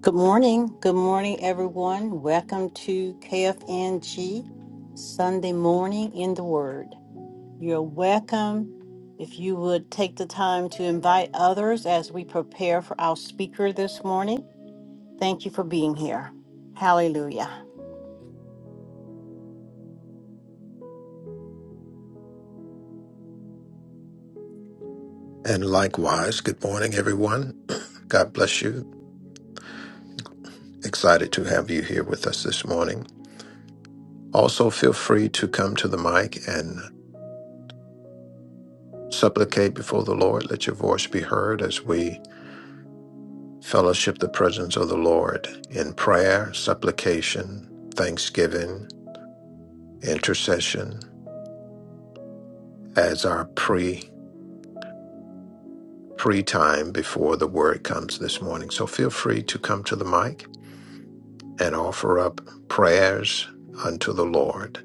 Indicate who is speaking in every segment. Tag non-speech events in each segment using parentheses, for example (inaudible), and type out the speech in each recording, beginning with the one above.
Speaker 1: Good morning. Good morning, everyone. Welcome to KFNG Sunday Morning in the Word. You're welcome if you would take the time to invite others as we prepare for our speaker this morning. Thank you for being here. Hallelujah.
Speaker 2: And likewise, good morning, everyone. God bless you. Excited to have you here with us this morning. Also, feel free to come to the mic and supplicate before the Lord. Let your voice be heard as we fellowship the presence of the Lord in prayer, supplication, thanksgiving, intercession as our pre pre time before the word comes this morning. So feel free to come to the mic and offer up prayers unto the Lord.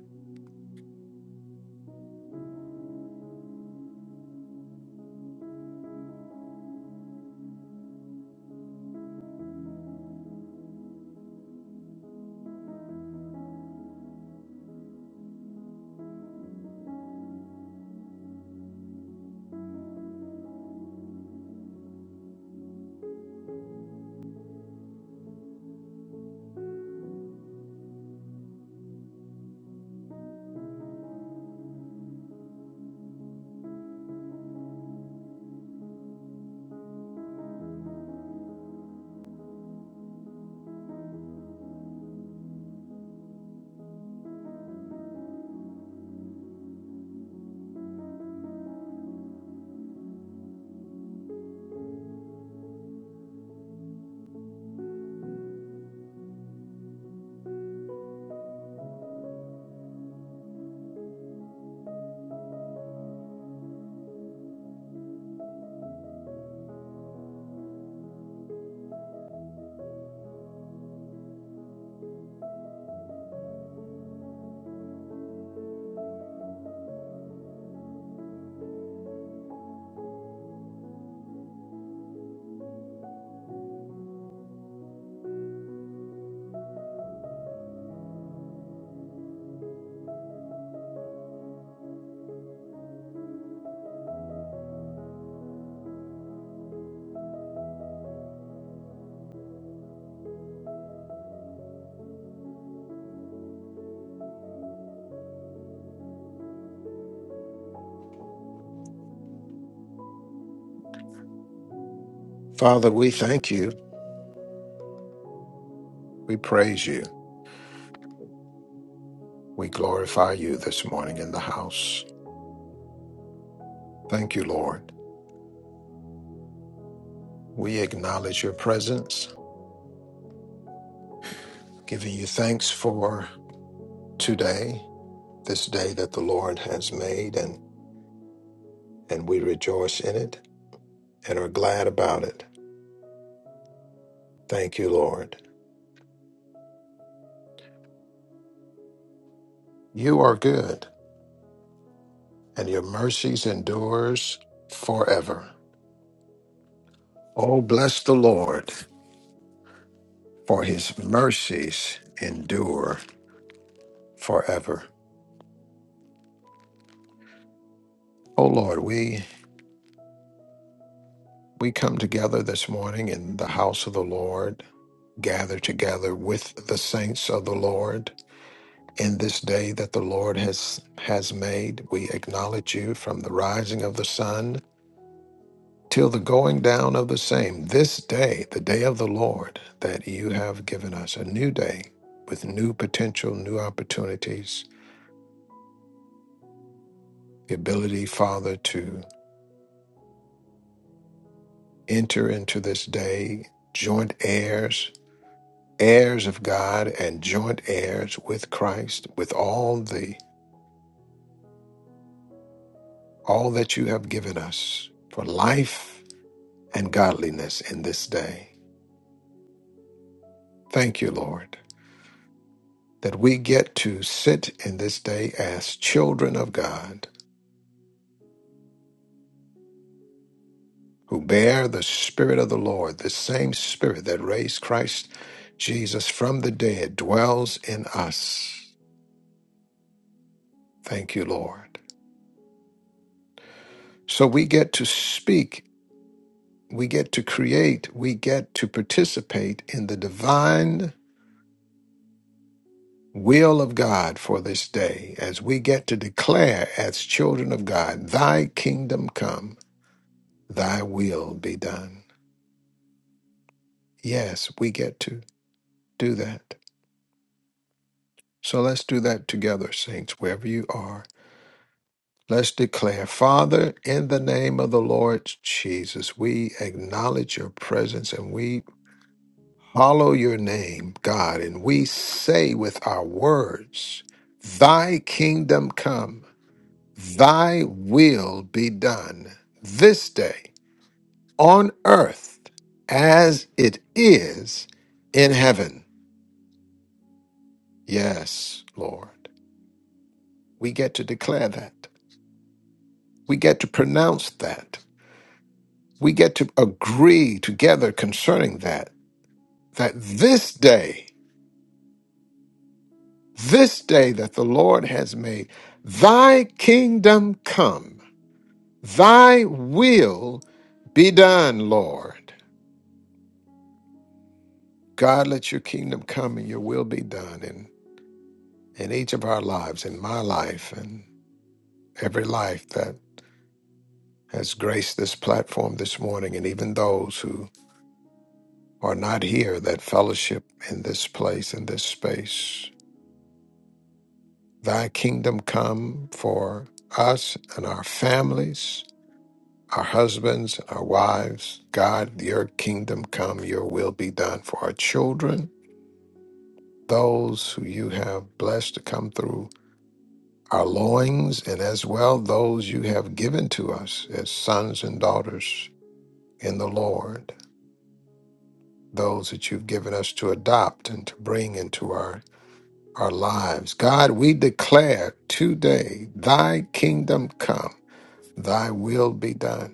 Speaker 2: Father, we thank you We praise you. We glorify you this morning in the house. Thank you, Lord. We acknowledge your presence, giving you thanks for today, this day that the Lord has made, and, and we rejoice in it and are glad about it. Thank you, Lord. You are good, and your mercies endures forever. Oh, bless the Lord, for his mercies endure forever. Oh, Lord, we We come together this morning in the house of the Lord, gather together with the saints of the Lord. In this day that the Lord has has made, we acknowledge you from the rising of the sun till the going down of the same. This day, the day of the Lord, that you have given us a new day with new potential, new opportunities, the ability, Father, to enter into this day, joint heirs heirs of God and joint heirs with Christ with all the all that you have given us for life and godliness in this day. Thank you, Lord, that we get to sit in this day as children of God who bear the spirit of the Lord, the same spirit that raised Christ Jesus from the dead dwells in us. Thank you, Lord. So we get to speak we get to create, we get to participate in the divine will of God for this day as we get to declare as children of God, Thy kingdom come, Thy will be done. Yes, we get to do that. So let's do that together, saints, wherever you are. Let's declare, Father, in the name of the Lord Jesus, we acknowledge your presence and we Hallow your name, God, and we say with our words, Thy kingdom come, Thy will be done this day on earth as it is in heaven. Yes, Lord. We get to declare that. We get to pronounce that. We get to agree together concerning that, that this day. This day that the Lord has made, thy kingdom come, thy will be done, Lord. God, let your kingdom come and your will be done in, in each of our lives, in my life, and every life that has graced this platform this morning, and even those who are not here that fellowship in this place, in this space. Thy kingdom come for us and our families. Our husbands, our wives, God, your kingdom come, your will be done for our children, those who you have blessed to come through our loins, and as well those you have given to us as sons and daughters in the Lord, those that you've given us to adopt and to bring into our, our lives. God, we declare today, thy kingdom come, thy will be done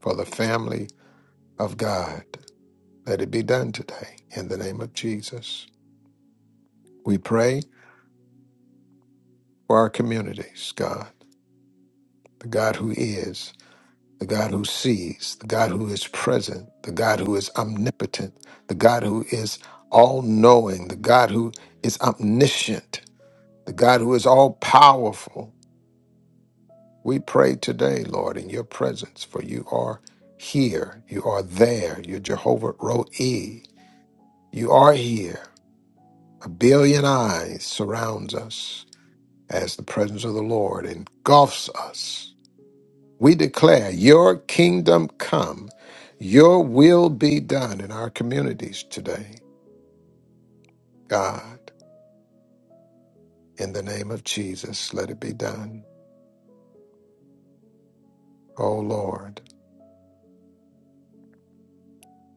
Speaker 2: for the family of God. Let it be done today in the name of Jesus. We pray for our communities, God, the God who is, the God who sees, the God who is present, the God who is omnipotent, the God who is all knowing, the God who is omniscient, the God who is all powerful. We pray today, Lord, in your presence, for you are here, you are there, you're Jehovah Roe. You are here. A billion eyes surrounds us. as the presence of the Lord engulfs us. We declare, Your kingdom come, Your will be done in our communities today. God, in the name of Jesus, let it be done. Oh Lord,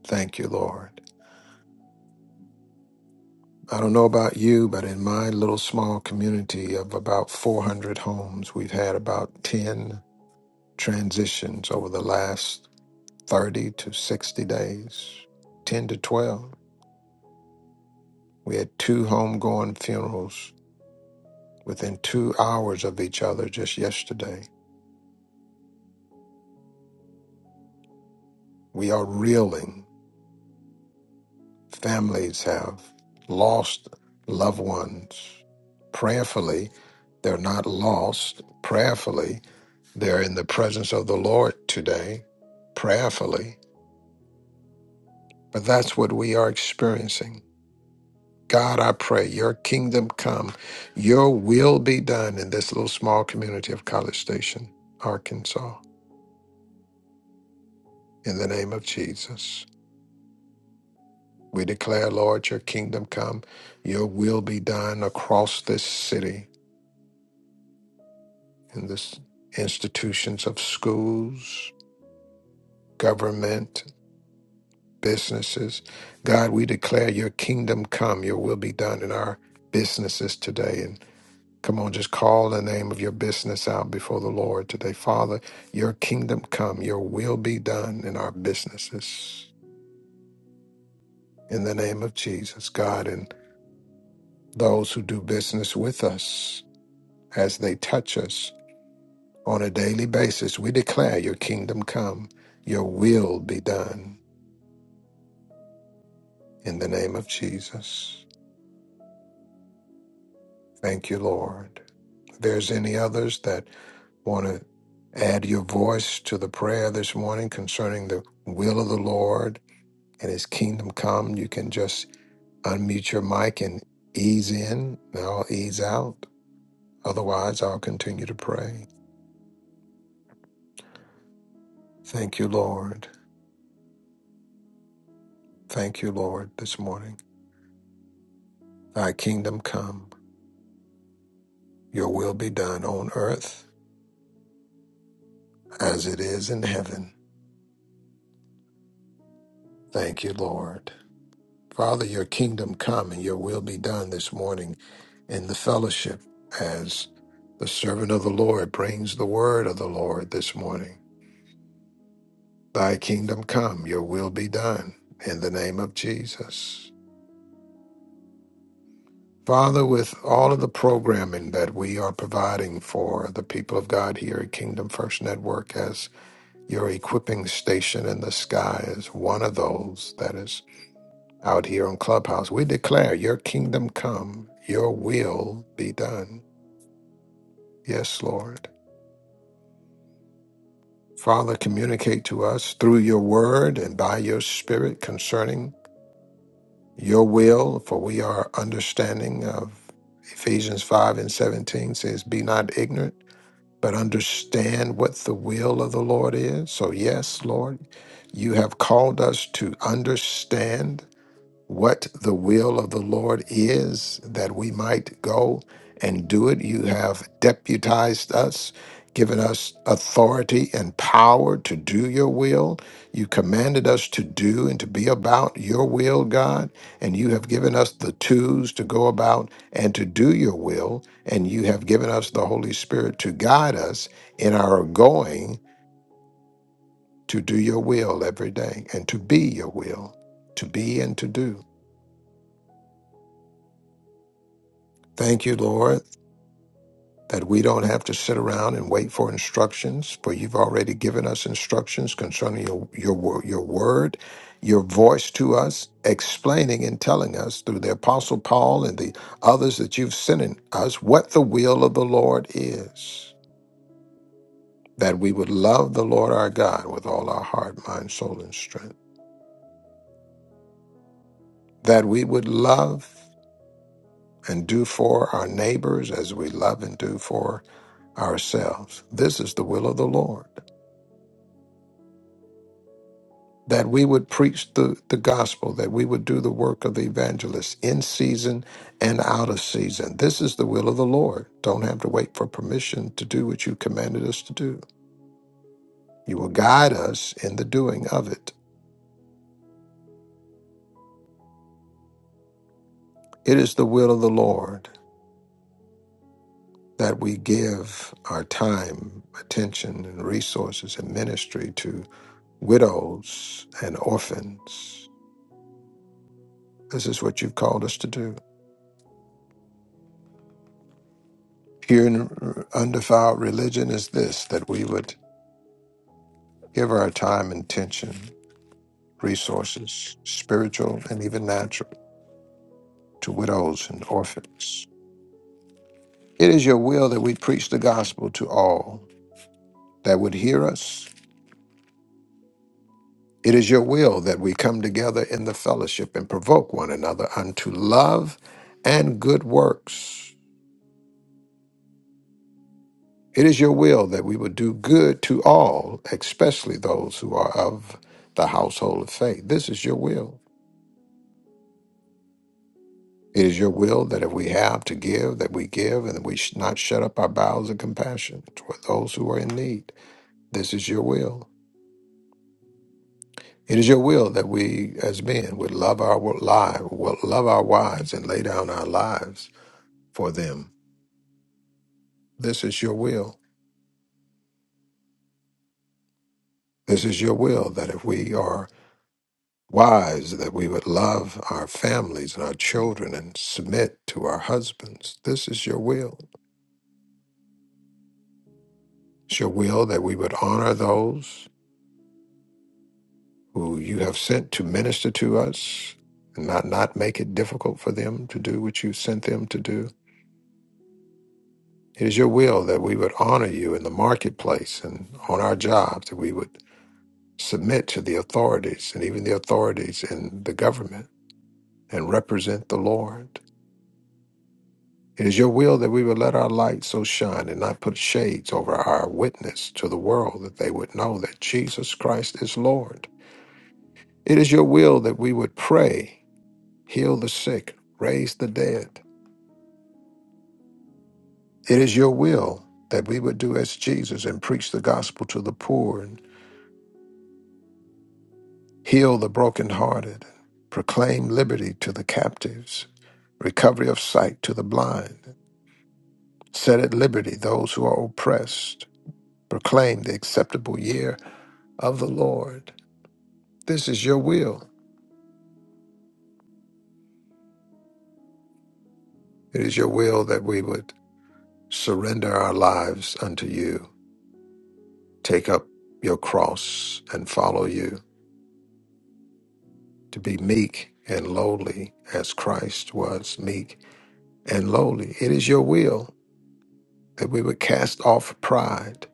Speaker 2: thank you, Lord. I don't know about you, but in my little small community of about 400 homes, we've had about 10 transitions over the last 30 to 60 days, 10 to 12. We had two homegoing funerals within two hours of each other just yesterday. We are reeling. Families have lost loved ones prayerfully. They're not lost prayerfully. They're in the presence of the Lord today prayerfully. But that's what we are experiencing. God, I pray your kingdom come, your will be done in this little small community of College Station, Arkansas, in the name of Jesus. We declare, Lord, your kingdom come, your will be done across this city, in the institutions of schools, government, businesses. God, we declare your kingdom come, your will be done in our businesses today. And come on, just call the name of your business out before the Lord today. Father, your kingdom come, your will be done in our businesses. In the name of Jesus, God, and those who do business with us as they touch us. On a daily basis, we declare your kingdom come, your will be done in the name of Jesus. Thank you, Lord. If there's any others that want to add your voice to the prayer this morning concerning the will of the Lord and his kingdom come, you can just unmute your mic and ease in, and I'll ease out. Otherwise, I'll continue to pray. Thank you, Lord. Thank you, Lord, this morning. Thy kingdom come. Your will be done on earth as it is in heaven. Thank you, Lord. Father, your kingdom come and your will be done this morning in the fellowship as the servant of the Lord brings the word of the Lord this morning. Thy kingdom come, your will be done in the name of Jesus. Father, with all of the programming that we are providing for the people of God here at Kingdom First Network as your equipping station in the sky is one of those that is out here on Clubhouse. We declare your kingdom come, your will be done. Yes, Lord. Father, communicate to us through your word and by your spirit concerning your will, for we are understanding of Ephesians 5 and 17 says, Be not ignorant, but understand what the will of the Lord is. So, yes, Lord, you have called us to understand what the will of the Lord is, that we might go and do it. You have deputized us, given us authority and power to do your will. You commanded us to do and to be about your will, God, and you have given us the tools to go about and to do your will, and you have given us the Holy Spirit to guide us in our going to do your will every day and to be your will, to be and to do. Thank you, Lord that we don't have to sit around and wait for instructions, for you've already given us instructions concerning your your wo- your word, your voice to us, explaining and telling us through the apostle Paul and the others that you've sent in us what the will of the Lord is. That we would love the Lord our God with all our heart, mind, soul, and strength. That we would love and do for our neighbors as we love and do for ourselves. This is the will of the Lord that we would preach the, the gospel, that we would do the work of the evangelist in season and out of season. This is the will of the Lord. Don't have to wait for permission to do what you commanded us to do. You will guide us in the doing of it. It is the will of the Lord that we give our time, attention, and resources and ministry to widows and orphans. This is what you've called us to do. Pure and undefiled religion is this that we would Give our time, intention, resources, spiritual and even natural, to widows and orphans. It is your will that we preach the gospel to all that would hear us. It is your will that we come together in the fellowship and provoke one another unto love and good works. It is your will that we would do good to all, especially those who are of the household of faith. This is your will. It is your will that if we have to give, that we give, and that we should not shut up our bowels of compassion toward those who are in need. This is your will. It is your will that we, as men, would love our lives, will love our wives, and lay down our lives for them. This is your will. This is your will that if we are wives, that we would love our families and our children and submit to our husbands. This is your will. It's your will that we would honor those. who you have sent to minister to us, and not, not make it difficult for them to do what you sent them to do. It is your will that we would honor you in the marketplace and on our jobs, that we would submit to the authorities and even the authorities in the government and represent the Lord. It is your will that we would let our light so shine and not put shades over our witness to the world, that they would know that Jesus Christ is Lord. It is your will that we would pray, heal the sick, raise the dead, It is your will that we would do as Jesus and preach the gospel to the poor and heal the brokenhearted, proclaim liberty to the captives, recovery of sight to the blind, set at liberty those who are oppressed, proclaim the acceptable year of the Lord. This is your will. It is your will that we would surrender our lives unto you, take up your cross and follow you, to be meek and lowly as Christ was meek and lowly. It is your will that we would cast off pride,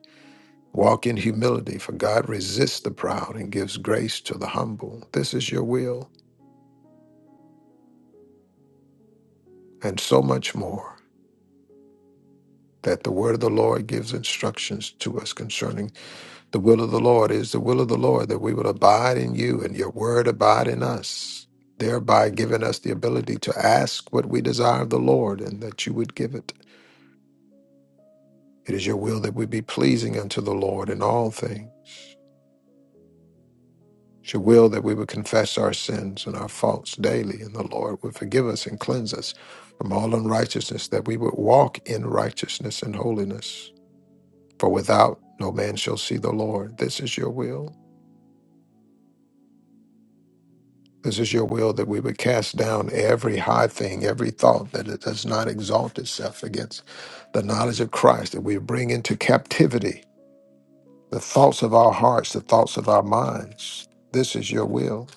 Speaker 2: walk in humility, for God resists the proud and gives grace to the humble. This is your will, and so much more. That the word of the Lord gives instructions to us concerning the will of the Lord It is the will of the Lord that we will abide in you and your word abide in us, thereby giving us the ability to ask what we desire of the Lord and that you would give it. It is your will that we be pleasing unto the Lord in all things She willed that we would confess our sins and our faults daily, and the Lord would forgive us and cleanse us from all unrighteousness, that we would walk in righteousness and holiness. For without no man shall see the Lord. This is your will. This is your will that we would cast down every high thing, every thought that it does not exalt itself against the knowledge of Christ, that we bring into captivity the thoughts of our hearts, the thoughts of our minds. This is your will.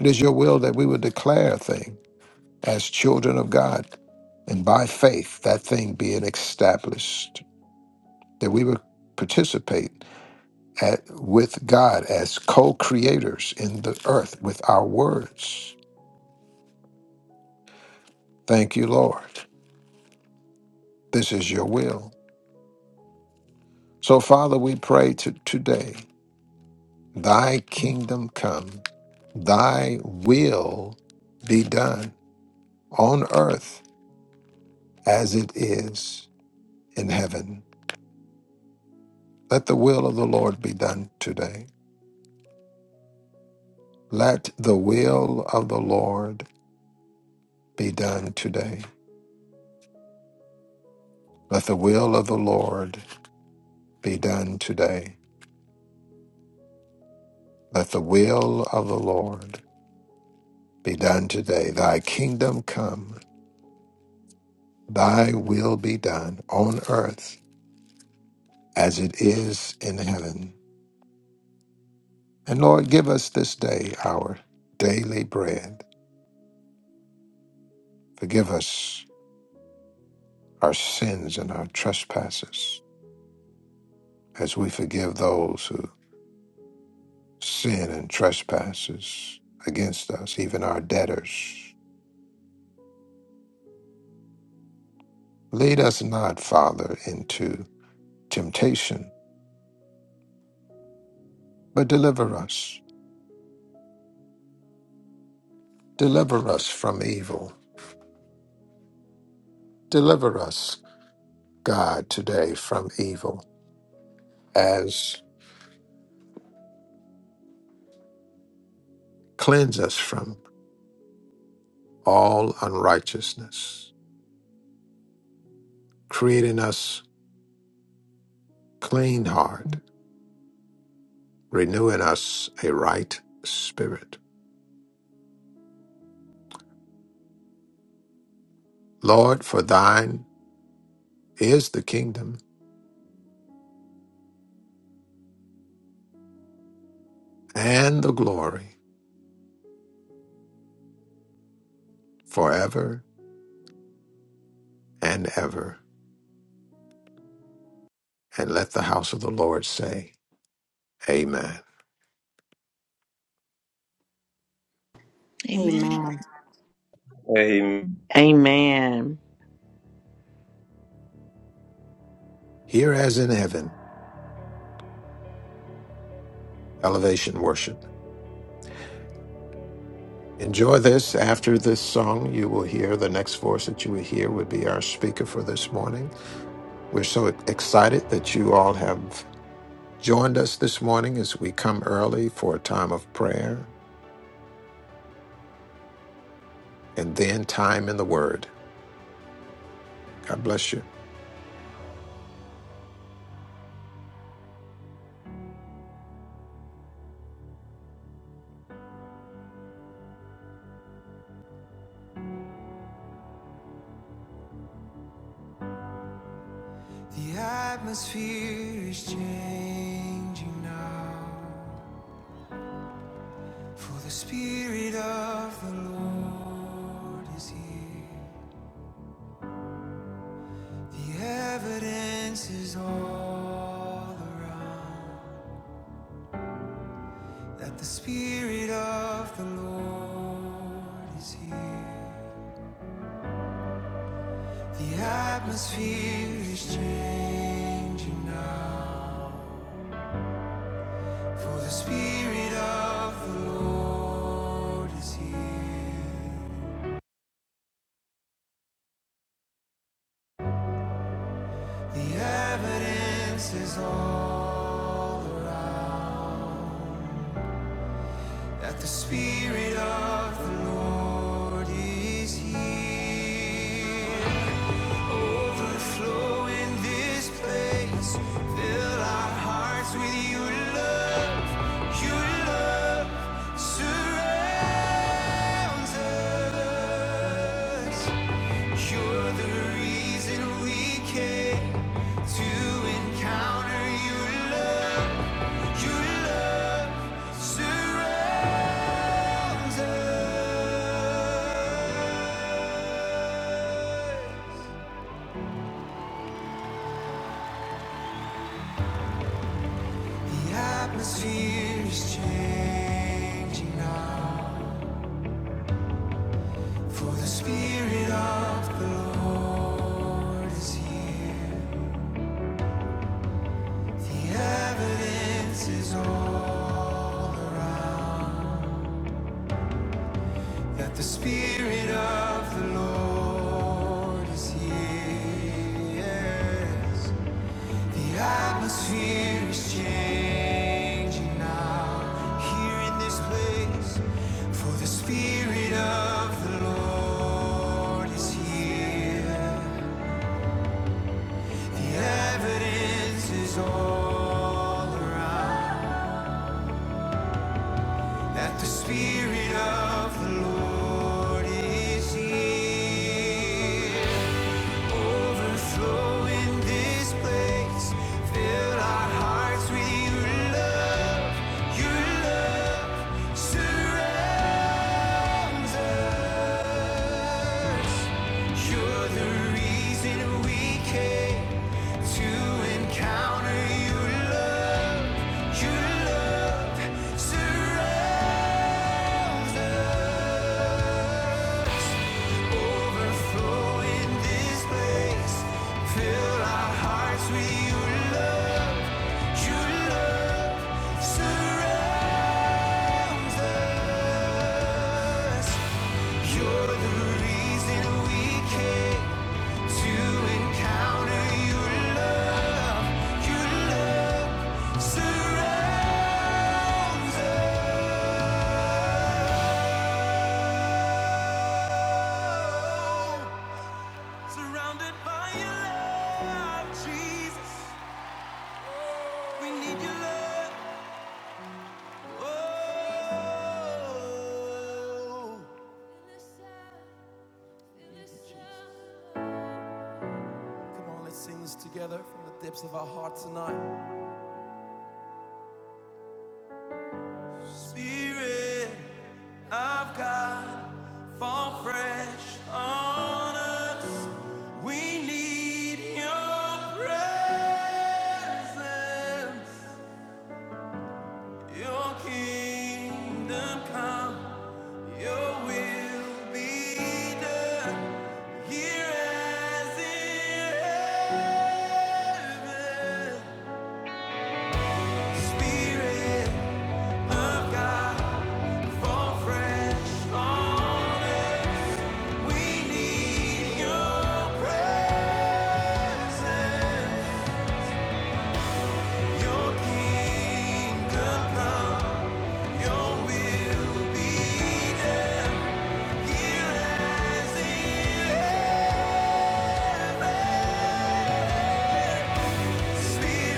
Speaker 2: It is your will that we would declare things. as children of God, and by faith, that thing being established, that we would participate at, with God as co creators in the earth with our words. Thank you, Lord. This is your will. So, Father, we pray to today, thy kingdom come, thy will be done on earth as it is in heaven. Let the will of the Lord be done today. Let the will of the Lord be done today. Let the will of the Lord be done today. Let the will of the Lord be done today. Thy kingdom come, thy will be done on earth as it is in heaven. And Lord, give us this day our daily bread. Forgive us our sins and our trespasses as we forgive those who sin and trespasses against us, even our debtors. Lead us not, Father, into temptation, but deliver us. Deliver us from evil. Deliver us, God, today from evil, as cleanse us from all unrighteousness, create in us clean heart, renew in us a right spirit. Lord, for thine is the kingdom and the glory forever and ever. And let the house of the Lord say, Amen.
Speaker 3: Amen.
Speaker 1: Amen.
Speaker 4: Amen.
Speaker 5: Amen.
Speaker 2: Here as in heaven, elevation worship. Enjoy this. After this song, you will hear the next voice that you will hear would be our speaker for this morning. We're so excited that you all have joined us this morning as we come early for a time of prayer and then time in the Word. God bless you.
Speaker 6: The atmosphere is changing now, for the Spirit of the Lord is here. The evidence is all around that the Spirit of the Lord is here. The atmosphere is changing now, for the Spirit of the Lord is here. The evidence is all around that the Spirit of the Lord is here. overflowing this place. Fill our hearts with your love. Your love surrounds us. You're the reason we came to encounter your love. Your love surrounds us. The atmosphere is changing now. For the Spirit of the Lord is here. The evidence is all around that the Spirit of the Lord is here. Yes. The atmosphere is changing now here in this place. For the Spirit of the Lord is here. The evidence is all around that the Spirit of the Lord is here. Overflowing this place, fill our hearts with your love, your love. surrounds us. You're the reason we came to encounter your love. Your love surrounds, overflowing this place. Fill our hearts with your love. Your love surrounds us. You're the reason we came to encounter your love. Your love surrounds us. Surrounded by your love, Jesus. We need your love. Oh. Come on, let's sing this together from the depths of our heart tonight. Spirit. I've got fall fresh on us. We need your presence, your kingdom come, your will be done here as in heaven. Spirit of God, fall for your kingdom, your will, Spirit.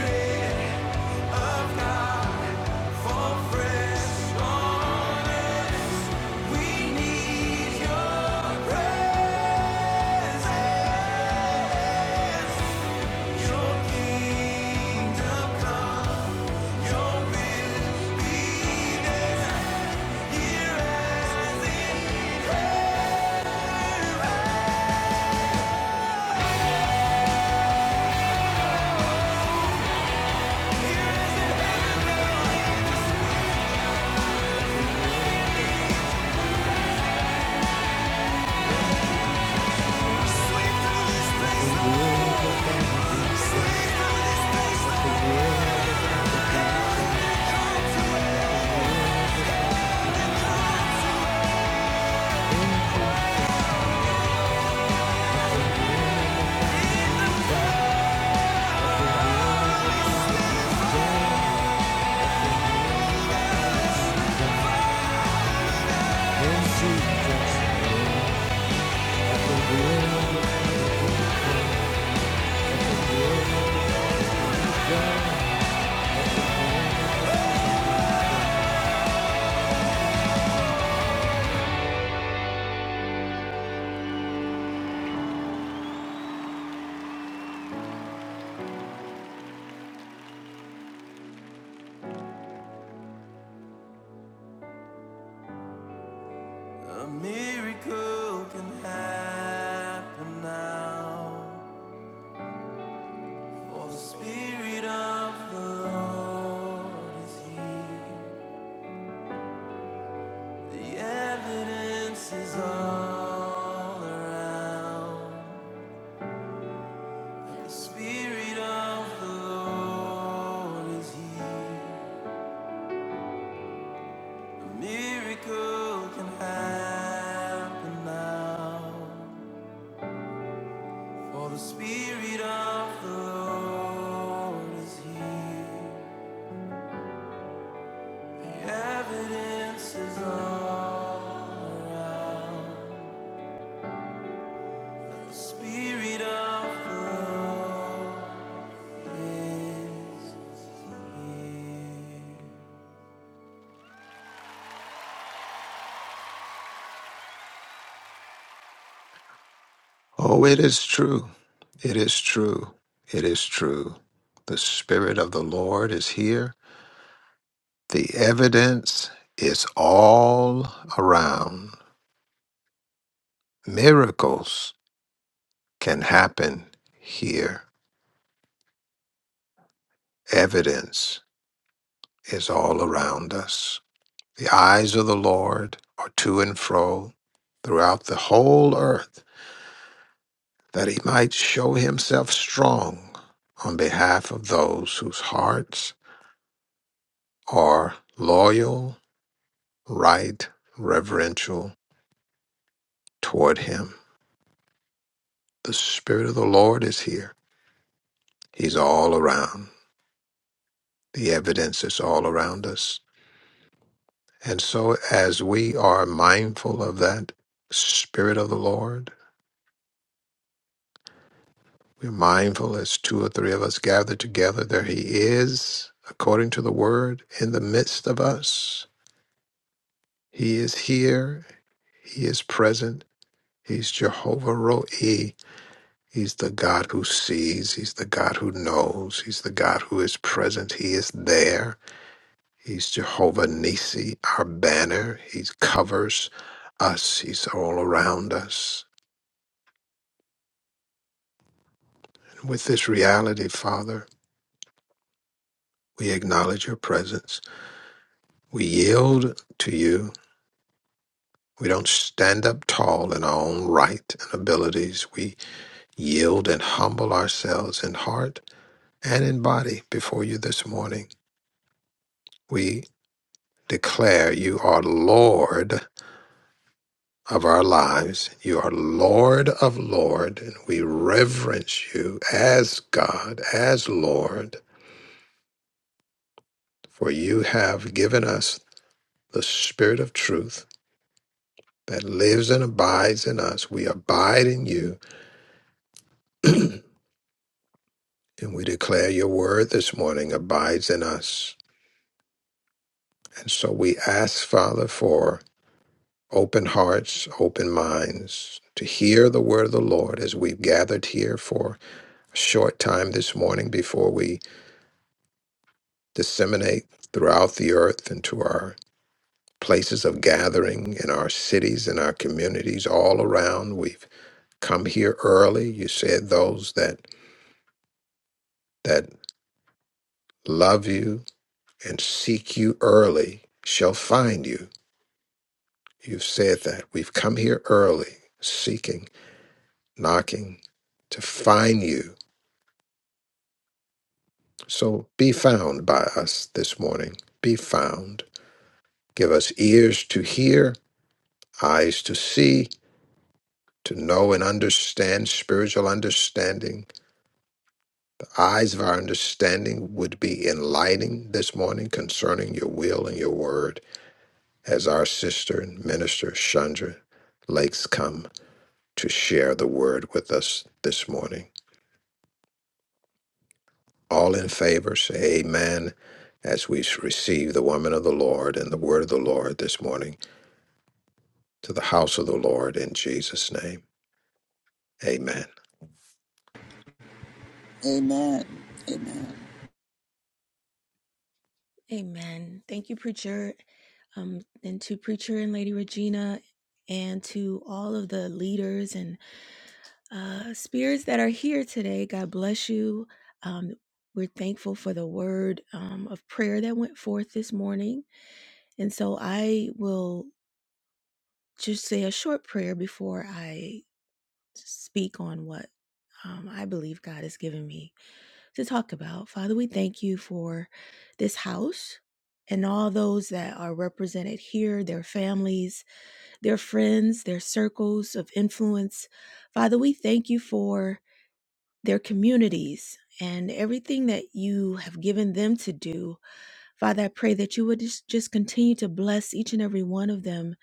Speaker 6: A miracle can happen now. For the Spirit of the Lord is here. The evidence is all around. The Spirit of the Lord is here. A miracle can happen now. For the Spirit of the Lord is here. The evidence is of the Spirit of the Lord.
Speaker 2: Oh, it is true. It is true. It is true. The Spirit of the Lord is here The evidence is all around. Miracles can happen here. Evidence is all around us. The eyes of the Lord are to and fro throughout the whole earth that he might show himself strong on behalf of those whose hearts are loyal, right, reverential toward him. The Spirit of the Lord is here. He's all around. The evidence is all around us. And so, as we are mindful of that Spirit of the Lord, we're mindful as two or three of us gather together, there He is, according to the Word, in the midst of us. He is here, He is present, He's Jehovah Roe. He's the God who sees, He's the God who knows, He's the God who is present, He is there. He's Jehovah Nisi, our banner. He covers us, He's all around us. And with this reality, Father, we acknowledge your presence. We yield to you. We don't stand up tall in our own right and abilities. We yield and humble ourselves in heart and in body before you this morning. We declare you are Lord of our lives. You are Lord of Lord, and we reverence you as God, as Lord, for you have given us the Spirit of truth that lives and abides in us. We abide in you, (clears throat) and we declare your word this morning abides in us. And so we ask, Father, for open hearts, open minds to hear the word of the Lord as we've gathered here for a short time this morning before we disseminate throughout the earth and to our places of gathering in our cities and our communities all around. We've come here early. You said those that that love you and seek you early shall find you. You've said that. We've come here early, seeking, knocking to find you. So be found by us this morning. Be found. Give us ears to hear, eyes to see, to know and understand spiritual understanding. The eyes of our understanding would be enlightening this morning concerning your will and your word as our sister and minister Chandra Lakes come to share the word with us this morning. All in favor, say amen as we receive the woman of the Lord and the word of the Lord this morning to the house of the Lord in Jesus' name. Amen.
Speaker 7: Amen. Amen.
Speaker 3: Amen. Thank you, preacher, um, and to preacher and Lady Regina, and to all of the leaders and uh, spirits that are here today. God bless you. Um, we're thankful for the word um, of prayer that went forth this morning, and so I will just say a short prayer before I speak on what um, I believe God has given me. to talk about. Father, we thank you for this house and all those that are represented here, their families, their friends, their circles of influence. Father, we thank you for their communities and everything that you have given them to do. Father, I pray that you would just, just continue to bless each and every one of them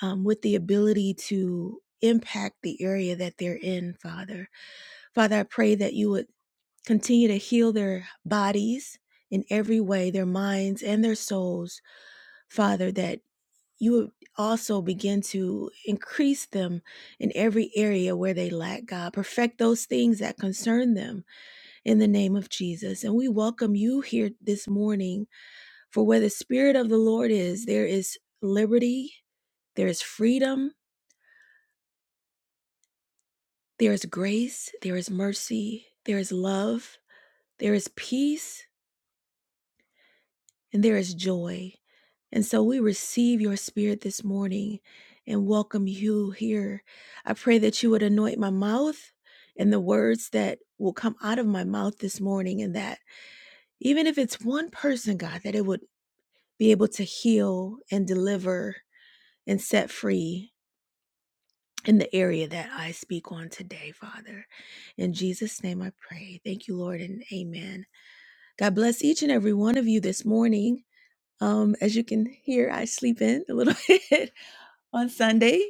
Speaker 3: um, with the ability to impact the area that they're in, Father. Father, I pray that you would Continue to heal their bodies in every way, their minds and their souls, Father, that you would also begin to increase them in every area where they lack, God. Perfect those things that concern them in the name of Jesus. And we welcome you here this morning, for where the Spirit of the Lord is, there is liberty, there is freedom, there is grace, there is mercy, there is love, there is peace. and there is joy. And so we receive your spirit this morning and welcome you here. I pray that you would anoint my mouth and the words that will come out of my mouth this morning, and that even if it's one person, God, that it would be able to heal and deliver and set free in the area that I speak on today, Father. In Jesus' name I pray. Thank you, Lord, and amen. God bless each and every one of you this morning. Um, as you can hear, I sleep in a little (laughs) bit on Sunday,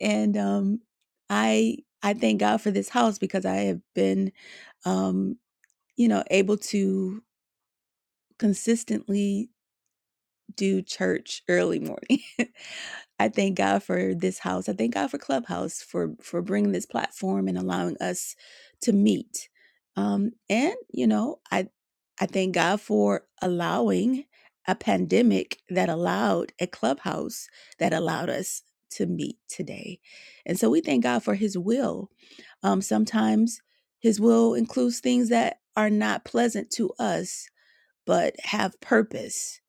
Speaker 3: and um, I I thank God for this house because I have been, um, you know, able to consistently do church early morning. (laughs) I thank God for this house. I thank God for Clubhouse for for bringing this platform and allowing us to meet. Um, and you know, I I thank God for allowing a pandemic that allowed a clubhouse that allowed us to meet today. And so we thank God for His will. Um, sometimes His will includes things that are not pleasant to us, but have purpose.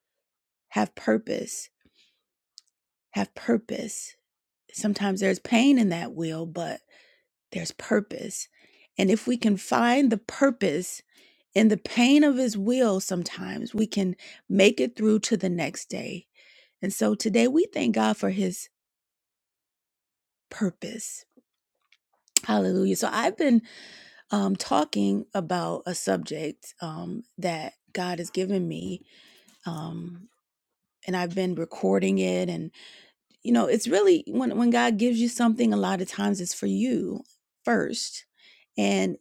Speaker 3: Have purpose. Have purpose sometimes there's pain in that will, but there's purpose. And if we can find the purpose in the pain of his will, sometimes we can make it through to the next day. And so today we thank God for his purpose. Hallelujah. So I've been um, talking about a subject um, that God has given me. Um, and I've been recording it. And, you know, it's really when, when God gives you something, a lot of times it's for you first and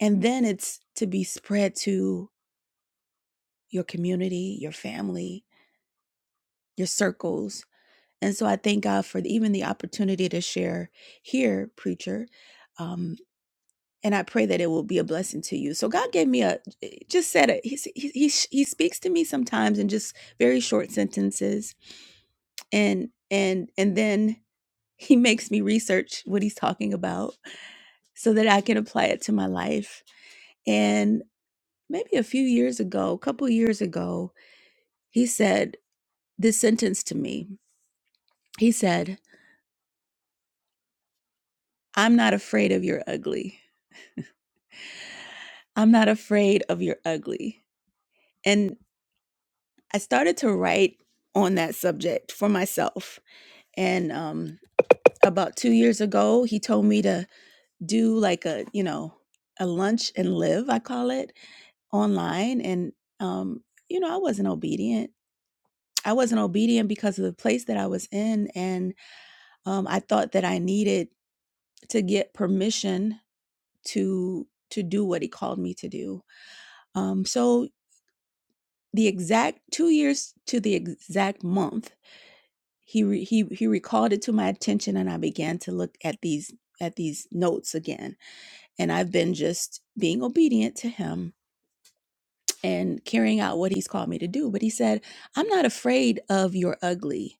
Speaker 3: And then it's to be spread to your community, your family, your circles. And so I thank God for even the opportunity to share here, preacher. Um, and I pray that it will be a blessing to you. So God gave me a, eh, just said it. He, he, he, he speaks to me sometimes in just very short sentences. And, and, and then he (laughs) makes me research what he's talking about so that I can apply it to my life. And maybe a few years ago, a couple years ago, He said this sentence to me. He said, I'm not afraid of your ugly. I'm not afraid of your ugly. And I started to write on that subject for myself. And um, about two years ago, he told me to do like a, you know, a lunch and live, I call it, online. And, um, you know, I wasn't obedient. I wasn't obedient because of the place that I was in. And um, I thought that I needed to get permission to to do what he called me to do. Um, so the exact two years to the exact month, he re, he he recalled it to my attention, and I began to look at these at these notes again. And I've been just being obedient to him and carrying out what he's called me to do. But he said, "I'm not afraid of your ugly."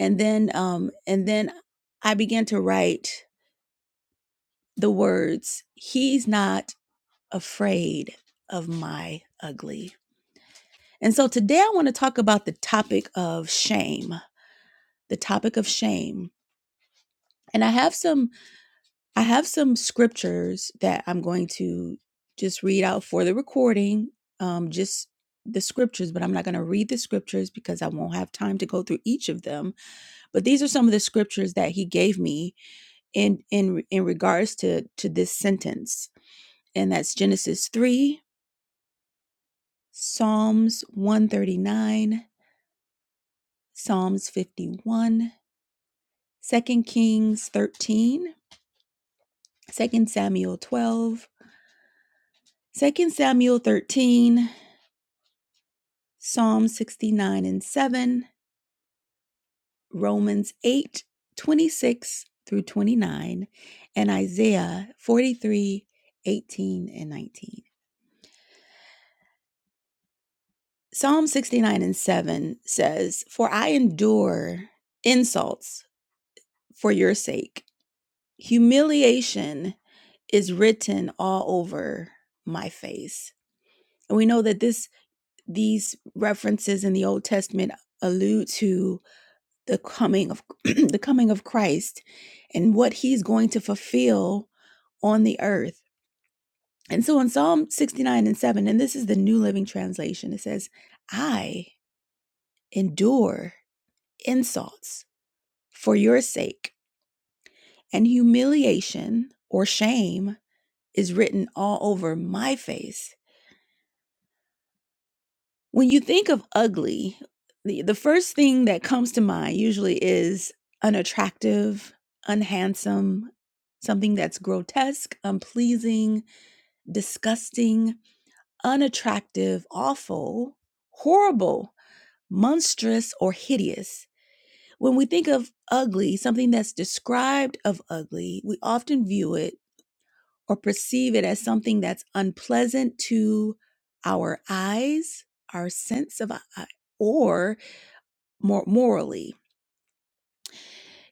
Speaker 3: And then um, and then I began to write the words, "He's not afraid of my ugly." And so today I want to talk about the topic of shame, the topic of shame. And I have some I have some scriptures that I'm going to just read out for the recording, um just the scriptures, but I'm not going to read the scriptures because I won't have time to go through each of them. But these are some of the scriptures that he gave me in in in regards to to this sentence. And that's Genesis 3, Psalms 139, Psalms 51, Second Kings 13, Second Samuel 12, Second Samuel 13, Psalm 69 and 7, Romans 8 26 through 29, and Isaiah 43 18 and 19. Psalm 69 and 7 says, For I endure insults for your sake. Humiliation is written all over my face. And we know that this these references in the Old Testament allude to the coming of (clears throat) the coming of Christ and what he's going to fulfill on the earth. And so in Psalm 69 and 7, and this is the New Living Translation, it says, I endure insults for your sake, and humiliation or shame is written all over my face. When you think of ugly, the, the first thing that comes to mind usually is unattractive, unhandsome, something that's grotesque, unpleasing, disgusting, unattractive, awful, horrible, monstrous, or hideous. When we think of ugly, something that's described of ugly, we often view it or perceive it as something that's unpleasant to our eyes, our sense of eye, or more morally.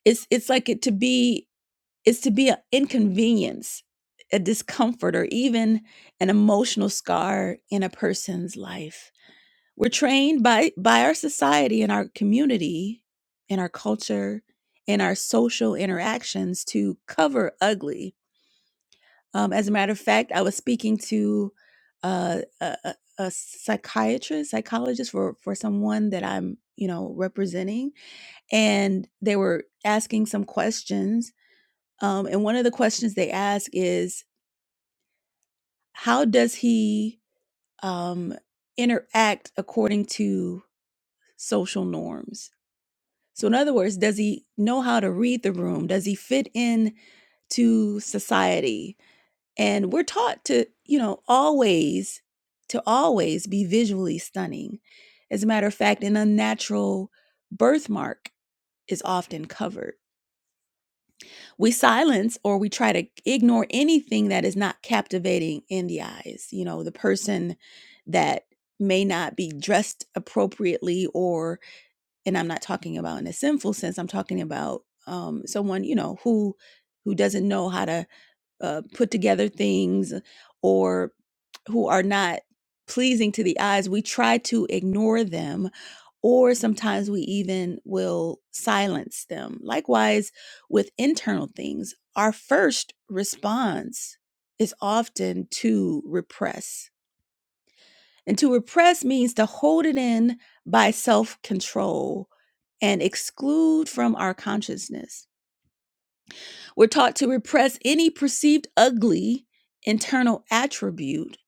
Speaker 3: It's it's like it to be it's to be an inconvenience, a discomfort, or even an emotional scar in a person's life. We're trained by by our society and our community, in our culture, in our social interactions to cover ugly. Um, as a matter of fact, I was speaking to uh, a, a a psychiatrist, psychologist for for someone that I'm you know representing and they were asking some questions. Um, and one of the questions they ask is, how does he um, interact according to social norms? So, in other words, does he know how to read the room? Does he fit in to society? And we're taught to, you know, always to always be visually stunning. As a matter of fact, an unnatural birthmark is often covered. we silence or we try to ignore anything that is not captivating in the eyes you know the person that may not be dressed appropriately or and i'm not talking about in a sinful sense i'm talking about um, someone you know who who doesn't know how to uh, put together things or who are not pleasing to the eyes we try to ignore them or sometimes we even will silence them. Likewise, with internal things, our first response is often to repress. And to repress means to hold it in by self control and exclude from our consciousness. We're taught to repress any perceived ugly internal attribute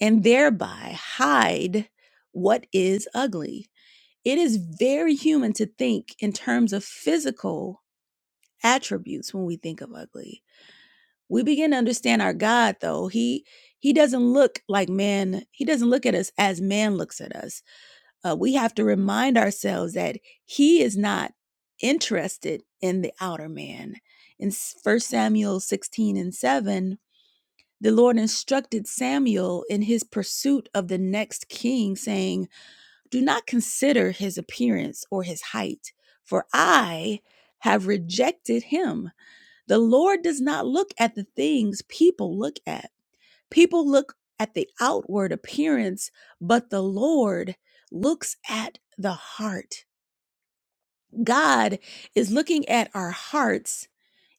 Speaker 3: and thereby hide what is ugly. It is very human to think in terms of physical attributes when we think of ugly. We begin to understand our God though. He he doesn't look like man. He doesn't look at us as man looks at us. Uh, we have to remind ourselves that he is not interested in the outer man. In First Samuel 16 and 7, the Lord instructed Samuel in his pursuit of the next king, saying, do not consider his appearance or his height, for I have rejected him. The Lord does not look at the things people look at. People look at the outward appearance, but the Lord looks at the heart. God is looking at our hearts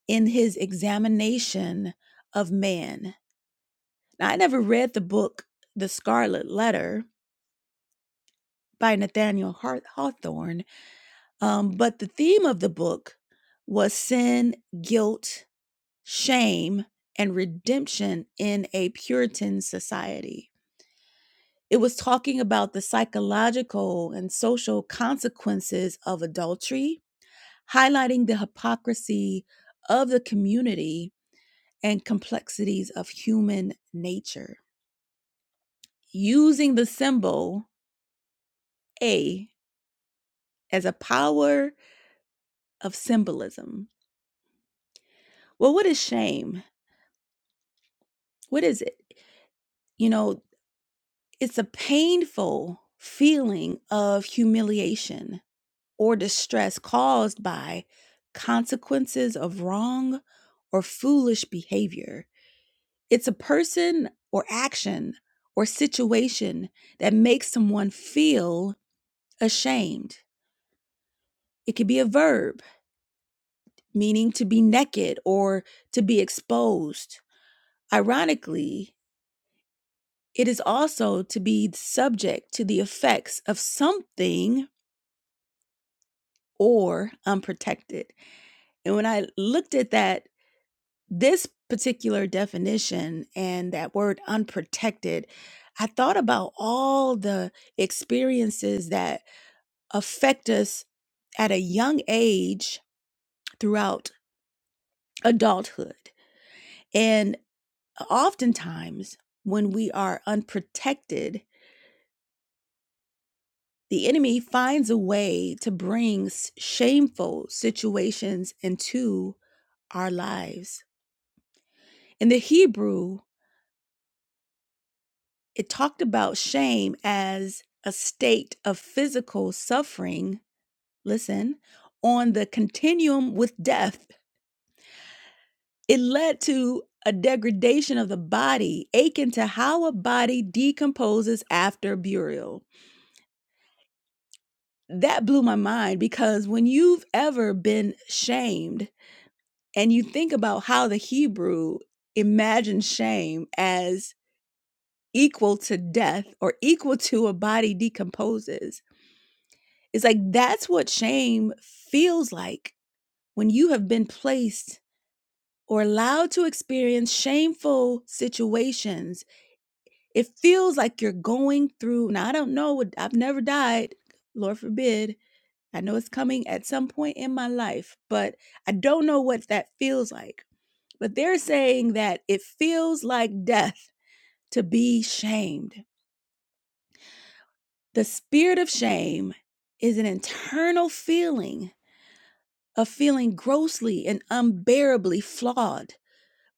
Speaker 3: in his examination of man. Now, I never read the book, The Scarlet Letter by Nathaniel Hawthorne Um, but the theme of the book was sin, guilt, shame, and redemption in a Puritan society. It was talking about the psychological and social consequences of adultery, highlighting the hypocrisy of the community and complexities of human nature. Using the symbol A as a power of symbolism. Well, what is shame? What is it? You know, It's a painful feeling of humiliation or distress caused by consequences of wrong or foolish behavior. It's a person or action or situation that makes someone feel ashamed. It could be a verb meaning to be naked or to be exposed. Ironically, it is also to be subject to the effects of something or unprotected. And when I looked at that, this particular definition and that word unprotected, I thought about all the experiences that affect us at a young age throughout adulthood. And oftentimes, when we are unprotected, the enemy finds a way to bring s- shameful situations into our lives. In the Hebrew, It talked about shame as a state of physical suffering, listen, on the continuum with death. It led to a degradation of the body, akin to how a body decomposes after burial. That blew my mind because when you've ever been shamed and you think about how the Hebrew imagined shame as equal to death or equal to a body decomposes, It's like that's what shame feels like when you have been placed or allowed to experience shameful situations. It feels like you're going through, now I don't know, I've never died, Lord forbid. I know it's coming at some point in my life, but I don't know what that feels like. But they're saying that it feels like death to be shamed. The spirit of shame is an internal feeling of feeling grossly and unbearably flawed,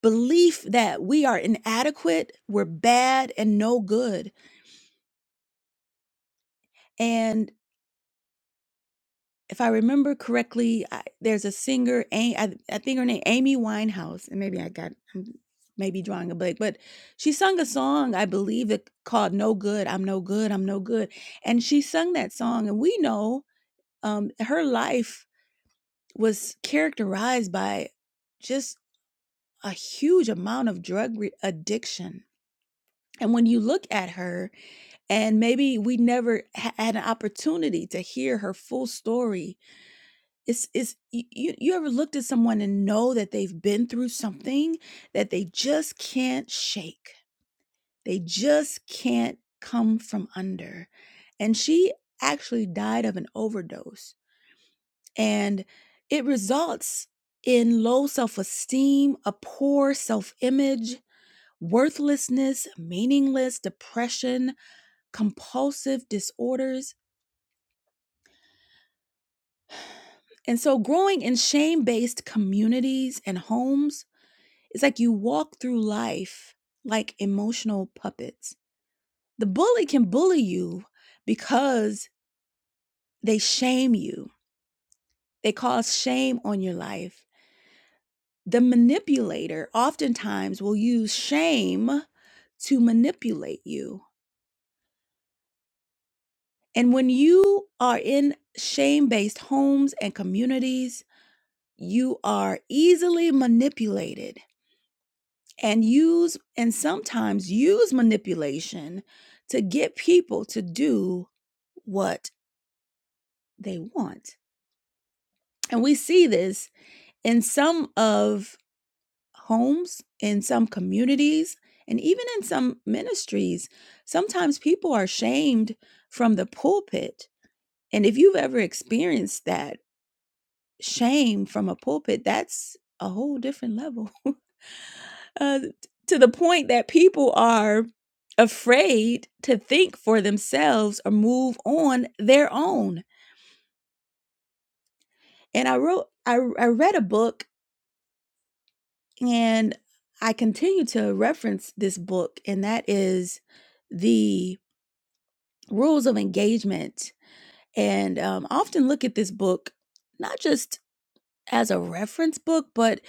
Speaker 3: belief that we are inadequate, we're bad, and no good. And if I remember correctly, I, there's a singer, A- I, I think her name Amy Winehouse, and maybe I got I'm maybe drawing a blank, but she sung a song I believe that called "No Good." I'm no good. I'm no good. And she sung that song, and we know um, her life was characterized by just. a huge amount of drug re- addiction. And when you look at her, and maybe we never ha- had an opportunity to hear her full story, it's it's you you ever looked at someone and know that they've been through something that they just can't shake. They just can't come from under. And she actually died of an overdose, and it results in low self-esteem, a poor self-image, worthlessness, meaningless, depression, compulsive disorders. And so, growing in shame based communities and homes is like you walk through life like emotional puppets. The bully can bully you because they shame you, they cause shame on your life. The manipulator oftentimes will use shame to manipulate you. And when you are in shame based homes and communities, you are easily manipulated and use and sometimes use manipulation to get people to do what they want. And we see this in some of homes, in some communities, and even in some ministries. Sometimes people are shamed from the pulpit. And if you've ever experienced that shame from a pulpit, that's a whole different level. uh, to the point that people are afraid to think for themselves or move on their own. And I wrote, I, I read a book and I continue to reference this book, and that is The Rules of Engagement. And um, I often look at this book not just as a reference book, but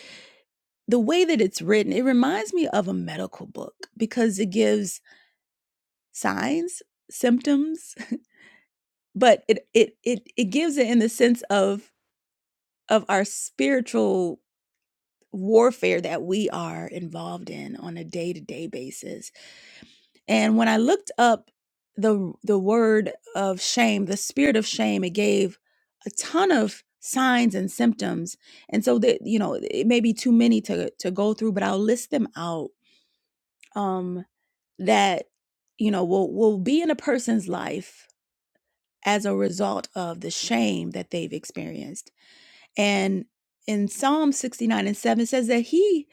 Speaker 3: the way that it's written, it reminds me of a medical book because it gives signs, symptoms, but it it it it gives it in the sense of of our spiritual warfare that we are involved in on a day-to-day basis. And when I looked up the the word of shame, the spirit of shame, it gave a ton of signs and symptoms. And so that you know, it may be too many to to go through, but I'll list them out um that you know will will be in a person's life as a result of the shame that they've experienced and in psalm 69 and 7 says that he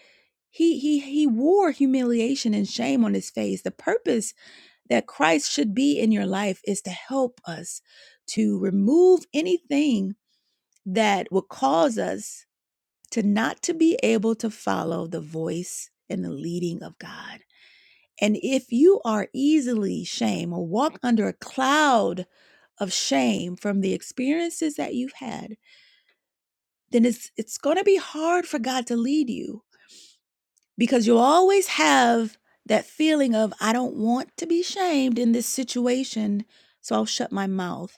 Speaker 3: he he he wore humiliation and shame on his face the purpose that christ should be in your life is to help us to remove anything that would cause us to not to be able to follow the voice and the leading of god and if you are easily shamed or walk under a cloud of shame from the experiences that you've had then it's it's going to be hard for god to lead you because you'll always have that feeling of I don't want to be shamed in this situation, so I'll shut my mouth.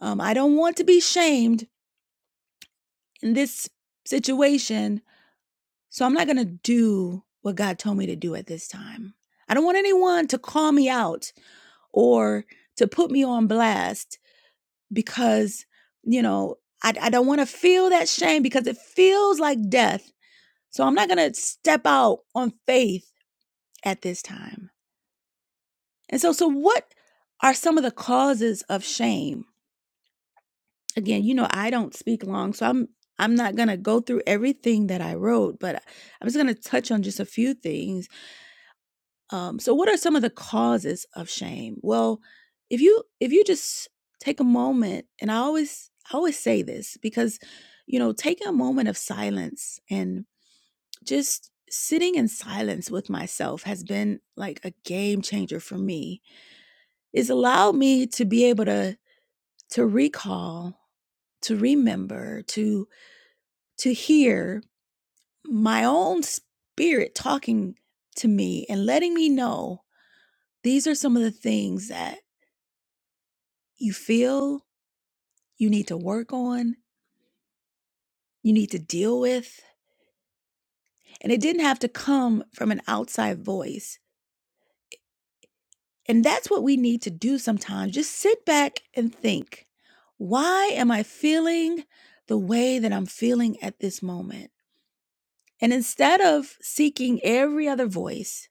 Speaker 3: Um, I don't want to be shamed in this situation, so I'm not going to do what God told me to do at this time. I don't want anyone to call me out or to put me on blast because, you know, I, I don't want to feel that shame because it feels like death. So I'm not going to step out on faith at this time. And so, so what are some of the causes of shame? Again, you know, I don't speak long, so I'm I'm not gonna go through everything that I wrote, but I'm just gonna touch on just a few things. Um, so, what are some of the causes of shame? Well, if you if you just take a moment, and I always I always say this because, you know, taking a moment of silence and just sitting in silence with myself has been like a game changer for me. It's allowed me to be able to to recall, to remember, to to hear my own spirit talking to me and letting me know these are some of the things that you feel you need to work on, you need to deal with. And it didn't have to come from an outside voice. And that's what we need to do sometimes. Just sit back and think, why am I feeling the way that I'm feeling at this moment? And instead of seeking every other voice,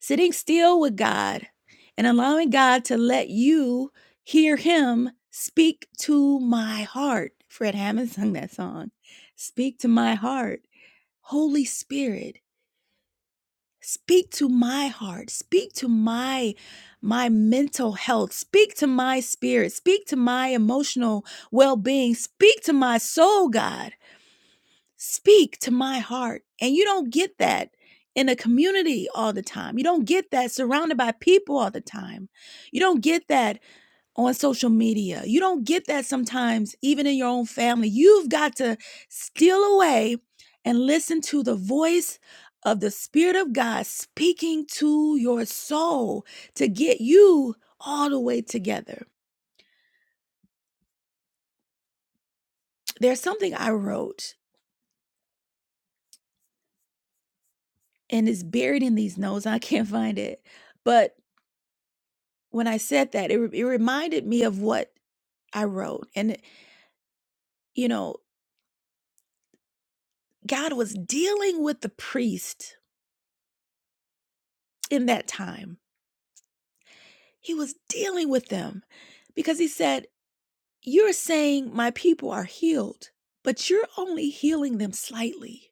Speaker 3: Sitting still with God and allowing God to let you hear Him speak to my heart. Fred Hammond (laughs) sung that song. Speak to my heart. Holy Spirit, speak to my heart. Speak to my my mental health. Speak to my spirit. Speak to my emotional well-being. Speak to my soul, God. Speak to my heart. And you don't get that in a community all the time. You don't get that surrounded by people all the time. You don't get that on social media. You don't get that sometimes even in your own family. You've got to steal away and listen to the voice of the Spirit of God speaking to your soul to get you all the way together. There's something I wrote and it's buried in these notes. I can't find it. But when I said that, it, re- it reminded me of what I wrote. And, you know, God was dealing with the priest in that time. He was dealing with them because he said, You're saying my people are healed, but you're only healing them slightly.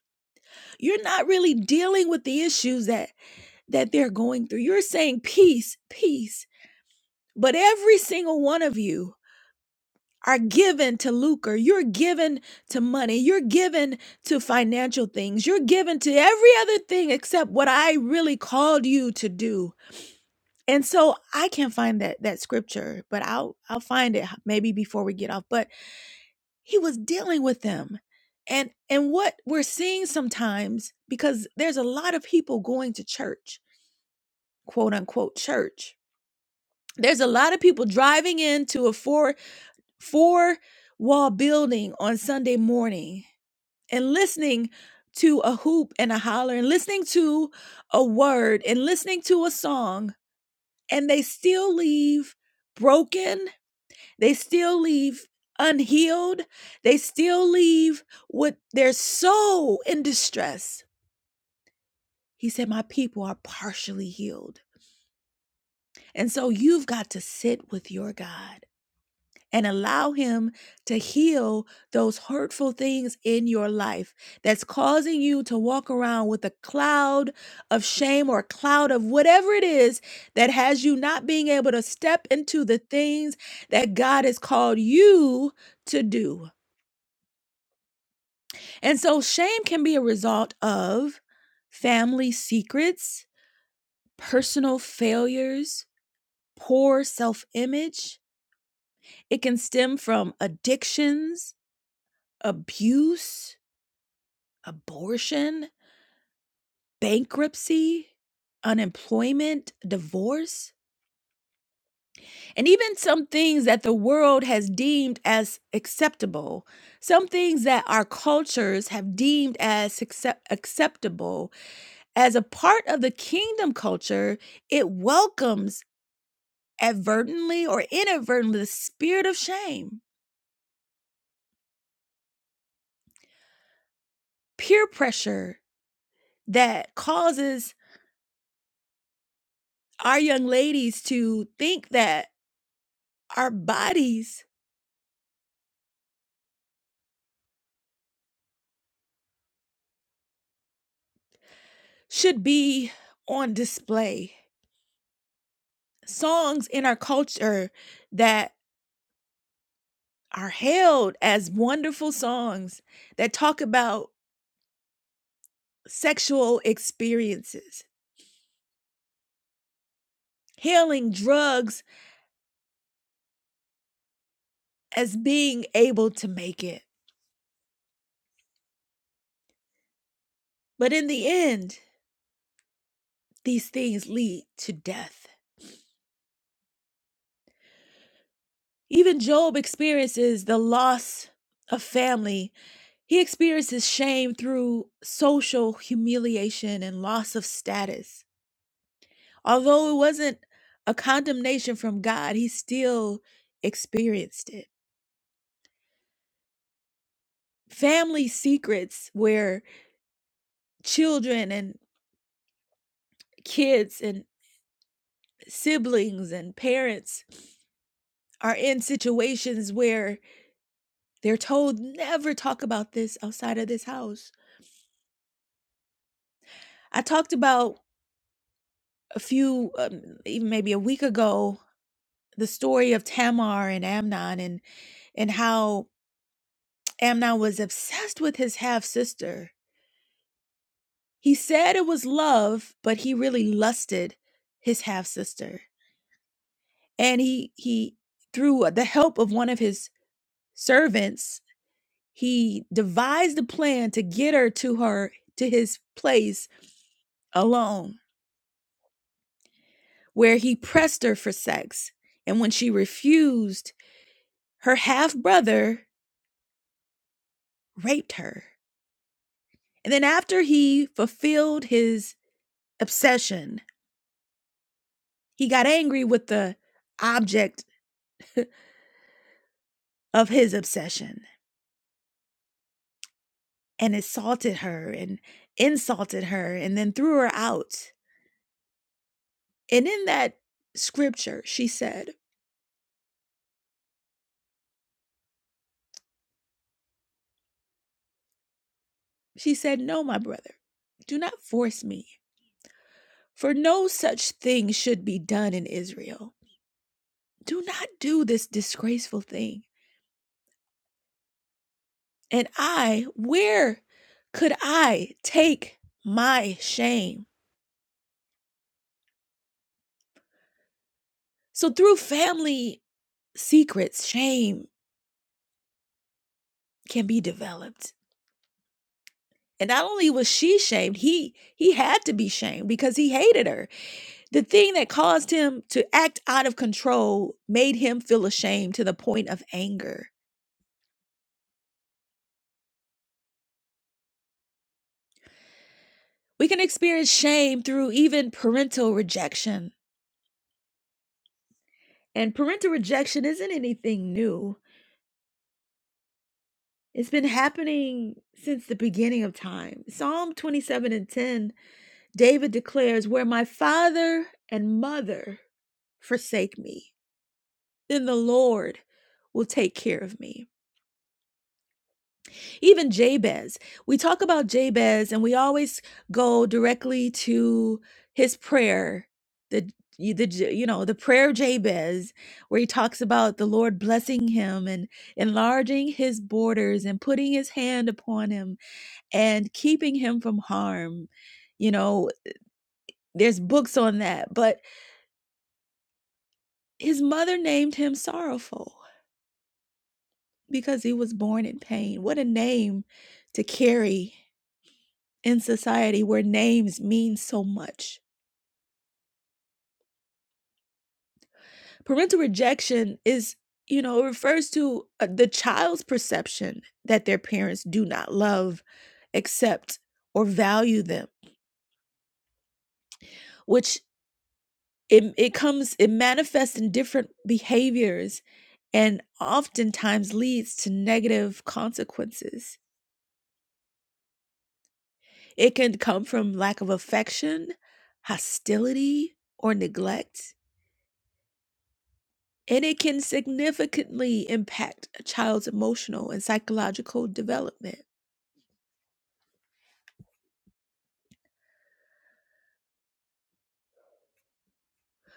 Speaker 3: You're not really dealing with the issues that that they're going through. You're saying peace, peace, but every single one of you are given to lucre. You're given to money. You're given to financial things. You're given to every other thing except what I really called you to do. And so I can't find that that scripture, but I'll I'll find it maybe before we get off. But he was dealing with them. And and what we're seeing sometimes because there's a lot of people going to church, quote unquote church. There's a lot of people driving into a four four wall building on Sunday morning and listening to a hoop and a holler and listening to a word and listening to a song and they still leave broken they still leave unhealed they still leave with their soul in distress he said my people are partially healed and so you've got to sit with your god and allow Him to heal those hurtful things in your life that's causing you to walk around with a cloud of shame or a cloud of whatever it is that has you not being able to step into the things that God has called you to do. And so, shame can be a result of family secrets, personal failures, poor self image. It can stem from addictions, abuse abortion, bankruptcy, unemployment, divorce, and even some things that the world has deemed as acceptable, some things that our cultures have deemed as accept- acceptable. As a part of the kingdom culture, it welcomes advertently or inadvertently the spirit of shame, peer pressure that causes our young ladies to think that our bodies should be on display. Songs in our culture that are hailed as wonderful songs that talk about sexual experiences, hailing drugs as being able to make it. But in the end, these things lead to death. Even Job experiences the loss of family. He experiences shame through social humiliation and loss of status Although it wasn't a condemnation from God, he still experienced it. Family secrets where children and kids and siblings and parents are in situations where they're told never talk about this outside of this house. I talked about a few, um, even maybe a week ago, the story of Tamar and Amnon and and how Amnon was obsessed with his half sister He said it was love, but he really lusted his half sister. And he he through the help of one of his servants, he devised a plan to get her to her to his place alone, where he pressed her for sex. And when she refused, her half brother raped her. And then after he fulfilled his obsession, he got angry with the object of his obsession and assaulted her and insulted her and then threw her out. And in that scripture, she said, She said, No, my brother, do not force me, for no such thing should be done in Israel. Do not do this disgraceful thing. And I, where could I take my shame? So through family secrets, shame can be developed. And not only was she shamed, he he had to be shamed because he hated her The thing that caused him to act out of control made him feel ashamed to the point of anger. We can experience shame through even parental rejection. And parental rejection isn't anything new, it's been happening since the beginning of time. Psalm 27 and 10, David declares, Where my father and mother forsake me, then the Lord will take care of me. Even Jabez. We talk about Jabez and we always go directly to his prayer, the the you know the prayer of Jabez, where he talks about the Lord blessing him and enlarging his borders and putting his hand upon him and keeping him from harm. You know, there's books on that, but his mother named him sorrowful because he was born in pain. What a name to carry in society where names mean so much. Parental rejection is, you know, it refers to uh, the child's perception that their parents do not love, accept, or value them, which it, it comes, it manifests in different behaviors and oftentimes leads to negative consequences. It can come from lack of affection, hostility, or neglect. and it can significantly impact a child's emotional and psychological development.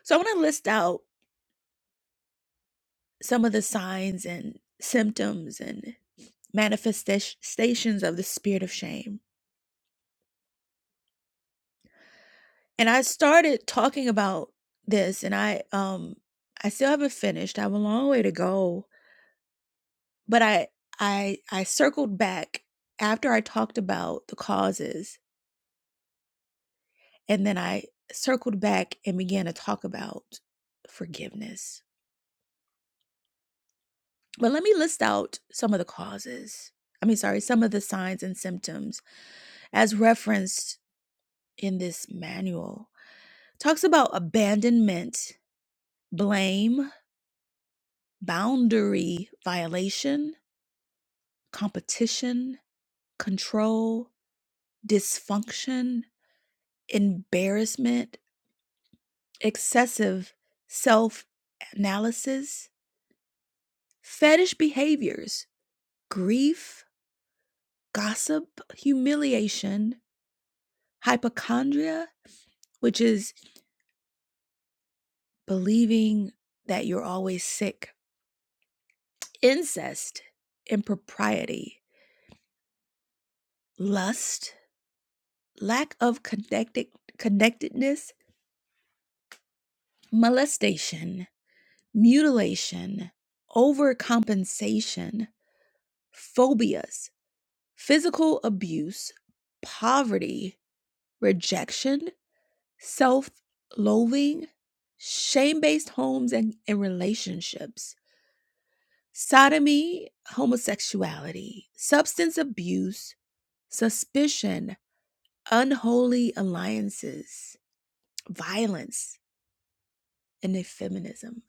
Speaker 3: So, I want to list out some of the signs and symptoms and manifestations of the spirit of shame. And I started talking about this, and I um I still haven't finished. I have a long way to go, but I I I circled back after I talked about the causes, and then I circled back and began to talk about forgiveness But let me list out some of the causes. I mean, sorry, some of the signs and symptoms as referenced in this manual. Talks about abandonment, blame, boundary violation, competition, control, dysfunction, embarrassment, excessive self analysis, fetish behaviors, grief, gossip, humiliation, hypochondria, which is believing that you're always sick, incest, impropriety, lust, lack of connected connectedness, molestation, mutilation, overcompensation, phobias, physical abuse, poverty, rejection, self-loathing, shame-based homes and, and relationships, sodomy, homosexuality, substance abuse, suspicion, unholy alliances, violence, and effeminism.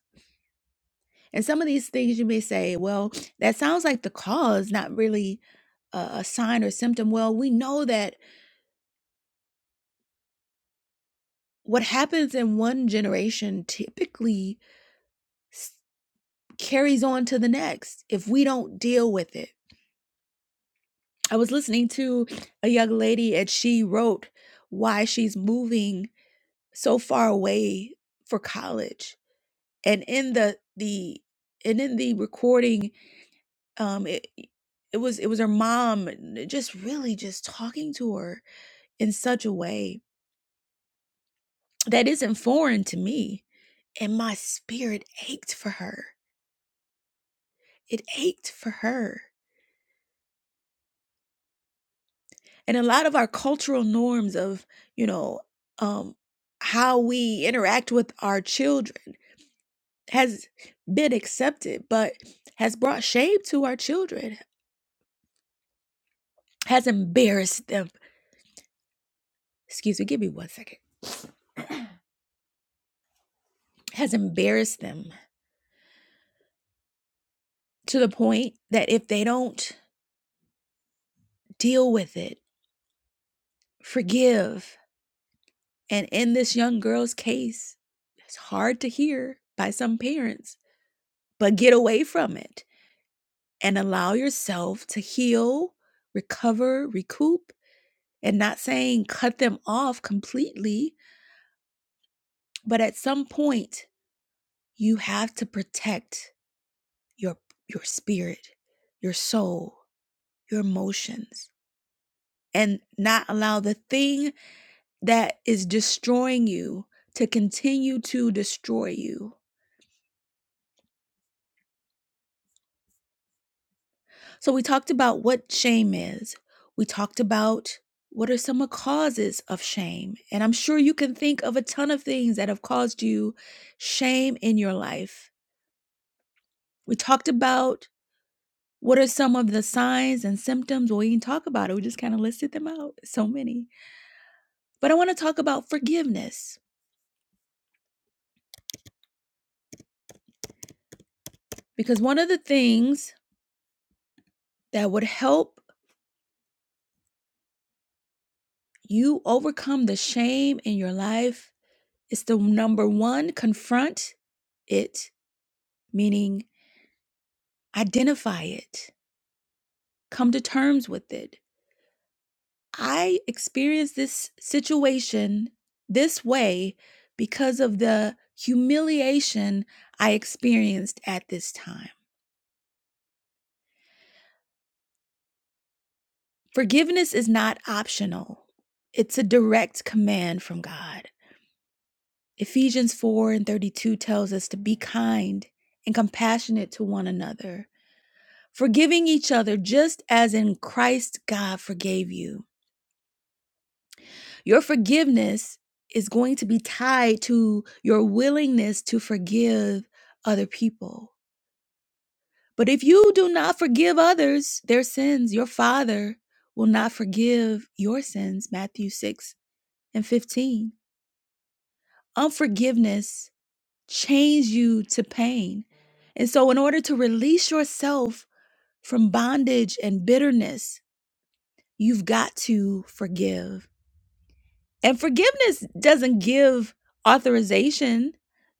Speaker 3: And some of these things you may say, well, that sounds like the cause, not really a, a sign or symptom. Well, we know that what happens in one generation typically s- carries on to the next if we don't deal with it. I was listening to a young lady and she wrote why she's moving so far away for college and in the the and in the recording um it, it was it was her mom just really just talking to her in such a way that isn't foreign to me and my spirit ached for her it ached for her and a lot of our cultural norms of you know um how we interact with our children has been accepted but has brought shame to our children has embarrassed them excuse me give me one second has embarrassed them to the point that if they don't deal with it, forgive, and in this young girl's case, it's hard to hear by some parents, but get away from it and allow yourself to heal, recover, recoup, and not saying cut them off completely, but at some point, you have to protect your your spirit, your soul, your emotions and not allow the thing that is destroying you to continue to destroy you. So, we talked about what shame is, we talked about what are some of the causes of shame. And I'm sure you can think of a ton of things that have caused you shame in your life. We talked about what are some of the signs and symptoms. Well, we didn't talk about it, we just kind of listed them out. So many. But I want to talk about forgiveness because one of the things that would help you overcome the shame in your life It's the number one confront it, meaning identify it, come to terms with it. I experienced this situation this way because of the humiliation I experienced at this time. Forgiveness is not optional, it's a direct command from God. Ephesians 4 and 32 tells us to be kind and compassionate to one another forgiving each other just as in Christ God forgave you. Your forgiveness is going to be tied to your willingness to forgive other people. But if you do not forgive others their sins, your Father will not forgive your sins. Matthew 6 and 15. Unforgiveness chains you to pain. And so, in order to release yourself from bondage and bitterness, you've got to forgive. And forgiveness doesn't give authorization.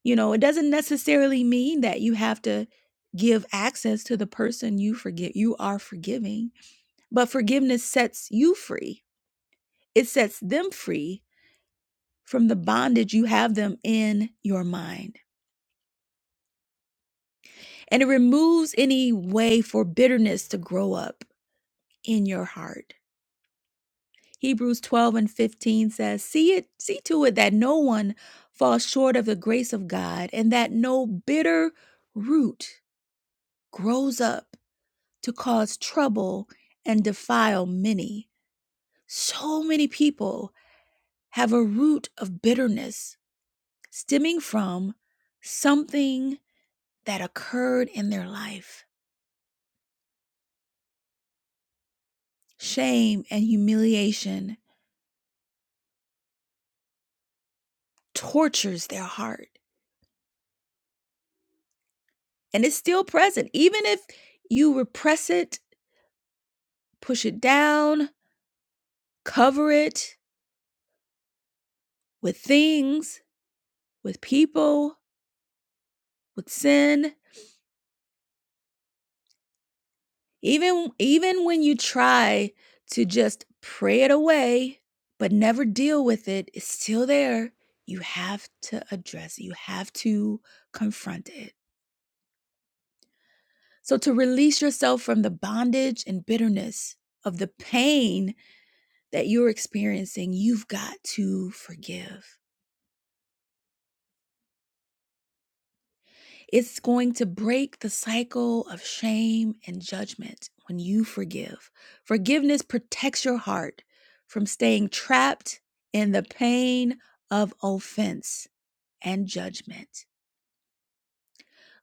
Speaker 3: You know, it doesn't necessarily mean that you have to give access to the person you forgive. You are forgiving, but forgiveness sets you free. It sets them free from the bondage you have them in your mind. And it removes any way for bitterness to grow up in your heart. Hebrews 12 and 15 says, See it, see to it that no one falls short of the grace of God, and that no bitter root grows up to cause trouble and defile many. So many people have a root of bitterness stemming from something that occurred in their life. Shame and humiliation tortures their heart, and it's still present, even if you repress it push it down, cover it with things, with people, with sin. Even even when you try to just pray it away but never deal with it, it's still there. You have to address it. You have to confront it. So to release yourself from the bondage and bitterness of the pain that you're experiencing, you've got to forgive. It's going to break the cycle of shame and judgment when you forgive. Forgiveness protects your heart from staying trapped in the pain of offense and judgment.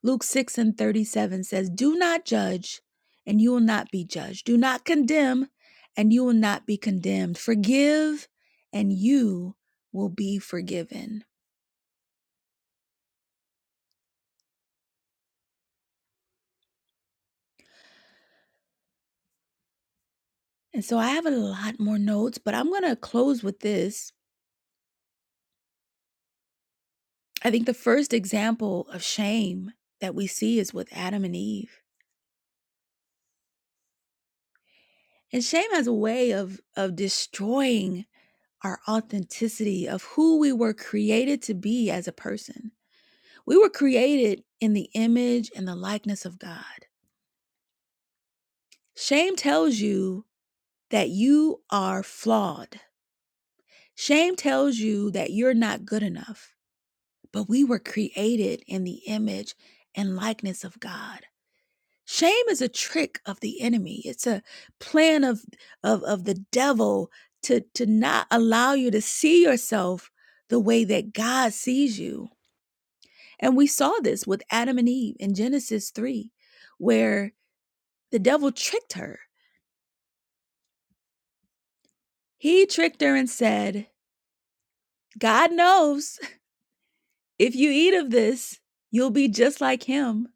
Speaker 3: Luke 6 and 37 says, Do not judge, and you will not be judged. Do not condemn, and you will not be condemned. Forgive, and you will be forgiven. And so I have a lot more notes, but I'm going to close with this I think the first example of shame that we see is with Adam and Eve. And shame has a way of of destroying our authenticity of who we were created to be as a person. We were created in the image and the likeness of God. Shame tells you that you are flawed. Shame tells you that you're not good enough. But we were created in the image and likeness of God. Shame is a trick of the enemy. It's a plan of of, of the devil to, to not allow you to see yourself the way that God sees you. And we saw this with Adam and Eve in Genesis 3, where the devil tricked her. He tricked her and said, God knows if you eat of this, you'll be just like him.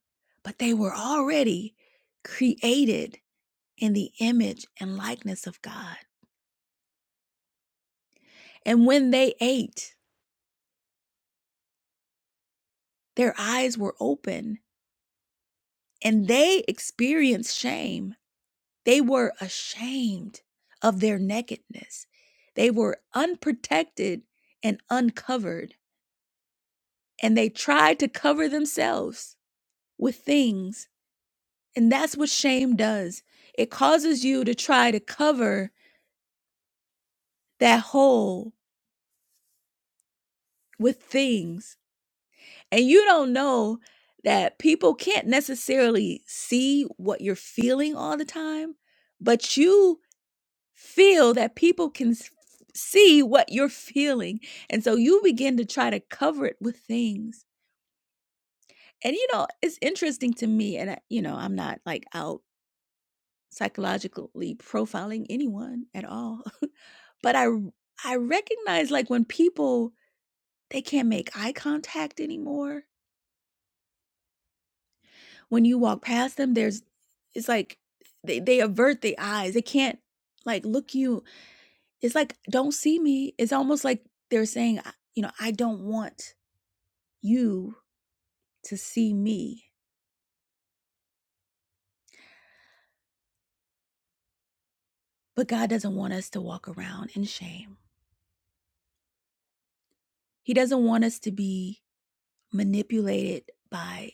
Speaker 3: But they were already created in the image and likeness of God. And when they ate, Their eyes were open and they experienced shame. They were ashamed of their nakedness. They were unprotected and uncovered, and they tried to cover themselves with things. And that's what shame does it causes you to try to cover that hole with things. And you don't know that people can't necessarily see what you're feeling all the time, but you feel that people can s- see what you're feeling. And so you begin to try to cover it with things. And you know, it's interesting to me, and I, you know, I'm not like out psychologically profiling anyone at all, (laughs) but I r- I recognize like when people they can't make eye contact anymore. When you walk past them, there's it's like they they avert the eyes. They can't like look you It's like, "Don't see me." It's almost like they're saying, I you know, "I don't want you to see me." But God doesn't want us to walk around in shame. He doesn't want us to be manipulated by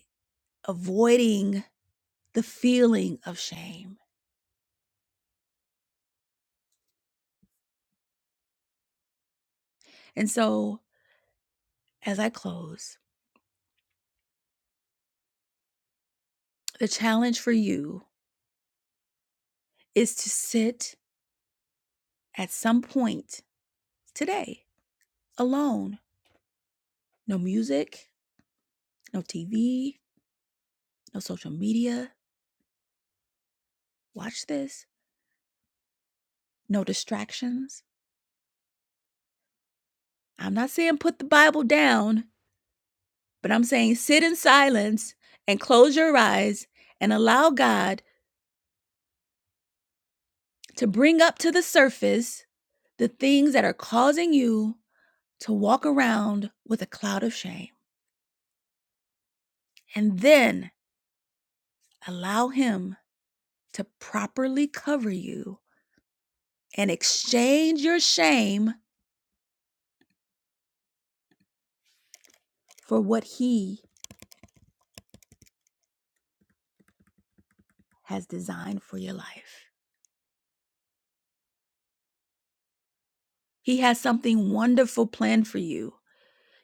Speaker 3: avoiding the feeling of shame. And so, as I close, the challenge for you is to sit at some point today alone. No music, no TV, no social media. Watch this no distractions. I'm not saying put the Bible down, but I'm saying sit in silence and close your eyes and allow God to bring up to the surface the things that are causing you to walk around with a cloud of shame. And then allow Him to properly cover you and exchange your shame for what He has designed for your life. He has something wonderful planned for you.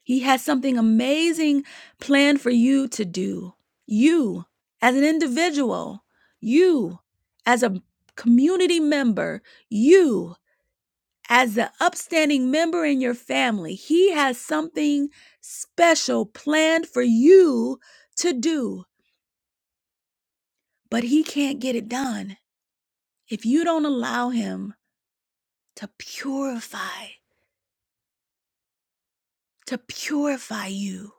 Speaker 3: He has something amazing planned for you to do. You, as an individual, you, as a community member, you, as the upstanding member in your family, He has something special planned for you to do, but He can't get it done if you don't allow Him to purify, to purify you.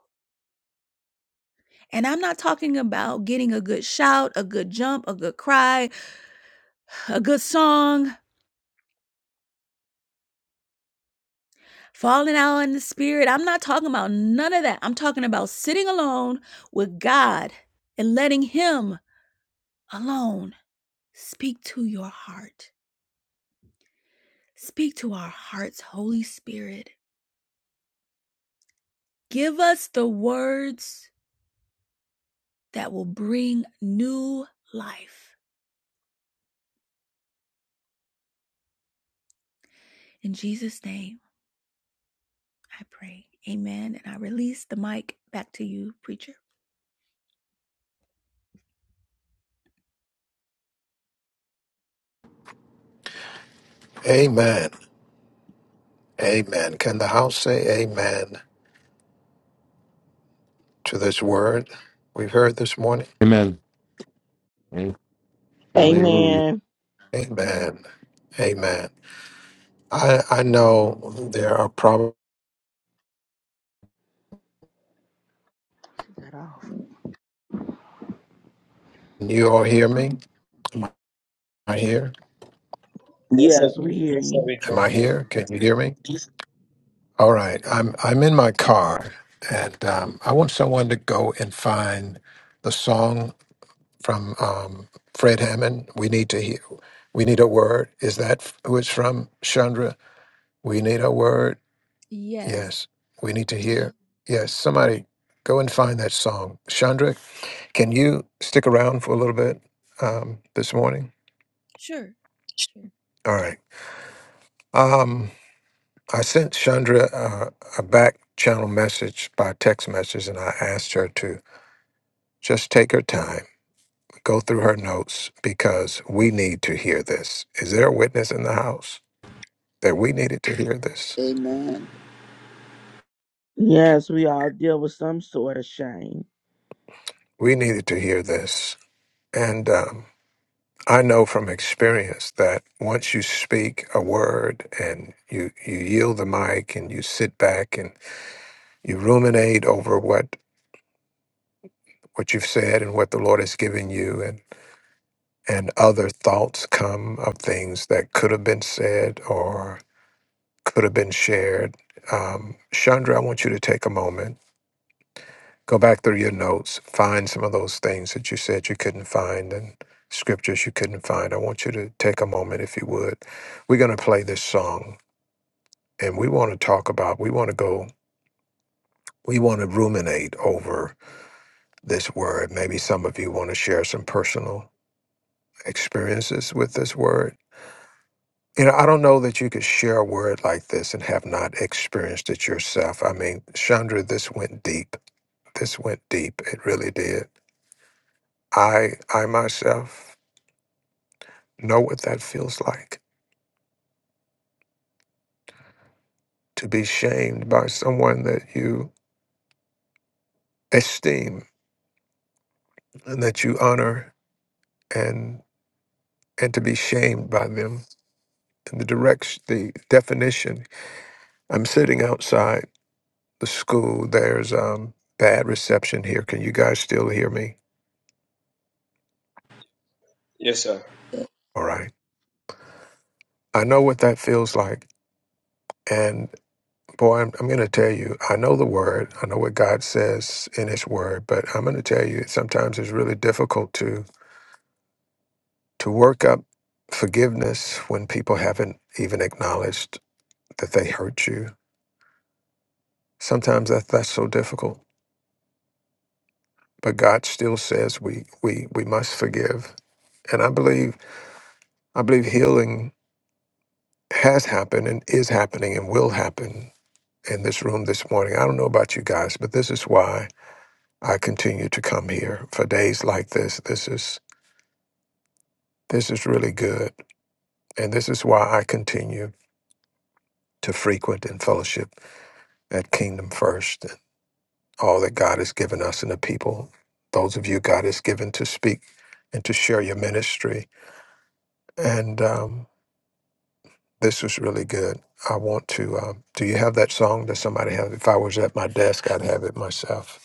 Speaker 3: And I'm not talking about getting a good shout, a good jump, a good cry, a good song, falling out in the spirit. I'm not talking about none of that. I'm talking about sitting alone with God and letting Him alone speak to your heart. Speak to our hearts, Holy Spirit. Give us the words that will bring new life. In Jesus' name, I pray. Amen. And I release the mic back to you, preacher.
Speaker 2: Amen. Amen. Can the house say amen? to this word we've heard this morning.
Speaker 8: Amen. Amen. Hallelujah.
Speaker 5: Amen.
Speaker 2: Amen. Amen. I, I know there are problems.
Speaker 5: Get that off.
Speaker 2: Can you all hear me? I hear.
Speaker 4: Yes, sir.
Speaker 5: Yes, we hear
Speaker 4: Yes, sir,
Speaker 5: you.
Speaker 4: we
Speaker 2: Am I
Speaker 4: can hear you.
Speaker 2: here? Can you hear me? All right. I'm I'm in my car, and um, I want someone to go and find the song from um, Fred Hammond. We need to hear. We need a word. Is that who it's from, Chandra? We need a word.
Speaker 3: Yes.
Speaker 2: Yes. We need to hear. Yes. Somebody go and find that song, Chandra. Can you stick around for a little bit um, this morning?
Speaker 3: Sure. Sure.
Speaker 2: All right. Um, I sent Chandra uh, a back channel message by text message, and I asked her to just take her time, go through her notes, because we need to hear this. Is there a witness in the house that we needed to hear this?
Speaker 7: Amen.
Speaker 5: Yes, we all deal with some sort of shame.
Speaker 2: We needed to hear this. And um, I know from experience that once you speak a word and you, you yield the mic and you sit back and You ruminate over what what you've said and what the Lord has given you, and and other thoughts come of things that could have been said or could have been shared. Um, Chandra, I want you to take a moment, go back through your notes, find some of those things that you said you couldn't find and scriptures you couldn't find. I want you to take a moment, if you would. We're going to play this song, and we want to talk about. We want to go. We want to ruminate over this word. Maybe some of you want to share some personal experiences with this word. You know, I don't know that you could share a word like this and have not experienced it yourself. I mean, Chandra, this went deep. This went deep. It really did. I I myself know what that feels like to be shamed by someone that you esteem and that you honor and and to be shamed by them. And the direction the definition. I'm sitting outside the school. There's um bad reception here. Can you guys still hear me?
Speaker 4: Yes, sir.
Speaker 2: All right. I know what that feels like. And boy, I'm, I'm going to tell you, I know the word. I know what God says in his word, but I'm going to tell you, sometimes it's really difficult to, to work up forgiveness when people haven't even acknowledged that they hurt you. Sometimes that, that's so difficult, but God still says we, we, we must forgive. And I believe, I believe healing has happened and is happening and will happen in this room this morning. I don't know about you guys, but this is why I continue to come here for days like this. This is this is really good, and this is why I continue to frequent and fellowship at Kingdom First and all that God has given us and the people. Those of you God has given to speak and to share your ministry, and um, this was really good. I want to. Um, do you have that song? Does somebody have? If I was at my desk, I'd have it myself.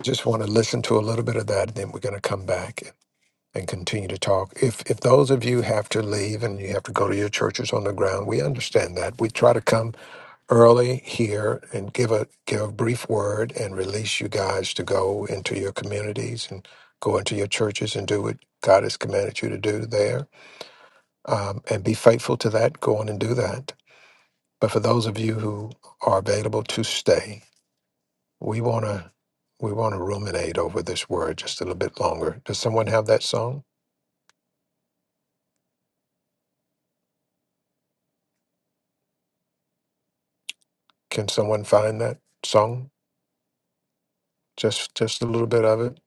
Speaker 2: Just want to listen to a little bit of that, and then we're going to come back. and continue to talk. If if those of you have to leave and you have to go to your churches on the ground, we understand that. We try to come early here and give a give a brief word and release you guys to go into your communities and go into your churches and do what God has commanded you to do there, um, and be faithful to that. Go on and do that. But for those of you who are available to stay, we want to we want to ruminate over this word just a little bit longer. Does someone have that song? Can someone find that song? Just just a little bit of it.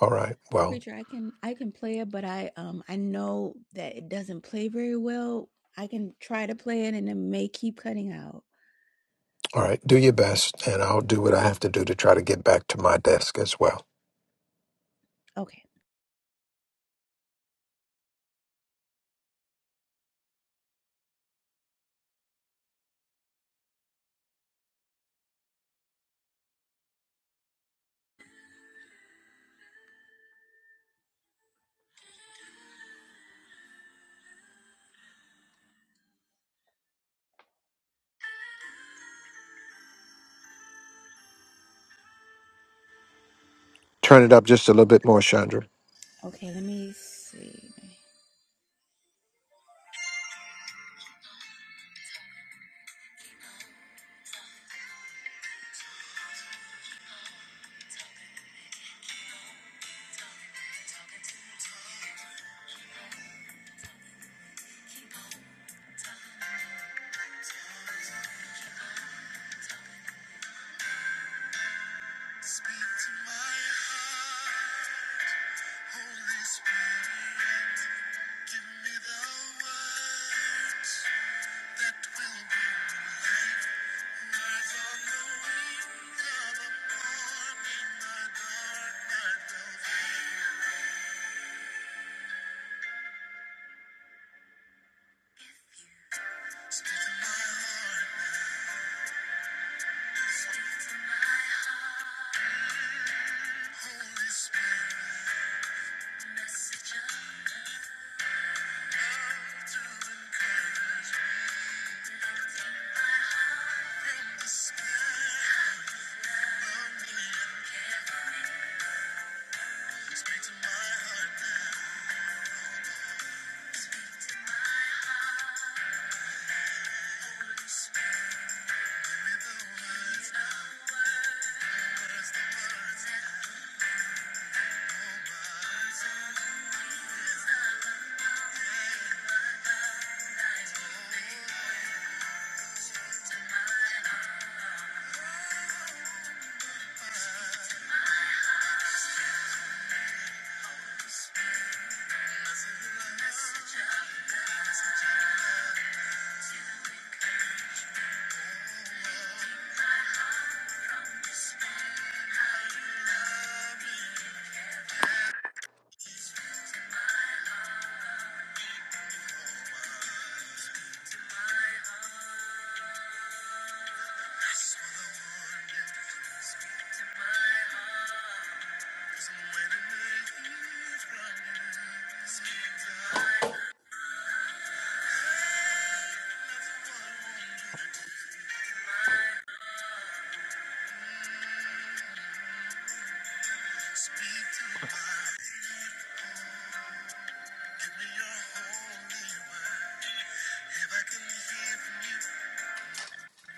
Speaker 2: All right. Well,
Speaker 3: Preacher, I can I can play it, but I um I know that it doesn't play very well. I can try to play it and it may keep cutting out.
Speaker 2: all right. Do your best, and I'll do what I have to do to try to get back to my desk as well.
Speaker 3: Okay.
Speaker 2: Turn it up just a little bit more, Chandra.
Speaker 3: Okay, let me see. Speak to my heart. Thank you. Speak to my life. Give me your holy word. If I can hear from you,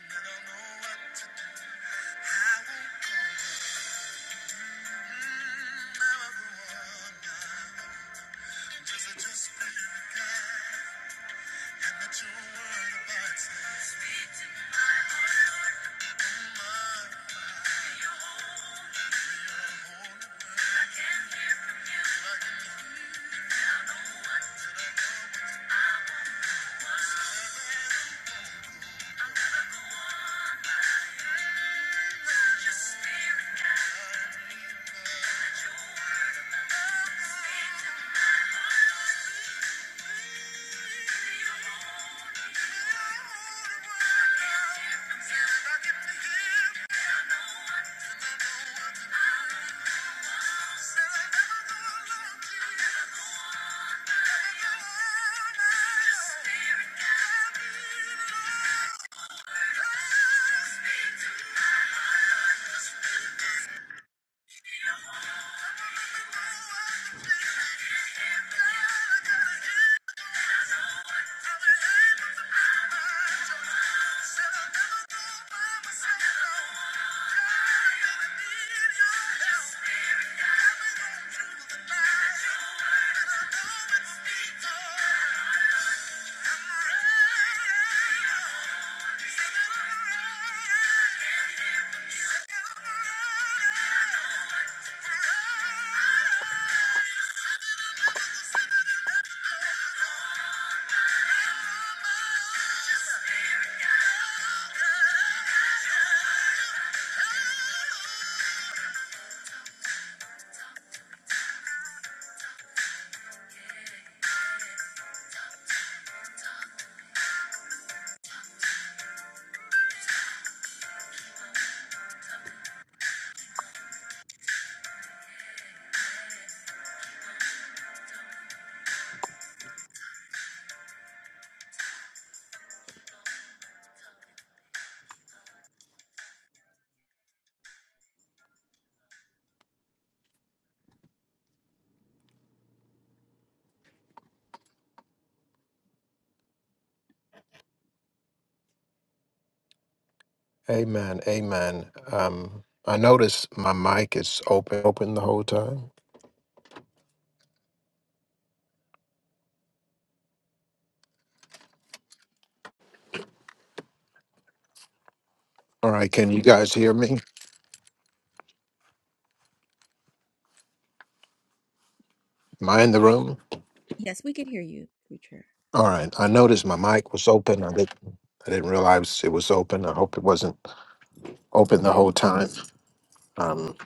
Speaker 3: then I'll know what to do. I won't go mm, never Just let your spirit guide. And let your word abide. Speak to my the holy word. I can hear, then I know what to do. Guide me, Lord. Let your word abide. Speak to Thank you. Yeah.
Speaker 2: Amen. Amen. Um, I noticed my mic is open open the whole time. All right. Can you guys hear me? Am I in the room?
Speaker 3: Yes, we can hear you, preacher.
Speaker 2: All right. I noticed my mic was open. I didn't. I didn't realize it was open. I hope it wasn't open the whole time. Um,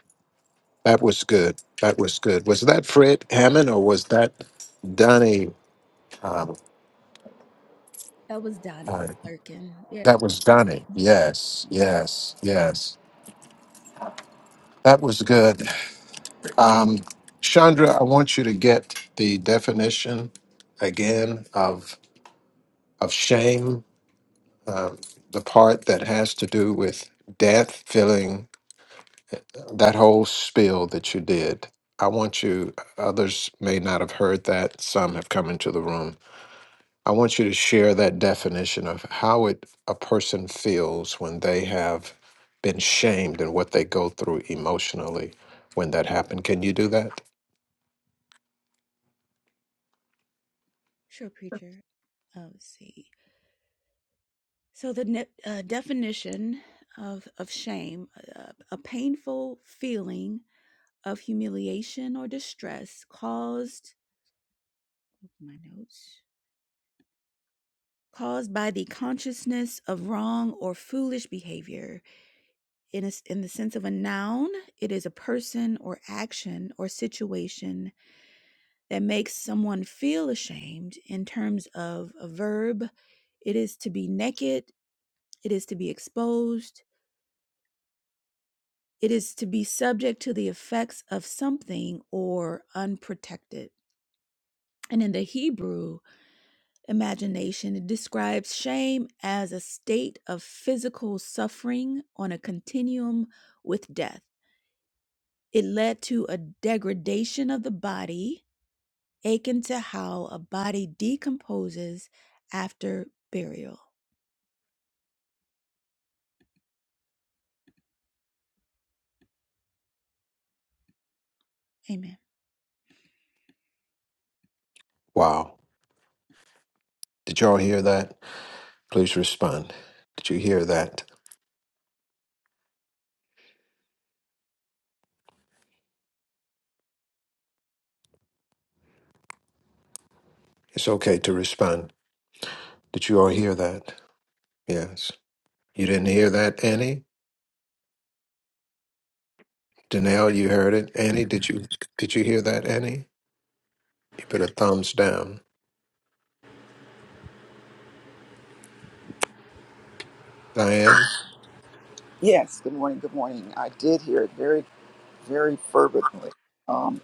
Speaker 2: that was good. That was good. Was that Fred Hammond or was that Donnie? Um,
Speaker 3: That was Donna
Speaker 2: uh,
Speaker 3: Lurkin. Yeah,
Speaker 2: that was Donnie.
Speaker 3: yeah,
Speaker 2: Yes, yes, yes. That was good. Um, Chandra, I want you to get the definition again of of shame, um, the part that has to do with death, feeling that whole spiel that you did. I want you. Others may not have heard that. Some have come into the room I want you to share that definition of how it a person feels when they have been shamed and what they go through emotionally when that happened. Can you do that?
Speaker 3: sure, preacher. Oh, see. So the ne- uh, definition of of shame, uh, a painful feeling of humiliation or distress caused my notes caused by the consciousness of wrong or foolish behavior in, a s in the sense of a noun it is a person or action or situation that makes someone feel ashamed in terms of a verb it is to be naked it is to be exposed it is to be subject to the effects of something or unprotected and in the hebrew imagination. It describes shame as a state of physical suffering on a continuum with death. It led to a degradation of the body, akin to how a body decomposes after burial. Amen.
Speaker 2: Wow. Did y'all hear that? Please respond. Did you hear that? It's okay to respond. Did you all hear that? Yes. You didn't hear that, Annie? Danelle, you heard it. Annie, did you did you hear that, Annie? You put a thumbs down. Diane.
Speaker 7: Yes, good morning. Good morning. I did hear it very, very fervently. Um,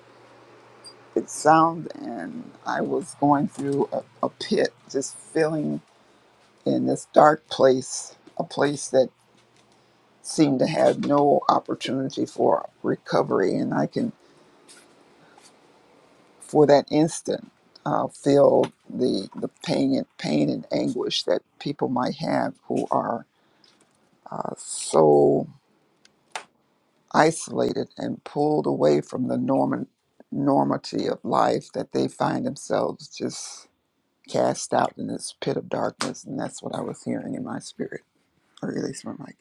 Speaker 7: it sound and I was going through a, a pit, just feeling in this dark place, a place that seemed to have no opportunity for recovery. And I can, for that instant, uh, feel the the pain and pain and anguish that people might have who are uh, so isolated and pulled away from the norm- normity of life that they find themselves just cast out in this pit of darkness. And that's what I was hearing in my spirit, or at least my mic.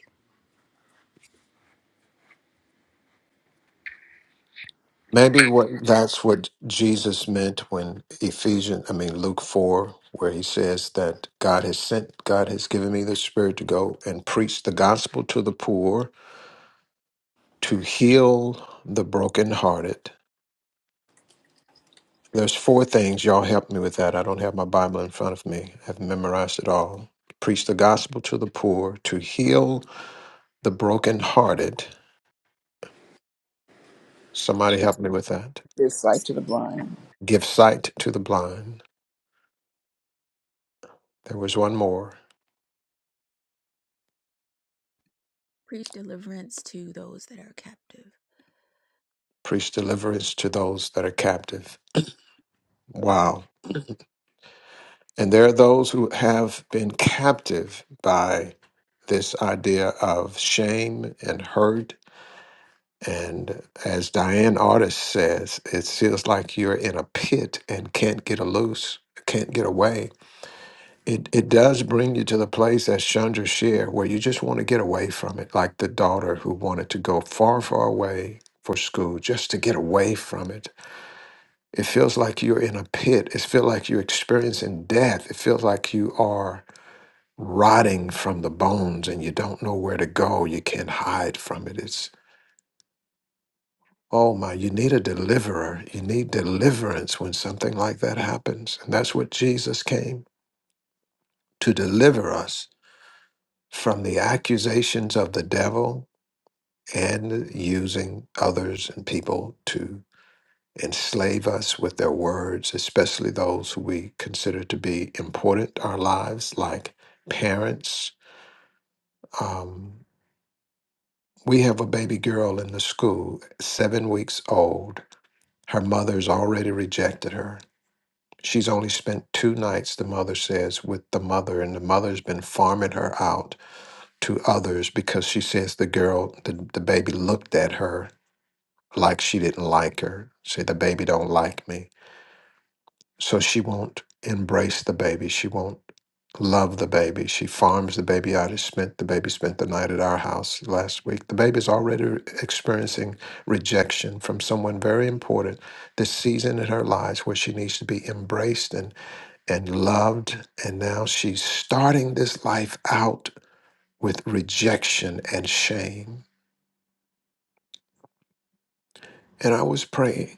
Speaker 2: Maybe what that's what Jesus meant when Ephesians, I mean Luke four, where he says that God has sent, God has given me the Spirit to go and preach the gospel to the poor, to heal the brokenhearted. There's four things. Y'all help me with that. I don't have my Bible in front of me. I've memorized it all. Preach the gospel to the poor, to heal the brokenhearted. Somebody help me with that.
Speaker 7: This sight to the blind.
Speaker 2: Give sight to the blind. There was one more
Speaker 3: Preach deliverance to those that are captive.
Speaker 2: preach deliverance to those that are captive. Wow. And there are those who have been captive by this idea of shame and hurt. And as Diane Artis says, it feels like you're in a pit and can't get a loose, can't get away. It, it does bring you to the place as Chandra shared, where you just want to get away from it, like the daughter who wanted to go far, far away for school just to get away from it It feels like you're in a pit. It feels like you're experiencing death. It feels like you are rotting from the bones and you don't know where to go. You can't hide from it. It's, oh my, you need a deliverer. You need deliverance when something like that happens. And that's what Jesus came to deliver us from the accusations of the devil and using others and people to. enslave us with their words, especially those who we consider to be important in our lives, like parents. Um, we have a baby girl in the school, seven weeks old. Her mother's already rejected her. She's only spent two nights, the mother says, with the mother, and the mother's been farming her out to others because she says the girl, the, the baby looked at her like she didn't like her. Say, the baby don't like me. So she won't embrace the baby. She won't love the baby. She farms the baby out. She spent the baby spent the night at our house last week. The baby's already experiencing rejection from someone very important this season in her lives where she needs to be embraced and, and loved. And now she's starting this life out with rejection and shame. And I was praying,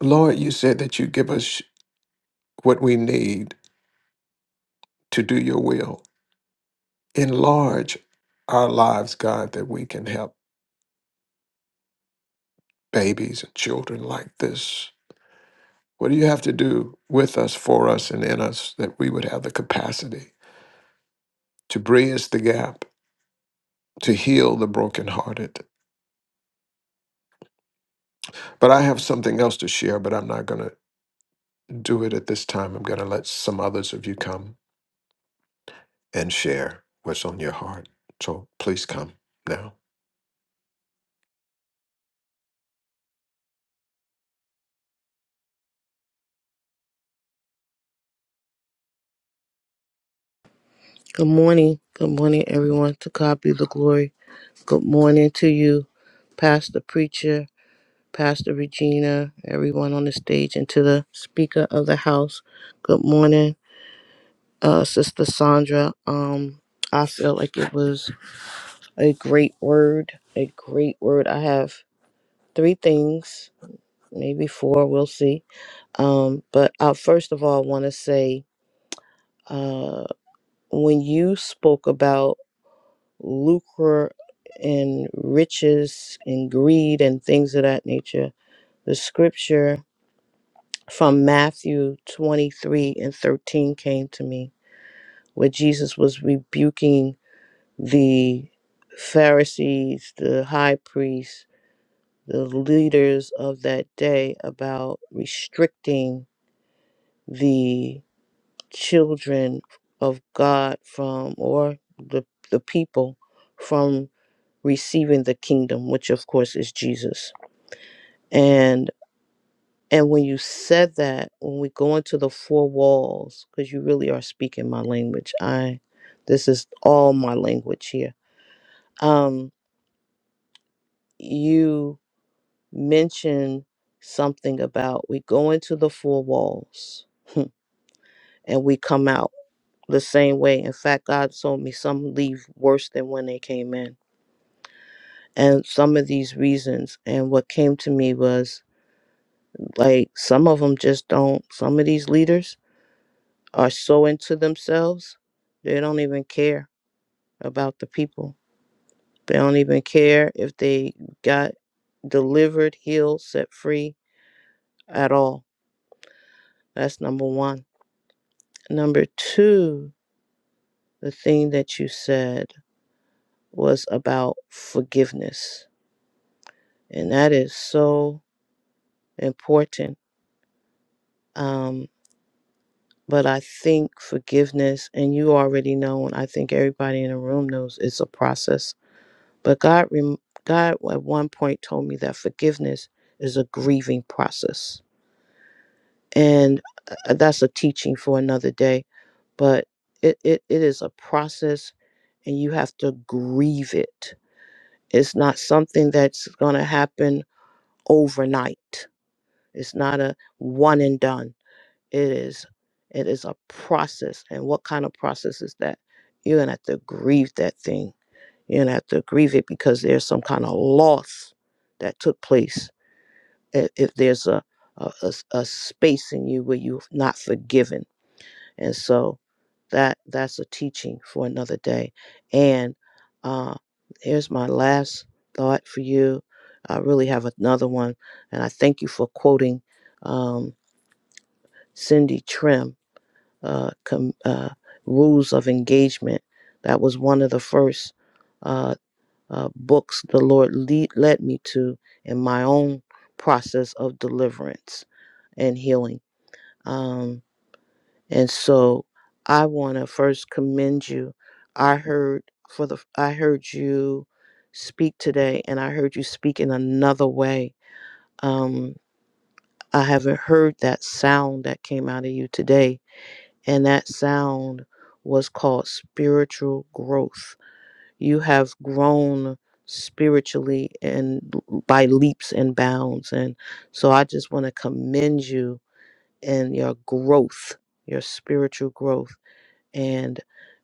Speaker 2: Lord, you said that you give us what we need to do your will. enlarge our lives, God, that we can help babies and children like this. What do you have to do with us, for us, and in us that we would have the capacity to bridge the gap, to heal the brokenhearted? But I have something else to share, but I'm not going to do it at this time. I'm going to let some others of you come and share what's on your heart. So please come now.
Speaker 9: Good morning. Good morning, everyone. To God be the glory. Good morning to you, Pastor Preacher, Pastor Regina, everyone on the stage, and to the Speaker of the House. Good morning, uh, Sister Sandra. Um, I feel like it was a great word, a great word. I have three things, maybe four, we'll see. Um, but I first of all want to say uh, when you spoke about lucre and riches and greed and things of that nature. The scripture from Matthew 23 and 13 came to me where Jesus was rebuking the Pharisees, the high priests, the leaders of that day about restricting the children of God from or the the people from receiving the kingdom, which of course is Jesus. And and when you said that, when we go into the four walls, because you really are speaking my language, I this is all my language here. Um, you mentioned something about we go into the four walls (laughs) and we come out the same way. In fact, God told me some leave worse than when they came in. And some of these reasons, and what came to me was Like some of them just don't, some of these leaders are so into themselves, they don't even care about the people. They don't even care if they got delivered, healed, set free at all. That's number one. Number two, the thing that you said was about forgiveness. And that is so important. Um, but I think forgiveness, and you already know, and I think everybody in the room knows, it's a process But God, rem- God at one point told me that forgiveness is a grieving process, and uh, that's a teaching for another day. But it, it, it is a process, and you have to grieve it. It's not something that's going to happen overnight. It's not a one and done. It is it is a process, and what kind of process is that? You're gonna have to grieve that thing You don't have to grieve it because there's some kind of loss that took place. I- If there's a, a, a s- a space in you where you're not forgiven. And so that that's a teaching for another day. And uh, here's my last thought for you. I really have another one. And I thank you for quoting um, Cindy Trim, uh, com- uh, Rules of Engagement. That was one of the first. uh, uh, books the Lord lead, led me to in my own process of deliverance and healing. Um, and so I want to first commend you. I heard for the I heard you speak today, and I heard you speak in another way. Um, I haven't heard that sound that came out of you today, and that sound was called spiritual growth you have grown spiritually and by leaps and bounds and so i just want to commend you and your growth your spiritual growth and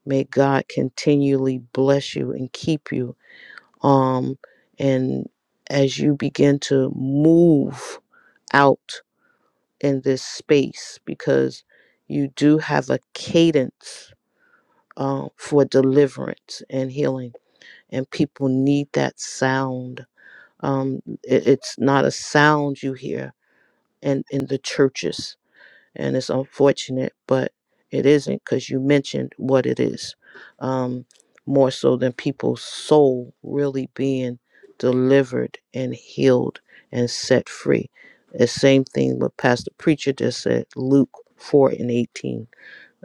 Speaker 9: may god continually bless you and keep you um and as you begin to move out in this space because you do have a cadence uh, for deliverance and healing and people need that sound. Um, it, it's not a sound you hear in, in the churches, and it's unfortunate, but it isn't because you mentioned what it is um, more so than people's soul really being delivered and healed and set free. The same thing what Pastor Preacher just said, Luke 4 and 18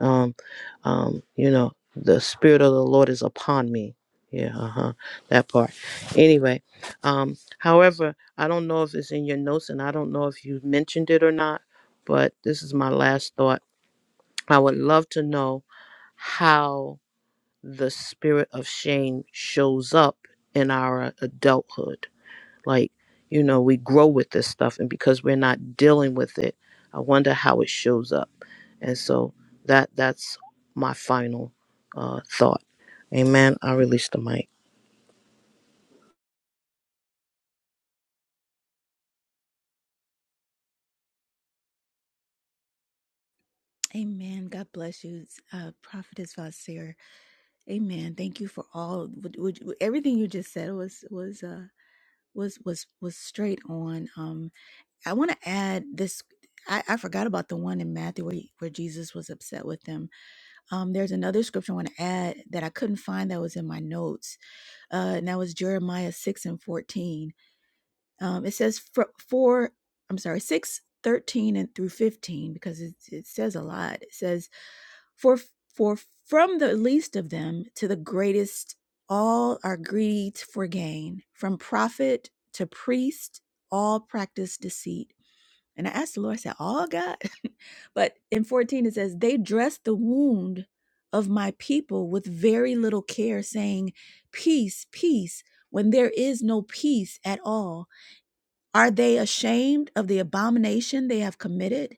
Speaker 9: um um you know the spirit of the lord is upon me yeah uh-huh that part anyway um however i don't know if it's in your notes and i don't know if you mentioned it or not but this is my last thought i would love to know how the spirit of shame shows up in our adulthood like, you know, we grow with this stuff, and because we're not dealing with it, I wonder how it shows up. And so that that's my final uh, thought. Amen. I release the mic.
Speaker 3: Amen. God bless you, uh, Prophetess Vasir. Amen. Thank you for all. Would, would, everything you just said was was uh, was was was straight on. Um, I want to add this. I, I forgot about the one in Matthew where, he- where Jesus was upset with them. Um, there's another scripture I want to add that I couldn't find that was in my notes. Uh, and that was Jeremiah 6 and 14. Um, it says, for, for, I'm sorry, 6:13 and through 15, because it, it says a lot. It says, for, for from the least of them to the greatest, all are greedy for gain. From prophet to priest, all practice deceit and I asked the Lord, I said, All God? (laughs) but in 14, it says, They dressed the wound of my people with very little care, saying, Peace, peace, when there is no peace at all. Are they ashamed of the abomination they have committed?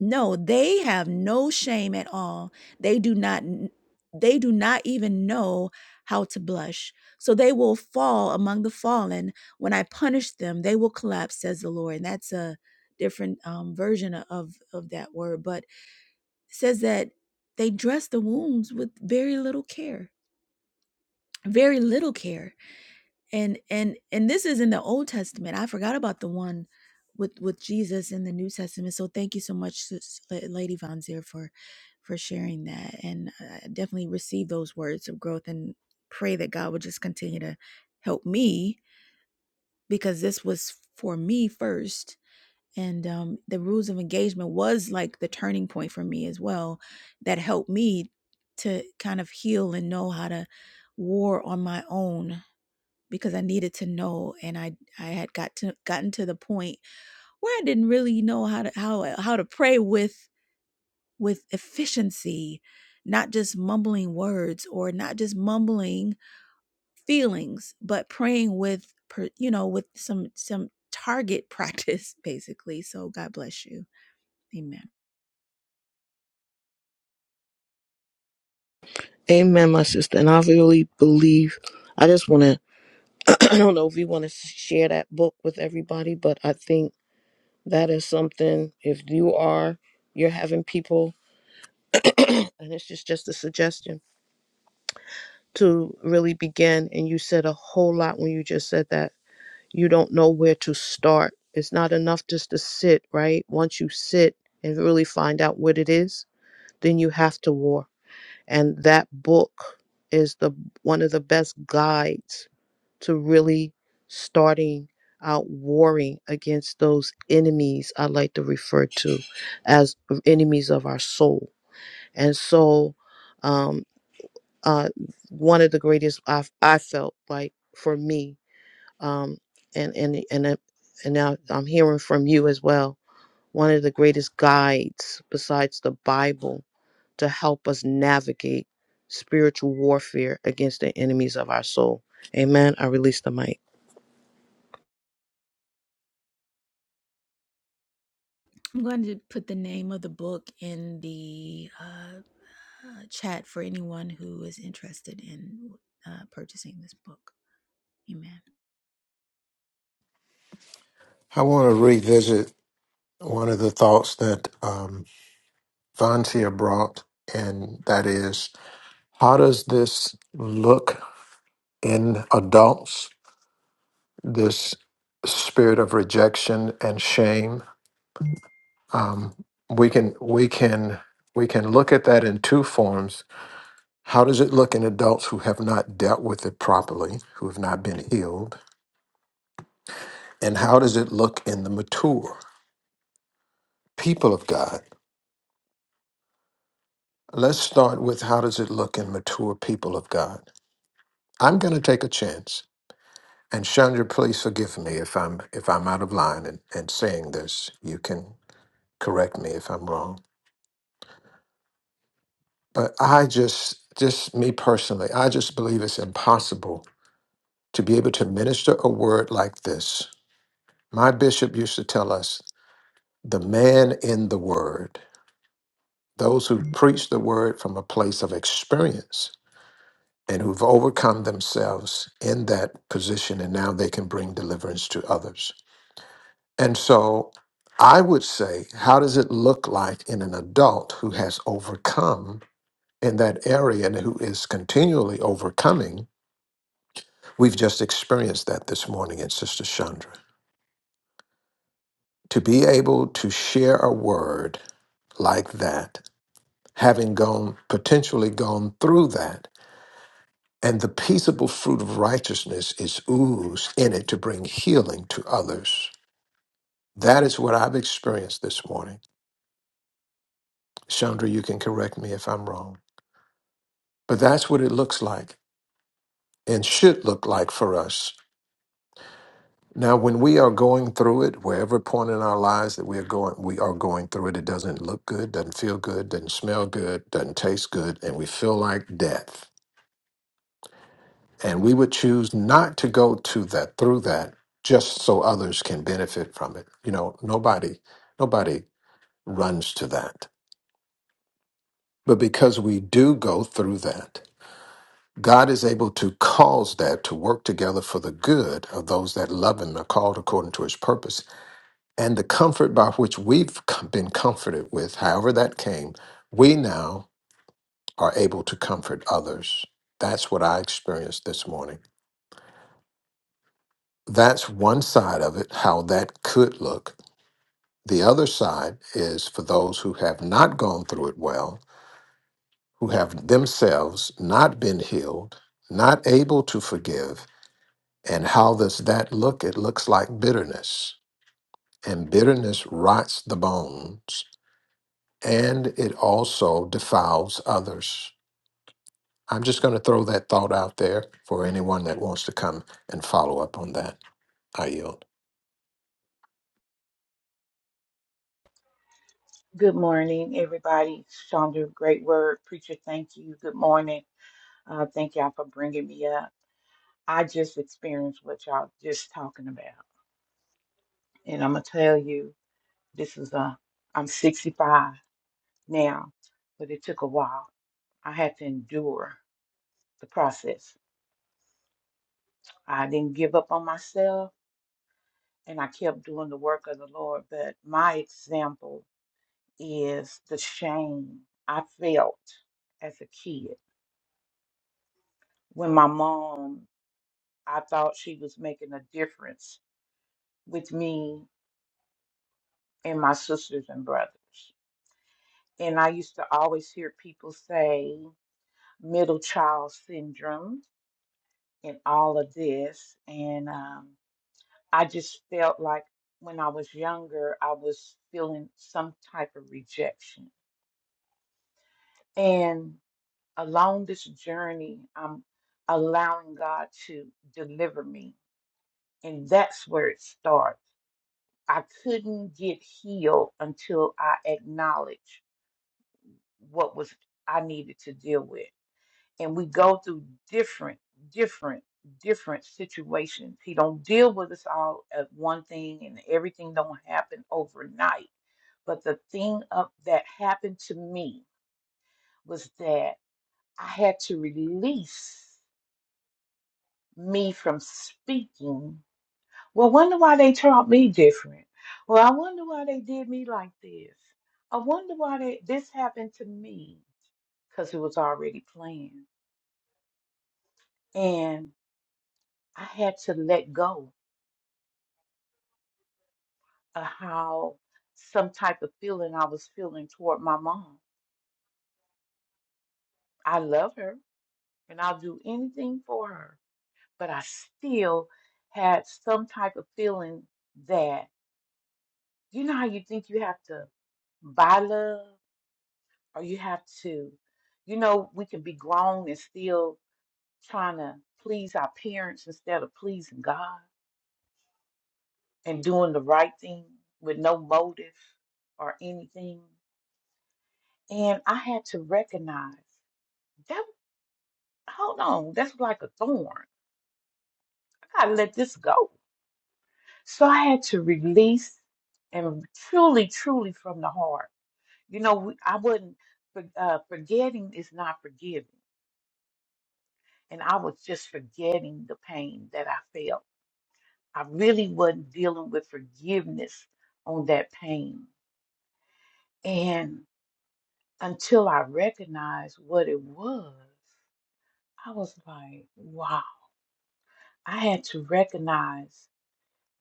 Speaker 3: No, they have no shame at all. They do not n- they do not even know how to blush. So they will fall among the fallen. When I punish them, they will collapse, says the Lord. And that's a different um, version o- of of that word, but it says that they dress the wounds with very little care. Very little care and and and this is in the old testament i forgot about the one with with jesus in the new testament so thank you so much Sis- La- lady von zier for for sharing that and i definitely receive those words of growth and pray that god would just continue to help me because this was for me first and um, the rules of engagement was like the turning point for me as well that helped me to kind of heal and know how to war on my own because I needed to know, and I I had got to gotten to the point where I didn't really know how to how how to pray with with efficiency, not just mumbling words or not just mumbling feelings, but praying with per, you know with some some target (laughs) practice basically. So God bless you. Amen.
Speaker 9: Amen, my sister. And I really believe. I just want to. (clears throat) I don't know if you want to share that book with everybody, but I think that is something. If you are, you're having people, and it's just just a suggestion to really begin. And you said a whole lot when you just said that you don't know where to start. It's not enough just to sit, right? Once you sit and really find out what it is, then you have to war. And that book is the one of the best guides to really starting out warring against those enemies I like to refer to as enemies of our soul. And so um uh one of the greatest I've I felt like for me um, and and and it- and now I'm hearing from you as well. One of the greatest guides besides the Bible to help us navigate spiritual warfare against the enemies of our soul. Amen. I release the mic.
Speaker 3: I'm going to put the name of the book in the uh, uh, chat for anyone who is interested in uh, purchasing this book. Amen.
Speaker 2: I want to revisit one of the thoughts that um, Vontia brought, and that is How does this look in adults? This spirit of rejection and shame. Um, we can we can we can look at that in two forms. How does it look in adults who have not dealt with it properly, who have not been healed, and how does it look in the mature people of God? Let's start with how does it look in mature people of God. I'm going to take a chance. And Chandra, please forgive me if I'm if I'm out of line and, and saying this. You can correct me if I'm wrong. But I just just me personally, I just believe it's impossible to be able to minister a word like this. My bishop used to tell us, the man in the word, those who preach the word from a place of experience and who've overcome themselves in that position and now they can bring deliverance to others. And so I would say, how does it look like in an adult who has overcome in that area and who is continually overcoming? We've just experienced that this morning in Sister Chandra. To be able to share a word like that, having gone potentially gone through that, and the peaceable fruit of righteousness is oozed in it to bring healing to others. That is what I've experienced this morning. Chandra, you can correct me if I'm wrong. But that's what it looks like and should look like for us. Now, when we are going through it, wherever point in our lives that we are going, we are going through it. It doesn't look good, doesn't feel good, doesn't smell good, doesn't taste good, and we feel like death. And we would choose not to go to that through that, just so others can benefit from it. You know, nobody, nobody runs to that, but because we do go through that, God is able to cause that to work together for the good of those that love him and are called according to his purpose. And the comfort by which we've com- been comforted with, however that came, we now are able to comfort others. That's what I experienced this morning. That's one side of it, how that could look. The other side is for those who have not gone through it well, who have themselves not been healed, not able to forgive, And how does that look? It looks like bitterness. And bitterness rots the bones and it also defiles others. I'm just going to throw that thought out there for anyone that wants to come and follow up on that. I yield.
Speaker 10: Good morning, everybody. Chandra, great word. Preacher, thank you. Good morning. Uh, thank y'all for bringing me up. I just experienced what y'all just talking about. And I'm going to tell you, this is a, I'm 65 now, but it took a while. I had to endure the process. I didn't give up on myself and I kept doing the work of the Lord. But my example is the shame I felt as a kid when my mom I thought she was making a difference with me and my sisters and brothers. And I used to always hear people say middle child syndrome and all of this. And um, I just felt like when I was younger, I was feeling some type of rejection. And along this journey, I'm allowing God to deliver me. And that's where it starts I couldn't get healed until I acknowledged what was I needed to deal with. And we go through different, different, different situations. He don't deal with us all at one thing, and everything don't happen overnight. But the thing up that happened to me was that I had to release me from speaking Well, wonder why they taught me different. Well, I wonder why they did me like this. I wonder why they, this happened to me because it was already planned. And I had to let go of how some type of feeling I was feeling toward my mom. I love her and I'll do anything for her, but I still had some type of feeling that, you know, how you think you have to buy love? or you have to, you know, we can be grown and still trying to please our parents instead of pleasing God and doing the right thing with no motive or anything. And I had to recognize that, hold on, that's like a thorn. I gotta let this go. So I had to release and truly, truly from the heart. You know, we- I wasn't, for- uh, forgetting is not forgiving. And I was just forgetting the pain that I felt I really wasn't dealing with forgiveness on that pain. And until I recognized what it was, I was like, wow. I had to recognize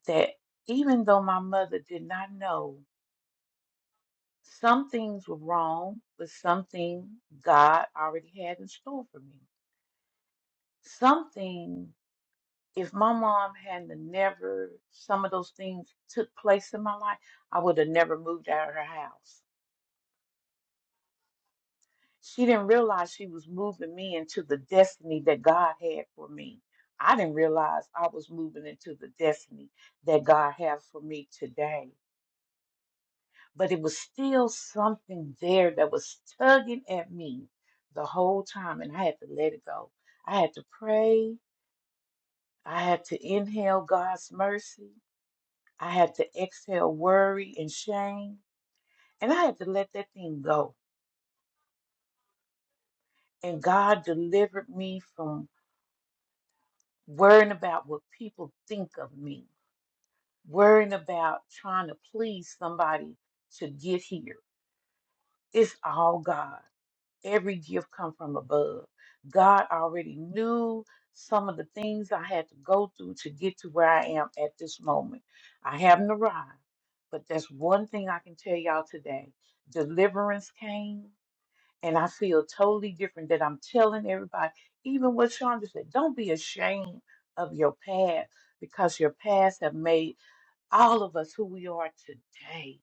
Speaker 10: that even though my mother did not know, some things were wrong, but something God already had in store for me. Something, if my mom hadn't never, some of those things took place in my life, I would have never moved out of her house She didn't realize she was moving me into the destiny that God had for me. I didn't realize I was moving into the destiny that God has for me today. But it was still something there that was tugging at me the whole time, and I had to let it go. I had to pray. I had to inhale God's mercy. I had to exhale worry and shame. And I had to let that thing go. And God delivered me from. worrying about what people think of me, worrying about trying to please somebody to get here. It's all God. Every gift come from above. God already knew some of the things I had to go through to get to where I am at this moment. I haven't arrived, but that's one thing I can tell y'all today. Deliverance came, and I feel totally different that I'm telling everybody, even what Chandra said, don't be ashamed of your past because your past have made all of us who we are today.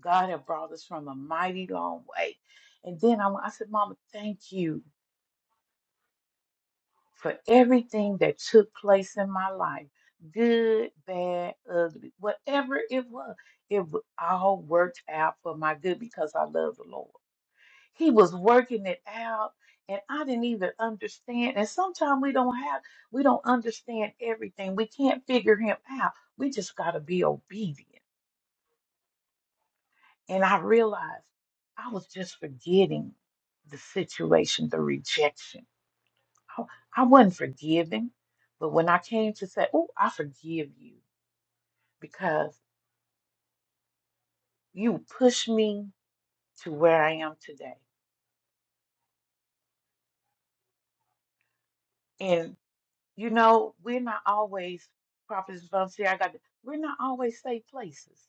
Speaker 10: God have brought us from a mighty long way. And then I, I said, Mama, thank you for everything that took place in my life. Good, bad, ugly, whatever it was, it w- all worked out for my good because I love the Lord. he was working it out and i didn't even understand and sometimes we don't have we don't understand everything we can't figure him out we just got to be obedient and i realized i was just forgetting the situation the rejection i, I wasn't forgiving but when i came to say oh i forgive you because you pushed me to where i am today You know, we're not always, Prophet Vonseer, I got, we're not always safe places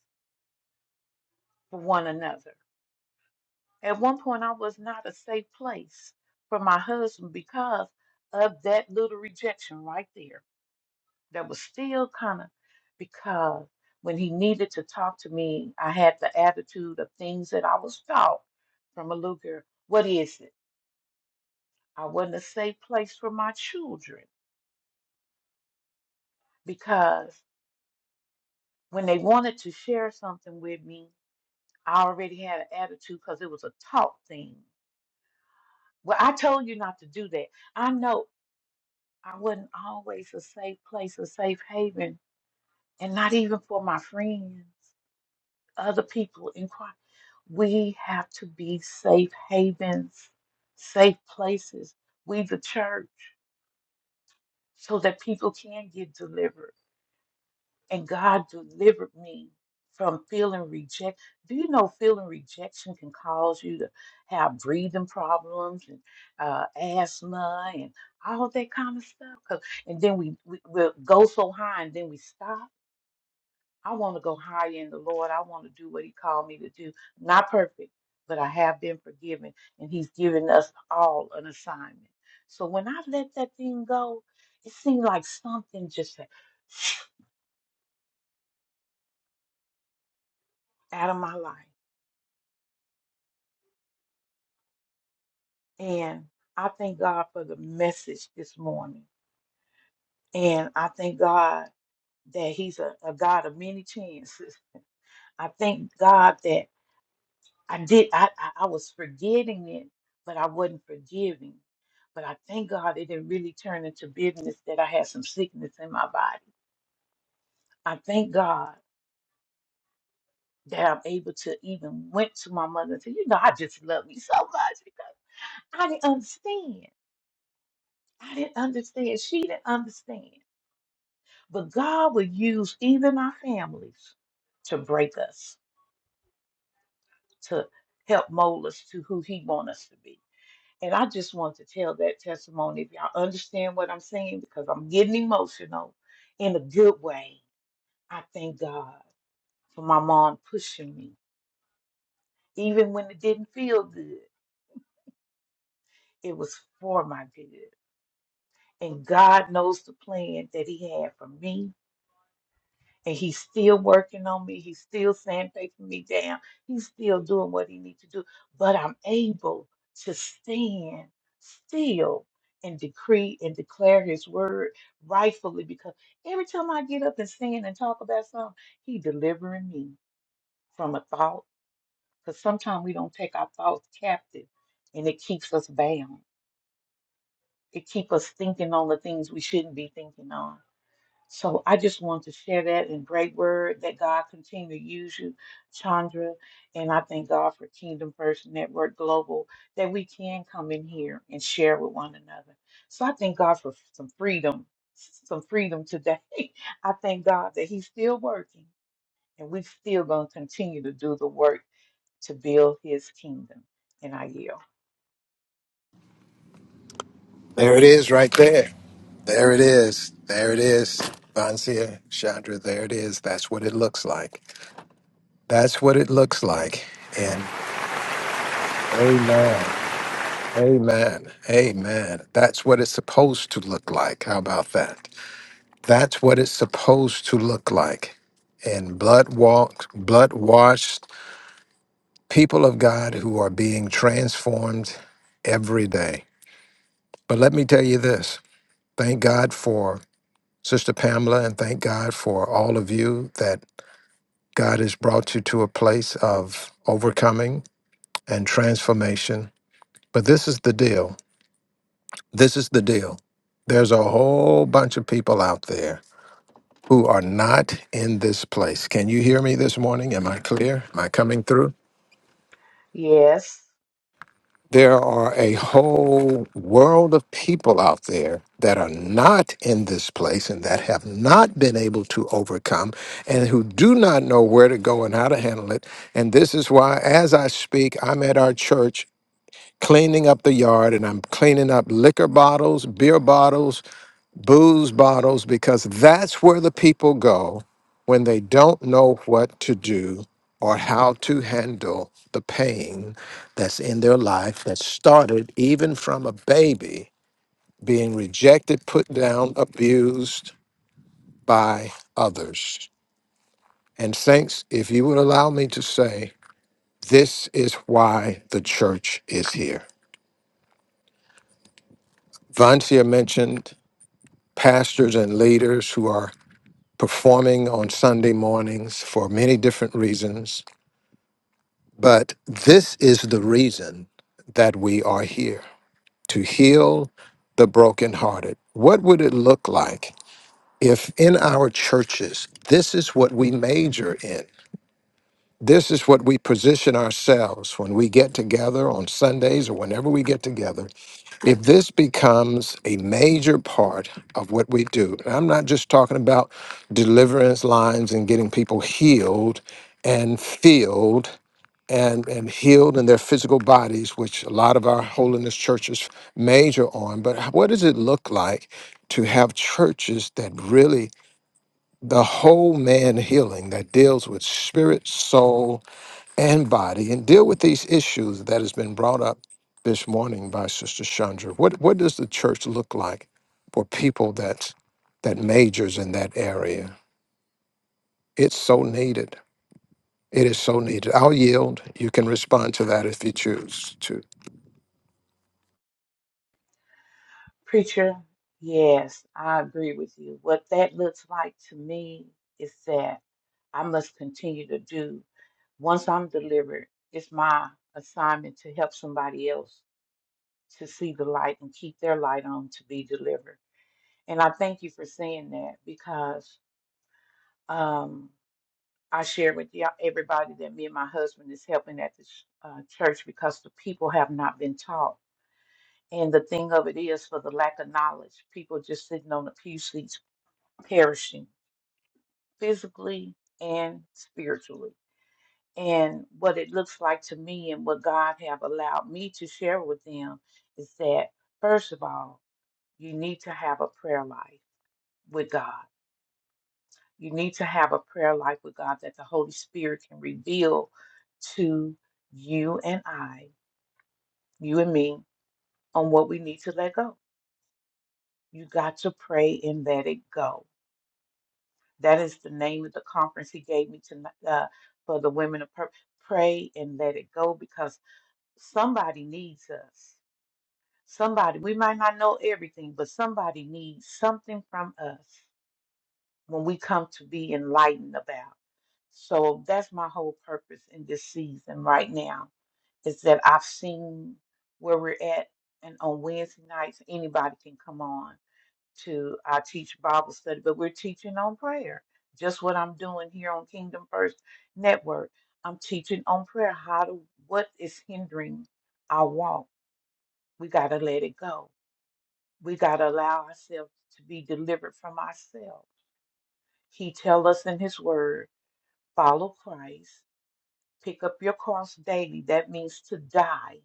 Speaker 10: for one another. At one point, I was not a safe place for my husband because of that little rejection right there. That was still kind of because when he needed to talk to me, I had the attitude of things that I was taught from a little girl. What is it? I wasn't a safe place for my children because when they wanted to share something with me, I already had an attitude because it was a taught thing. Well, I told you not to do that. I know I wasn't always a safe place, a safe haven, and not even for my friends, other people in Christ. We have to be safe havens, safe places. We, the church, so that people can get delivered. And God delivered me from feeling reject. Do you know feeling rejection can cause you to have breathing problems and uh, asthma and all that kind of stuff? 'Cause- and then we, we we'll go so high and then we stop. I want to go higher in the Lord. I want to do what He called me to do. Not perfect, but I have been forgiven, and He's given us all an assignment. So when I let that thing go, it seemed like something just said, (sniffs) out of my life. And I thank God for the message this morning. And I thank God that He's a, a God of many chances. I thank God that I did, I, I, I was forgetting it, but I wasn't forgiving. But I thank God it didn't really turn into bitterness that I had some sickness in my body. I thank God that I'm able to even went to my mother and said, you know, I just love you so much because I didn't understand. I didn't understand. She didn't understand. But God will use even our families to break us, to help mold us to who He wants us to be. And I just want to tell that testimony. If y'all understand what I'm saying, because I'm getting emotional in a good way, I thank God for my mom pushing me. Even when it didn't feel good, it was for my good. And God knows the plan that He had for me and he's still working on me. He's still sandpapering me down. He's still doing what he needs to do. But I'm able to stand still and decree and declare his word rightfully because every time I get up and stand and talk about something, he delivering me from a thought. Because sometimes we don't take our thoughts captive and it keeps us bound. It keeps us thinking on the things we shouldn't be thinking on so I just want to share that and great word that God continue to use you, Chandra. And I thank God for Kingdom First Network Global that we can come in here and share with one another. So I thank God for some freedom, some freedom today. (laughs) I thank God that He's still working and we're still going to continue to do the work to build His kingdom. And I yield.
Speaker 2: There it is, right there. There it is. There it is. Vansia, Chandra, there it is. That's what it looks like. That's what it looks like. And amen. Amen. Amen. That's what it's supposed to look like. How about that? That's what it's supposed to look like. And blood walked, blood washed people of God who are being transformed every day. But let me tell you this thank God for Sister Pamela and thank God for all of you that God has brought you to a place of overcoming and transformation. But this is the deal. This is the deal. There's a whole bunch of people out there who are not in this place. Can you hear me this morning? Am I clear? Am I coming through?
Speaker 10: Yes.
Speaker 2: There are a whole world of people out there that are not in this place and that have not been able to overcome and who do not know where to go and how to handle it. And this is why, as I speak, I'm at our church cleaning up the yard and I'm cleaning up liquor bottles, beer bottles, booze bottles, because that's where the people go when they don't know what to do or how to handle the pain that's in their life that started even from a baby being rejected, put down, abused by others. And, Saints, if you would allow me to say, this is why the church is here. Vancia mentioned pastors and leaders who are performing on Sunday mornings for many different reasons, but this is the reason that we are here to heal the brokenhearted. What would it look like if in our churches, this is what we major in? This is what we position ourselves when we get together on Sundays or whenever we get together if this becomes a major part of what we do, and I'm not just talking about deliverance lines and getting people healed and filled and, and healed in their physical bodies, which a lot of our holiness churches major on, but h- what does it look like to have churches that really the whole man healing that deals with spirit, soul, and body and deal with these issues that has been brought up this morning by Sister Chandra. What what does the church look like for people that that majors in that area? It's so needed. It is so needed. I'll yield. You can respond to that if you choose to.
Speaker 10: Preacher, yes, I agree with you. What that looks like to me is that I must continue to do. Once I'm delivered, it's my assignment to help somebody else to see the light and keep their light on to be delivered. And I thank you for saying that because um, I share with y'all, everybody that me and my husband is helping at this uh, church because the people have not been taught. And the thing of it is, for the lack of knowledge, people just sitting on the pew seats perishing physically and spiritually. And what it looks like to me and what God have allowed me to share with them is that first of all, you need to have a prayer life with God. You need to have a prayer life with God that the Holy Spirit can reveal to you and I, you and me, on what we need to let go. You got to pray and let it go That is the name of the conference he gave me tonight uh, for the women of pur- pray and let it go because somebody needs us. Somebody we might not know everything, but somebody needs something from us when we come to be enlightened about. So that's my whole purpose in this season right now is that I've seen where we're at, and on Wednesday nights anybody can come on to I teach Bible study, but we're teaching on prayer. Just what I'm doing here on Kingdom First Network. I'm teaching on prayer. How to what is hindering our walk? We gotta let it go. We gotta allow ourselves to be delivered from ourselves. He tells us in his word, follow Christ, pick up your cross daily. That means to die,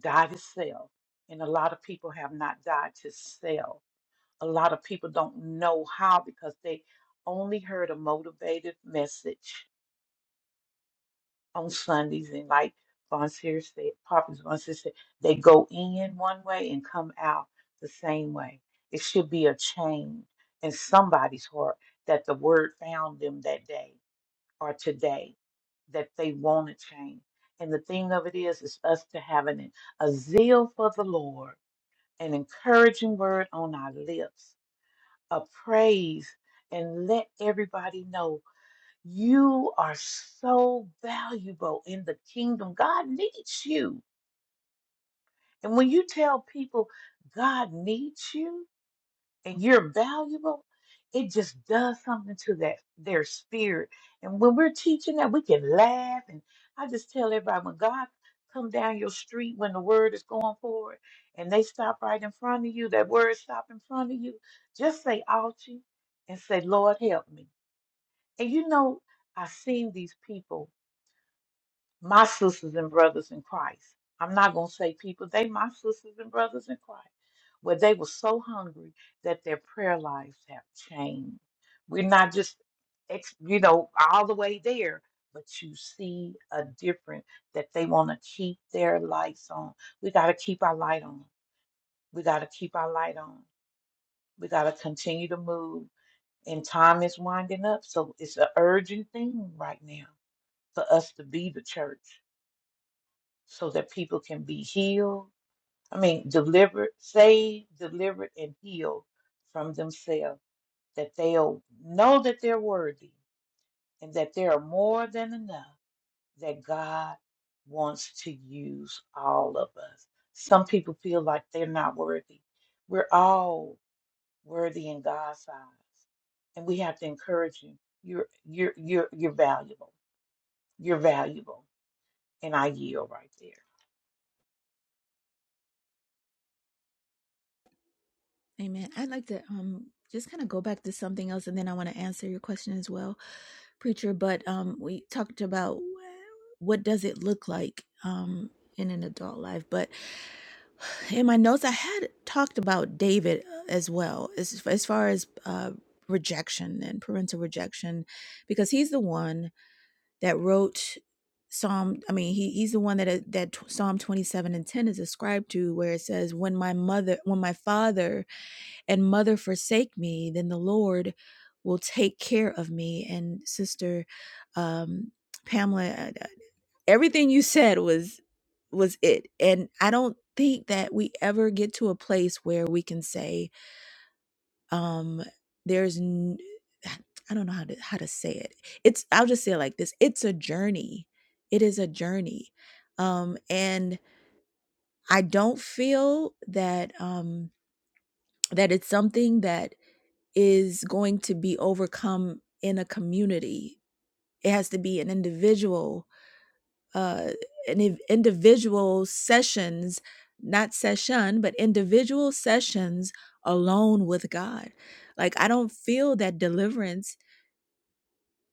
Speaker 10: die to self. And a lot of people have not died to self a lot of people don't know how because they only heard a motivated message on Sundays. And like Von Seer said, Poppy's Von Seer said, they go in one way and come out the same way. It should be a change in somebody's heart that the word found them that day or today that they want to change. And the thing of it is, is us to having an, a zeal for the Lord, an encouraging word on our lips a praise and let everybody know you are so valuable in the kingdom. God needs you. And when you tell people God needs you, and you're valuable, it just does something to that their spirit. And when we're teaching that, we can laugh. And I just tell everybody when God come down your street when the word is going forward and they stop right in front of you, that word stop in front of you, just say ouchie and say, Lord help me. And you know, I've seen these people my sisters and brothers in Christ. I'm not going to say people, they my sisters and brothers in Christ, where they were so hungry that their prayer lives have changed. We're not just, ex, you know, all the way there, but you see a difference that they want to keep their lights on. We got to keep our light on. We got to keep our light on. We got to continue to move. And time is winding up. So it's an urgent thing right now for us to be the church so that people can be healed. I mean, delivered, saved, delivered, and healed from themselves, that they'll know that they're worthy and that they are more than enough, that God wants to use all of us. Some people feel like they're not worthy. We're all worthy in God's eyes, and we have to encourage you. You're you're you're you're valuable. You're valuable, and I yield right there.
Speaker 3: Amen. I'd like to um just kind of go back to something else, and then I want to answer your question as well, preacher. But um, we talked about what does it look like um in an adult life. But in my notes, I had talked about David uh, as well, as as far as uh rejection and parental rejection, because he's the one that wrote Psalm. I mean, he he's the one that uh, that Psalm twenty seven and ten is ascribed to, where it says, "When my mother, when my father." and mother forsake me, then the Lord will take care of me. And sister um, Pamela, uh, uh, everything you said was was it, and I don't think that we ever get to a place where we can say um, there's. N- I don't know how to how to say it. It's I'll just say it like this. It's a journey. It is a journey. Um and I don't feel that um that it's something that is going to be overcome in a community. It has to be an individual, uh, an individual sessions, not session, but individual sessions alone with God. Like I don't feel that deliverance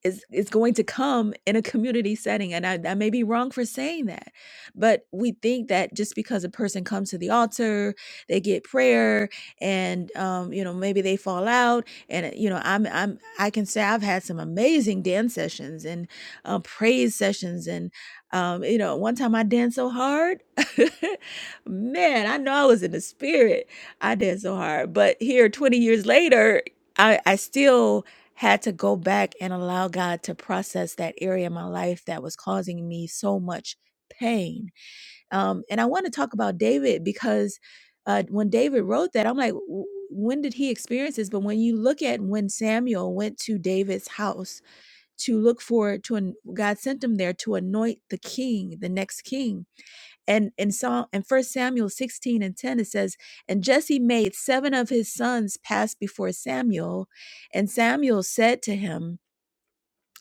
Speaker 3: is is going to come in a community setting and I, I may be wrong for saying that but we think that just because a person comes to the altar they get prayer and um, you know maybe they fall out and uh, you know i'm i'm i can say i've had some amazing dance sessions and um, praise sessions and um, you know one time i danced so hard (laughs) man i know i was in the spirit i danced so hard but here 20 years later i i still had to go back and allow God to process that area of my life that was causing me so much pain. Um, and I want to talk about David because uh, when David wrote that, I'm like, "W- when did he experience this? But when you look at when Samuel went to David's house to look for to an, God sent him there to anoint the king, the next king. And in Psalm and First Samuel 16 and 10 it says, and Jesse made seven of his sons pass before Samuel, and Samuel said to him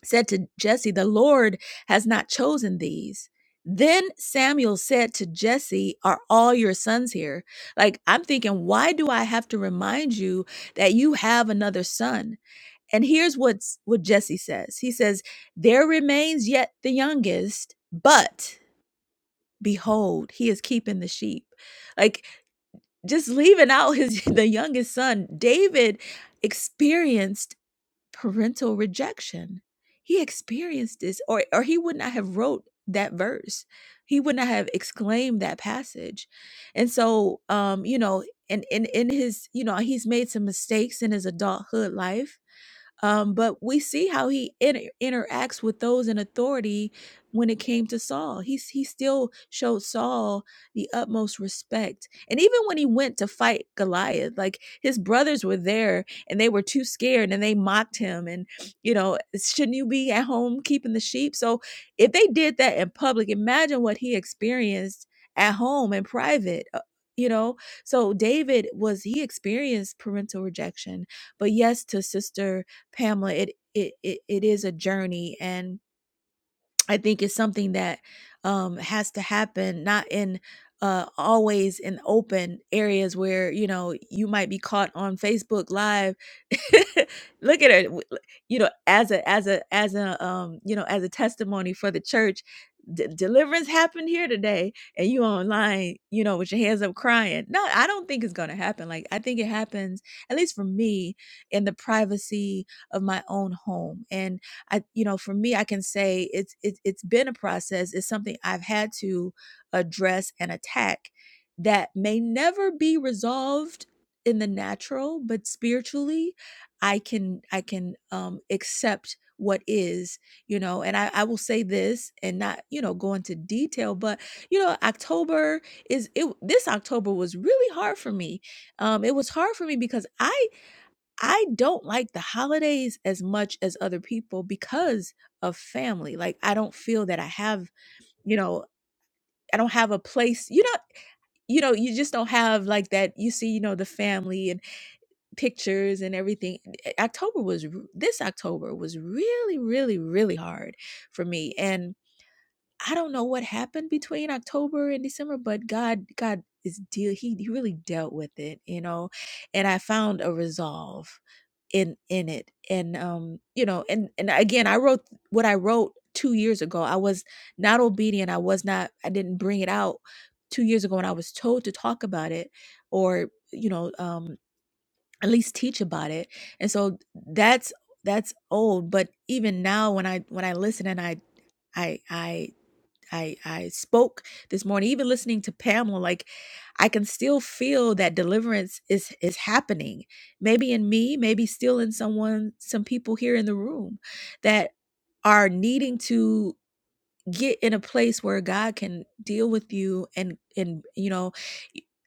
Speaker 3: said to Jesse, The Lord has not chosen these. Then Samuel said to Jesse, Are all your sons here? Like, I'm thinking, why do I have to remind you that you have another son? And here's what's, what Jesse says He says, There remains yet the youngest, but behold, he is keeping the sheep. Like, just leaving out his (laughs) the youngest son, David experienced parental rejection. He experienced this, or, or he would not have wrote that verse. He would not have exclaimed that passage. And so, um, you know, and in, in his, you know, he's made some mistakes in his adulthood life um, but we see how he inter- interacts with those in authority when it came to Saul. He, he still showed Saul the utmost respect. And even when he went to fight Goliath, like his brothers were there and they were too scared and they mocked him. And, you know, shouldn't you be at home keeping the sheep? So if they did that in public, imagine what he experienced at home in private. uh, You know, so David was he experienced parental rejection, but yes, to sister Pamela, it it it, it is a journey and I think it's something that um, has to happen, not in uh, always in open areas where you know you might be caught on Facebook Live. (laughs) Look at her, w- l- you know, as a as a as a um, you know as a testimony for the church. D- deliverance happened here today, and you online, you know, with your hands up crying. No, I don't think it's gonna happen. Like I think it happens, at least for me, in the privacy of my own home. And I, you know, for me, I can say it's it's it's been a process. It's something I've had to address and attack that may never be resolved in the natural, but spiritually, I can I can um, accept what is, you know. And I, I will say this, and not you know go into detail, but you know, October is it. This October was really hard for me. Um, it was hard for me because I I don't like the holidays as much as other people because of family. Like I don't feel that I have, you know, I don't have a place. You know, you know, you just don't have like that. You see, you know, the family and pictures and everything. eh, October was r- this October was really, really, really hard for me, and I don't know what happened between October and December, but God, God is deal. He, he really dealt with it, you know, and I found a resolve in in it, and um, you know, and and again, I wrote what I wrote two years ago. I was not obedient. I was not. I didn't bring it out two years ago, and I was told to talk about it, or you know, um, at least teach about it. And so that's that's old, but even now when I when I listen and I I I I I spoke this morning, even listening to Pamela, like I can still feel that deliverance is is happening. Maybe in me, maybe still in someone, some people here in the room that are needing to get in a place where God can deal with you and and you know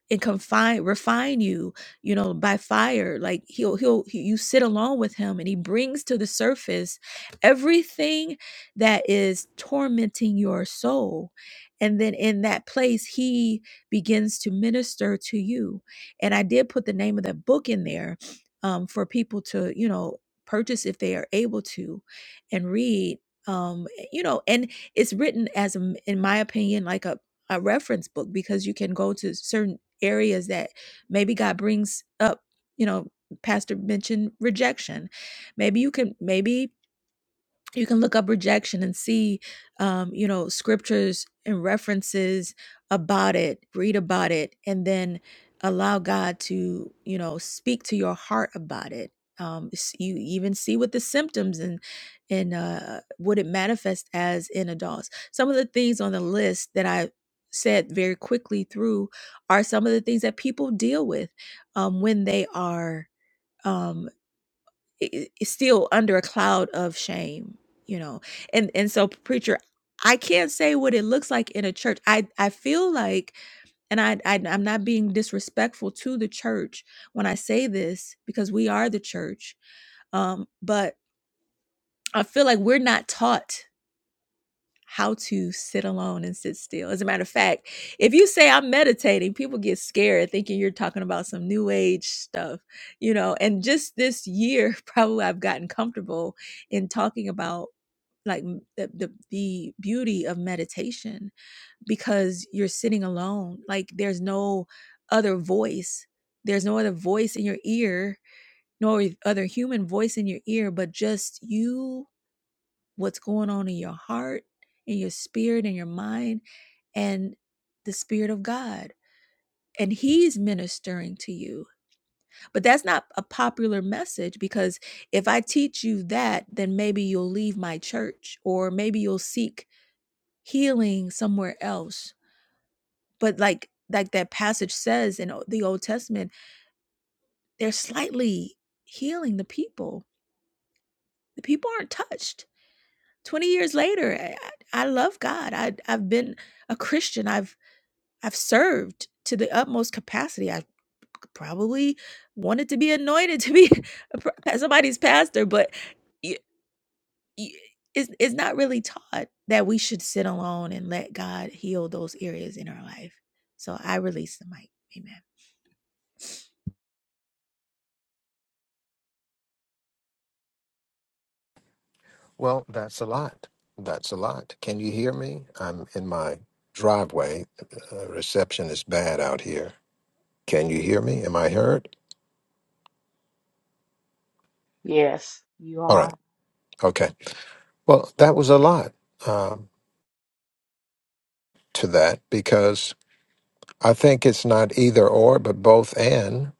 Speaker 3: and confine refine you you know by fire like he'll he'll he, you sit alone with him and he brings to the surface everything that is tormenting your soul and then in that place he begins to minister to you and i did put the name of that book in there um, for people to you know purchase if they are able to and read um you know and it's written as a, in my opinion like a, a reference book because you can go to certain areas that maybe god brings up you know pastor mentioned rejection maybe you can maybe you can look up rejection and see um, you know scriptures and references about it read about it and then allow god to you know speak to your heart about it um, s- you even see what the symptoms and and uh, what it manifests as in adults some of the things on the list that i said very quickly through are some of the things that people deal with um, when they are um, i- i- still under a cloud of shame, you know. And and so preacher, I can't say what it looks like in a church. I I feel like and I, I I'm not being disrespectful to the church when I say this because we are the church. Um but I feel like we're not taught how to sit alone and sit still. As a matter of fact, if you say I'm meditating, people get scared thinking you're talking about some new age stuff, you know. And just this year, (laughs) probably I've gotten comfortable in talking about like m- the, the the beauty of meditation because you're sitting alone. Like there's no other voice. There's no other voice in your ear, nor other human voice in your ear, but just you what's going on in your heart, in your spirit, in your mind, and the Spirit of God. And He's ministering to you. But that's not a popular message because if I teach you that, then maybe you'll leave my church or maybe you'll seek healing somewhere else. But like, like that passage says in the Old Testament, they're slightly healing the people. The people aren't touched. 20 years later, I, I I love God. I, I've been a Christian. I've I've served to the utmost capacity. I probably wanted to be anointed to be (laughs) a pro- somebody's pastor, but y- y- it's, it's not really taught that we should sit alone and let God heal those areas in our life. So I release the mic. Amen.
Speaker 2: Well, that's a lot. That's a lot. Can you hear me? I'm in my driveway. Uh, reception is bad out here. Can you hear me? Am I heard?
Speaker 10: Yes, you
Speaker 2: All
Speaker 10: are.
Speaker 2: right. Okay. Well, that was a lot. Um to that because I think it's not either or, but both and,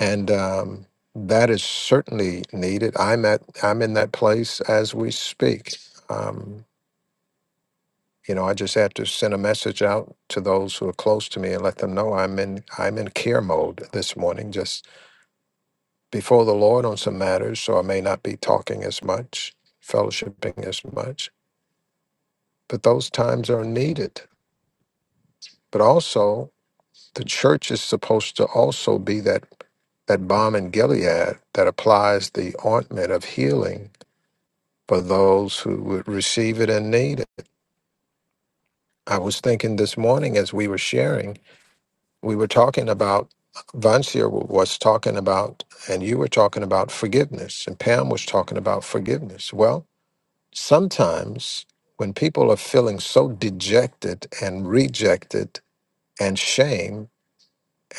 Speaker 2: and um, that is certainly needed. I'm at I'm in that place as we speak. Um, you know, I just have to send a message out to those who are close to me and let them know I'm in I'm in care mode this morning, just before the Lord on some matters. So I may not be talking as much, fellowshipping as much, but those times are needed. But also, the church is supposed to also be that. that balm in Gilead that applies the ointment of healing for those who would receive it and need it. I was thinking this morning as we were sharing, we were talking about, Vancia was talking about, and you were talking about forgiveness, and Pam was talking about forgiveness. Well, sometimes when people are feeling so dejected and rejected and shame,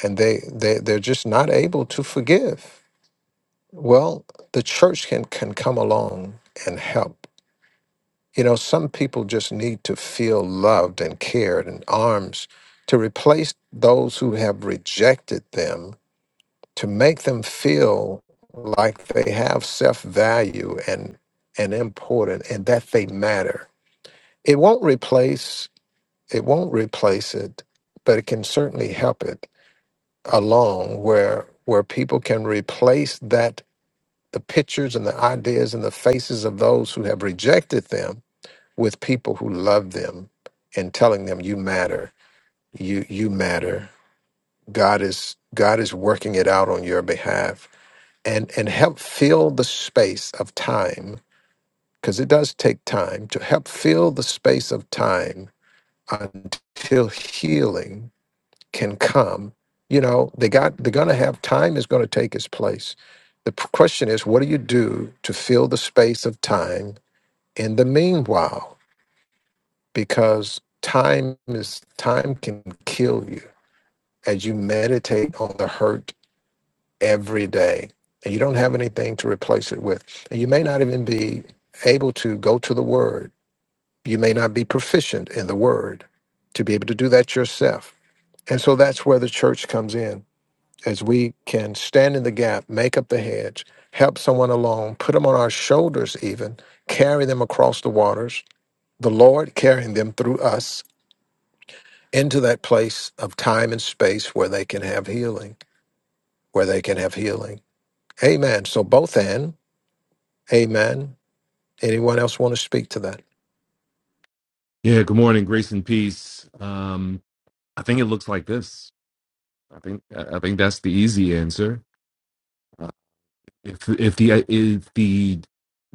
Speaker 2: and they, they, they're just not able to forgive Well, the church can, can come along and help. You know, some people just need to feel loved and cared and arms to replace those who have rejected them, to make them feel like they have self value and and important and that they matter. It won't replace it won't replace it, but it can certainly help it along where where people can replace that the pictures and the ideas and the faces of those who have rejected them with people who love them and telling them you matter you you matter god is god is working it out on your behalf and and help fill the space of time because it does take time to help fill the space of time until healing can come. You know, they got they're going to have time is going to take its place. The p- question is, what do you do to fill the space of time in the meanwhile? Because time is time can kill you as you meditate on the hurt every day, and you don't have anything to replace it with, and you may not even be able to go to the word. You may not be proficient in the word to be able to do that yourself. And so that's where the church comes in as we can stand in the gap, make up the hedge, help someone along, put them on our shoulders, even carry them across the waters, the Lord carrying them through us into that place of time and space where they can have healing, where they can have healing. Amen. So, both and amen. Anyone else want to speak to that?
Speaker 8: Yeah. Good morning. Grace and peace. Um, I think it looks like this. I think I I think that's the easy answer. Uh, if if the if the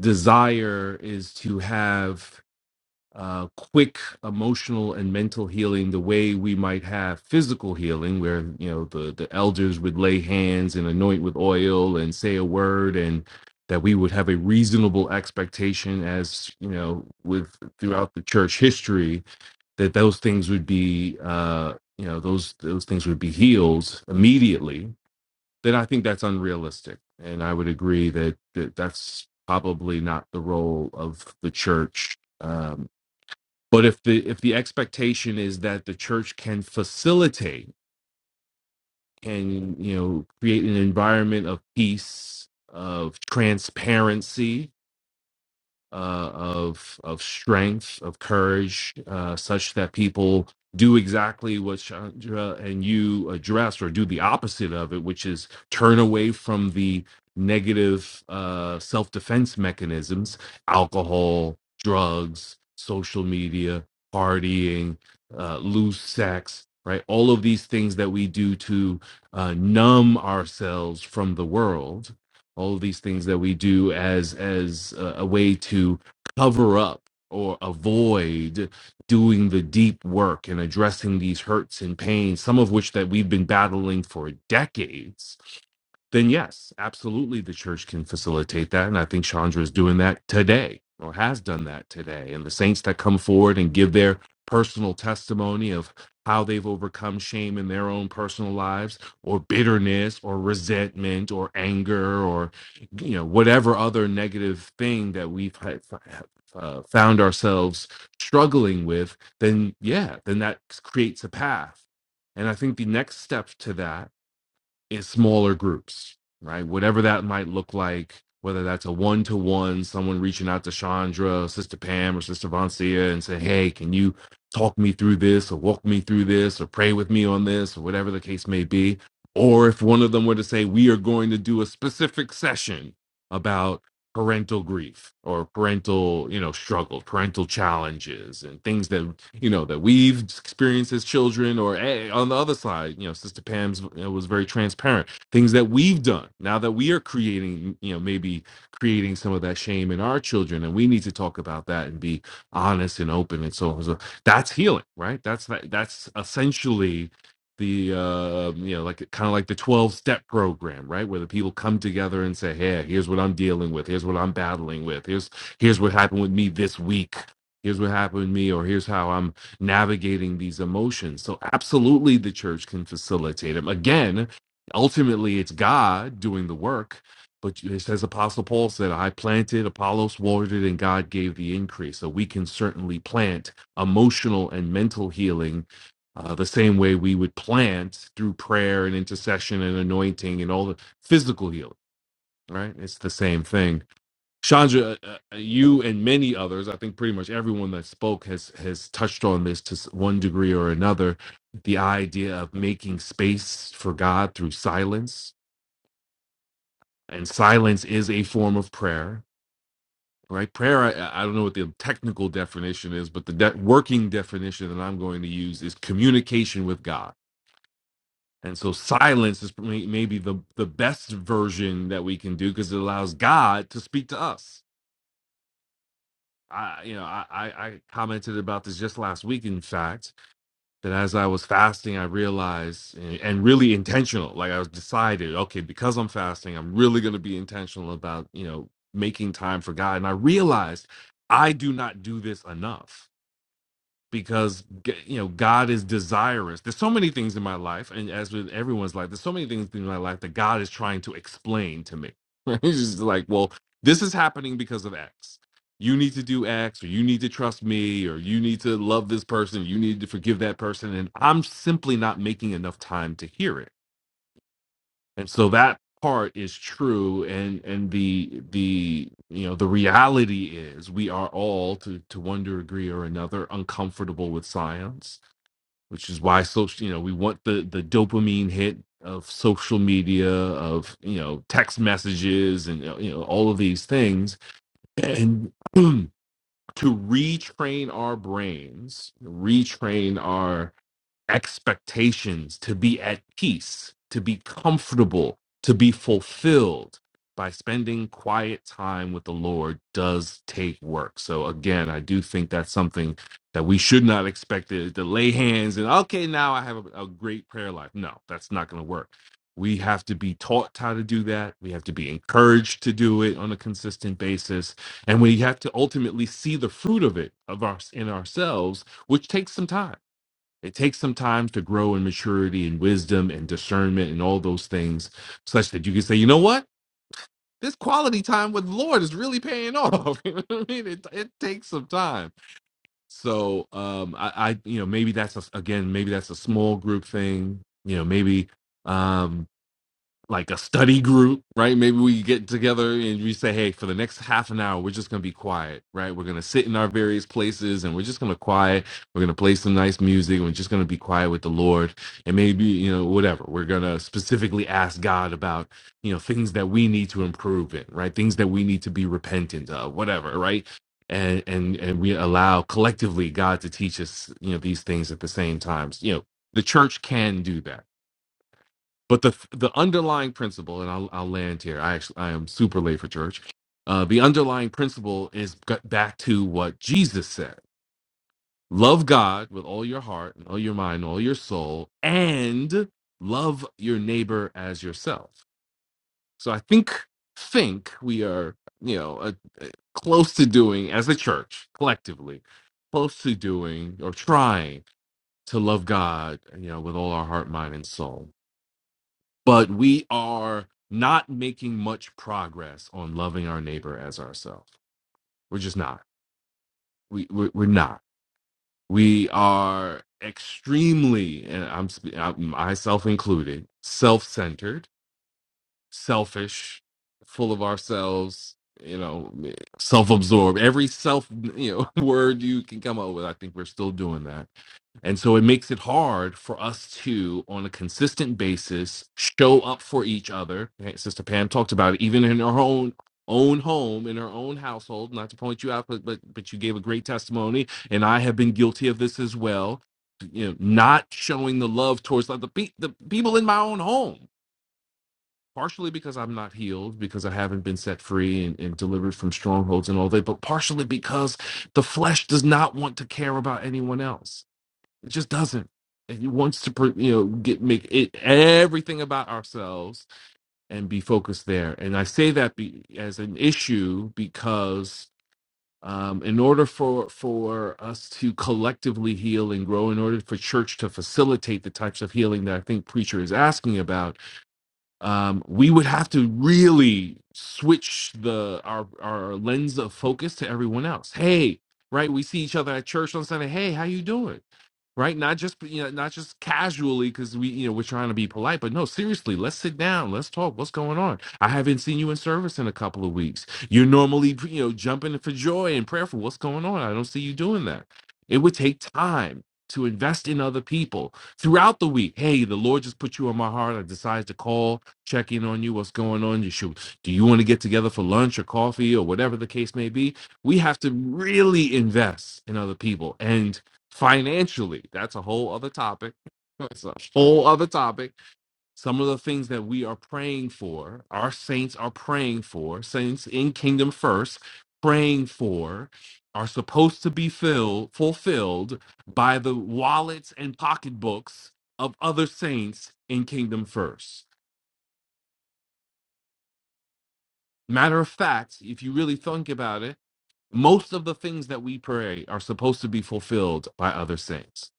Speaker 8: desire is to have uh, quick emotional and mental healing the way we might have physical healing where you know the the elders would lay hands and anoint with oil and say a word and that we would have a reasonable expectation as you know with throughout the church history that those things would be uh you know those those things would be healed immediately then i think that's unrealistic and i would agree that, that that's probably not the role of the church um but if the if the expectation is that the church can facilitate can you know create an environment of peace of transparency uh, of of strength, of courage, uh, such that people do exactly what Chandra and you address, or do the opposite of it, which is turn away from the negative uh, self defense mechanisms, alcohol, drugs, social media, partying, uh, loose sex. Right, all of these things that we do to uh, numb ourselves from the world, all these things that we do as as a, a way to cover up or avoid doing the deep work and addressing these hurts and pains some of which that we've been battling for decades then yes absolutely the church can facilitate that and i think chandra is doing that today or has done that today and the saints that come forward and give their personal testimony of how they've overcome shame in their own personal lives or bitterness or resentment or anger or you know whatever other negative thing that we've had, uh, found ourselves struggling with then yeah then that creates a path and i think the next step to that in smaller groups, right? Whatever that might look like, whether that's a one to one, someone reaching out to Chandra, Sister Pam, or Sister Vancia and say, hey, can you talk me through this or walk me through this or pray with me on this or whatever the case may be? Or if one of them were to say, we are going to do a specific session about parental grief or parental you know struggle parental challenges and things that you know that we've experienced as children or eh, on the other side you know sister pam's you know, was very transparent things that we've done now that we are creating you know maybe creating some of that shame in our children and we need to talk about that and be honest and open and so on so that's healing right that's that, that's essentially the uh you know like kind of like the 12 step program right where the people come together and say hey here's what i'm dealing with here's what i'm battling with here's here's what happened with me this week here's what happened to me or here's how i'm navigating these emotions so absolutely the church can facilitate them again ultimately it's god doing the work but it says apostle paul said i planted apollos watered and god gave the increase so we can certainly plant emotional and mental healing uh, the same way we would plant through prayer and intercession and anointing and all the physical healing right it's the same thing Chandra, uh, uh, uh, you and many others, I think pretty much everyone that spoke has has touched on this to s- one degree or another, the idea of making space for God through silence, and silence is a form of prayer, right? Prayer, I, I don't know what the technical definition is, but the de- working definition that I'm going to use is communication with God. And so silence is may- maybe the the best version that we can do because it allows God to speak to us I, you know, I, I I commented about this just last week. In fact, that as I was fasting, I realized and, and really intentional. Like I was decided, okay, because I'm fasting, I'm really going to be intentional about you know making time for God. And I realized I do not do this enough because you know God is desirous. There's so many things in my life, and as with everyone's life, there's so many things in my life that God is trying to explain to me. (laughs) He's just like, well, this is happening because of X. You need to do X, or you need to trust me, or you need to love this person, you need to forgive that person, and I'm simply not making enough time to hear it. And so that part is true, and and the the you know the reality is we are all to to one degree or another uncomfortable with science which is why social you know we want the the dopamine hit of social media of you know text messages and uh, you know all of these things and (clears throat) to retrain our brains retrain our expectations, to be at peace, to be comfortable, to be fulfilled by spending quiet time with the Lord does take work. So again, I do think that's something that we should not expect to, to lay hands and okay, now I have a, a great prayer life. No, that's not going to work. We have to be taught how to do that. We have to be encouraged to do it on a consistent basis, and we have to ultimately see the fruit of it of our in ourselves, which takes some time it takes some time to grow in maturity and wisdom and discernment and all those things, such that you can say, you know what? This quality time with the Lord is really paying off. (laughs) you know what I mean, it, it takes some time. So, um, I, I, you know, maybe that's a, again, maybe that's a small group thing. You know, maybe, um, like a study group, right? Maybe we get together and we say, hey, for the next half an hour, we're just going to be quiet, right? We're going to sit in our various places and we're just going to quiet. We're going to play some nice music. We're just going to be quiet with the Lord. And maybe, you know, whatever. We're going to specifically ask God about, you know, things that we need to improve in, right? Things that we need to be repentant of, whatever, right? And, and and we allow collectively God to teach us, you know, these things at the same times. You know, the church can do that but the the underlying principle, and I'll, I'll land here. I actually I am super late for church. Uh, the underlying principle is g- back to what Jesus said: love God with all your heart and all your mind, all your soul, and love your neighbor as yourself. So I think think we are you know uh uh close to doing as a church collectively, close to doing or trying to love God you know with all our heart, mind, and soul but we are not making much progress on loving our neighbor as ourselves. We're just not. We we're, we're not. We are extremely, and I'm, sp- I'm myself included, self-centered, selfish, full of ourselves. You know, eh, self-absorbed. Every self, you know, (laughs) word you can come up with. I think we're still doing that And so it makes it hard for us to, on a consistent basis, show up for each other. Okay, Sister Pam talked about it, even in her own own home, in her own household. Not to point you out, but but, but you gave a great testimony, and I have been guilty of this as well. You know, not showing the love towards like, the pe- the people in my own home. Partially because I'm not healed, because I haven't been set free and, and delivered from strongholds and all that, but partially because the flesh does not want to care about anyone else it just doesn't. And he wants to, pr- you know, get make it everything about ourselves and be focused there. And I say that be, as an issue because, um, in order for for us to collectively heal and grow, in order for church to facilitate the types of healing that I think preacher is asking about, um, we would have to really switch the our our lens of focus to everyone else. Hey, right? We see each other at church on Sunday. Hey, how you doing? Right? Not just you know, not just casually because we you know we're trying to be polite, but no, seriously. Let's sit down. Let's talk. What's going on? I haven't seen you in service in a couple of weeks. You're normally you know jumping for joy and prayerful. What's going on? I don't see you doing that. It would take time to invest in other people throughout the week. Hey, the Lord just put you on my heart. I decided to call check in on you, what's going on. You shoot. do you want to get together for lunch or coffee or whatever the case may be? We have to really invest in other people and financially. That's a whole other topic. (laughs) It's a whole other topic. Some of the things that we are praying for, our saints are praying for, saints in kingdom first, praying for, are supposed to be filled, fulfilled by the wallets and pocketbooks of other saints in kingdom first Matter of fact, if you really think about it, most of the things that we pray are supposed to be fulfilled by other saints.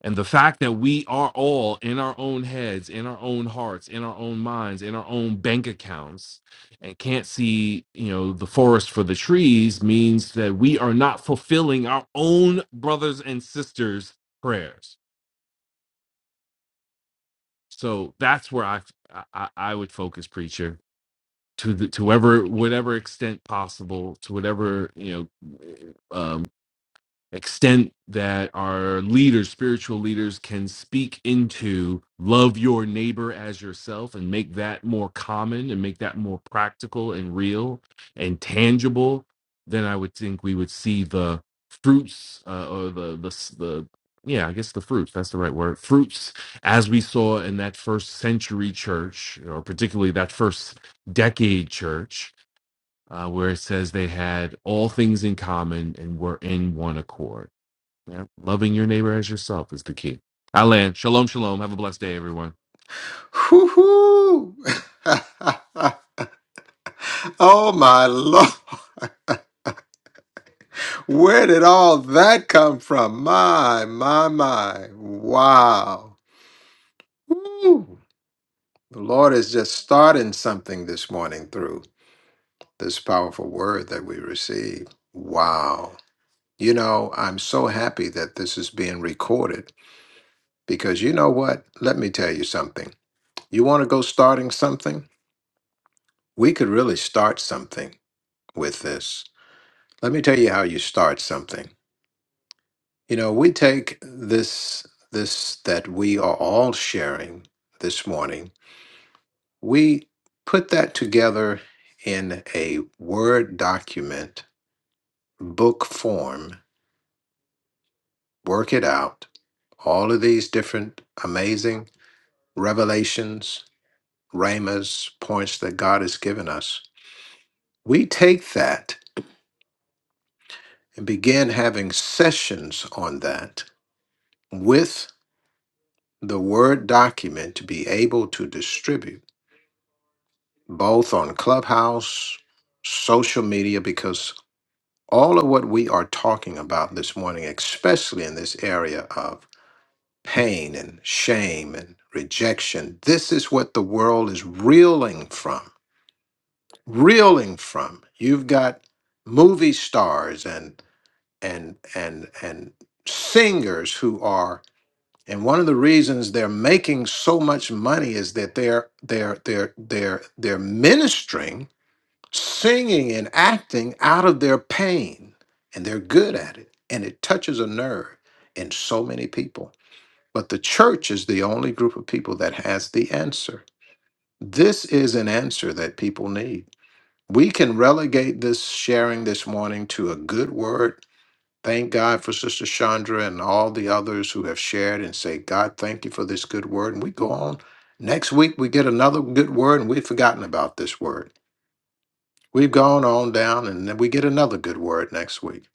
Speaker 8: And the fact that we are all in our own heads, in our own hearts, in our own minds, in our own bank accounts, and can't see, you know, the forest for the trees means that we are not fulfilling our own brothers and sisters' prayers. So that's where I I, I would focus, preacher to the to whatever whatever extent possible to whatever you know um extent that our leaders, spiritual leaders, can speak into love your neighbor as yourself and make that more common and make that more practical and real and tangible, then I would think we would see the fruits uh, or the, the the yeah, I guess the fruits, that's the right word. Fruits as we saw in that first century church, or particularly that first decade church, uh, where it says they had all things in common and were in one accord yeah. Loving your neighbor as yourself is the key. I land. Shalom, shalom. Have a blessed day, everyone.
Speaker 2: Whoo-hoo. (laughs) oh my lord. Where did all that come from? My, my, my. Wow. Woo! The Lord is just starting something this morning through this powerful word that we received. Wow. You know, I'm so happy that this is being recorded because you know what? Let me tell you something. You want to go starting something? We could really start something with this. Let me tell you how you start something. You know, we take this this that we are all sharing this morning We put that together in a Word document, book form, work it out. All of these different amazing revelations, rhemas, points that God has given us. We take that and begin having sessions on that with the Word document to be able to distribute both on Clubhouse, social media, because all of what we are talking about this morning, especially in this area of pain and shame and rejection, this is what the world is reeling from. Reeling from. You've got movie stars and and and and singers who are and one of the reasons they're making so much money is that they're they're they're they're they're ministering singing and acting out of their pain, and they're good at it, and it touches a nerve in so many people. But the church is the only group of people that has the answer. This is an answer that people need. We can relegate this sharing this morning to a good word. Thank God for Sister Chandra and all the others who have shared and say, God, thank you for this good word. And we go on. Next week, we get another good word, and we've forgotten about this word. We've gone on down and then we get another good word next week.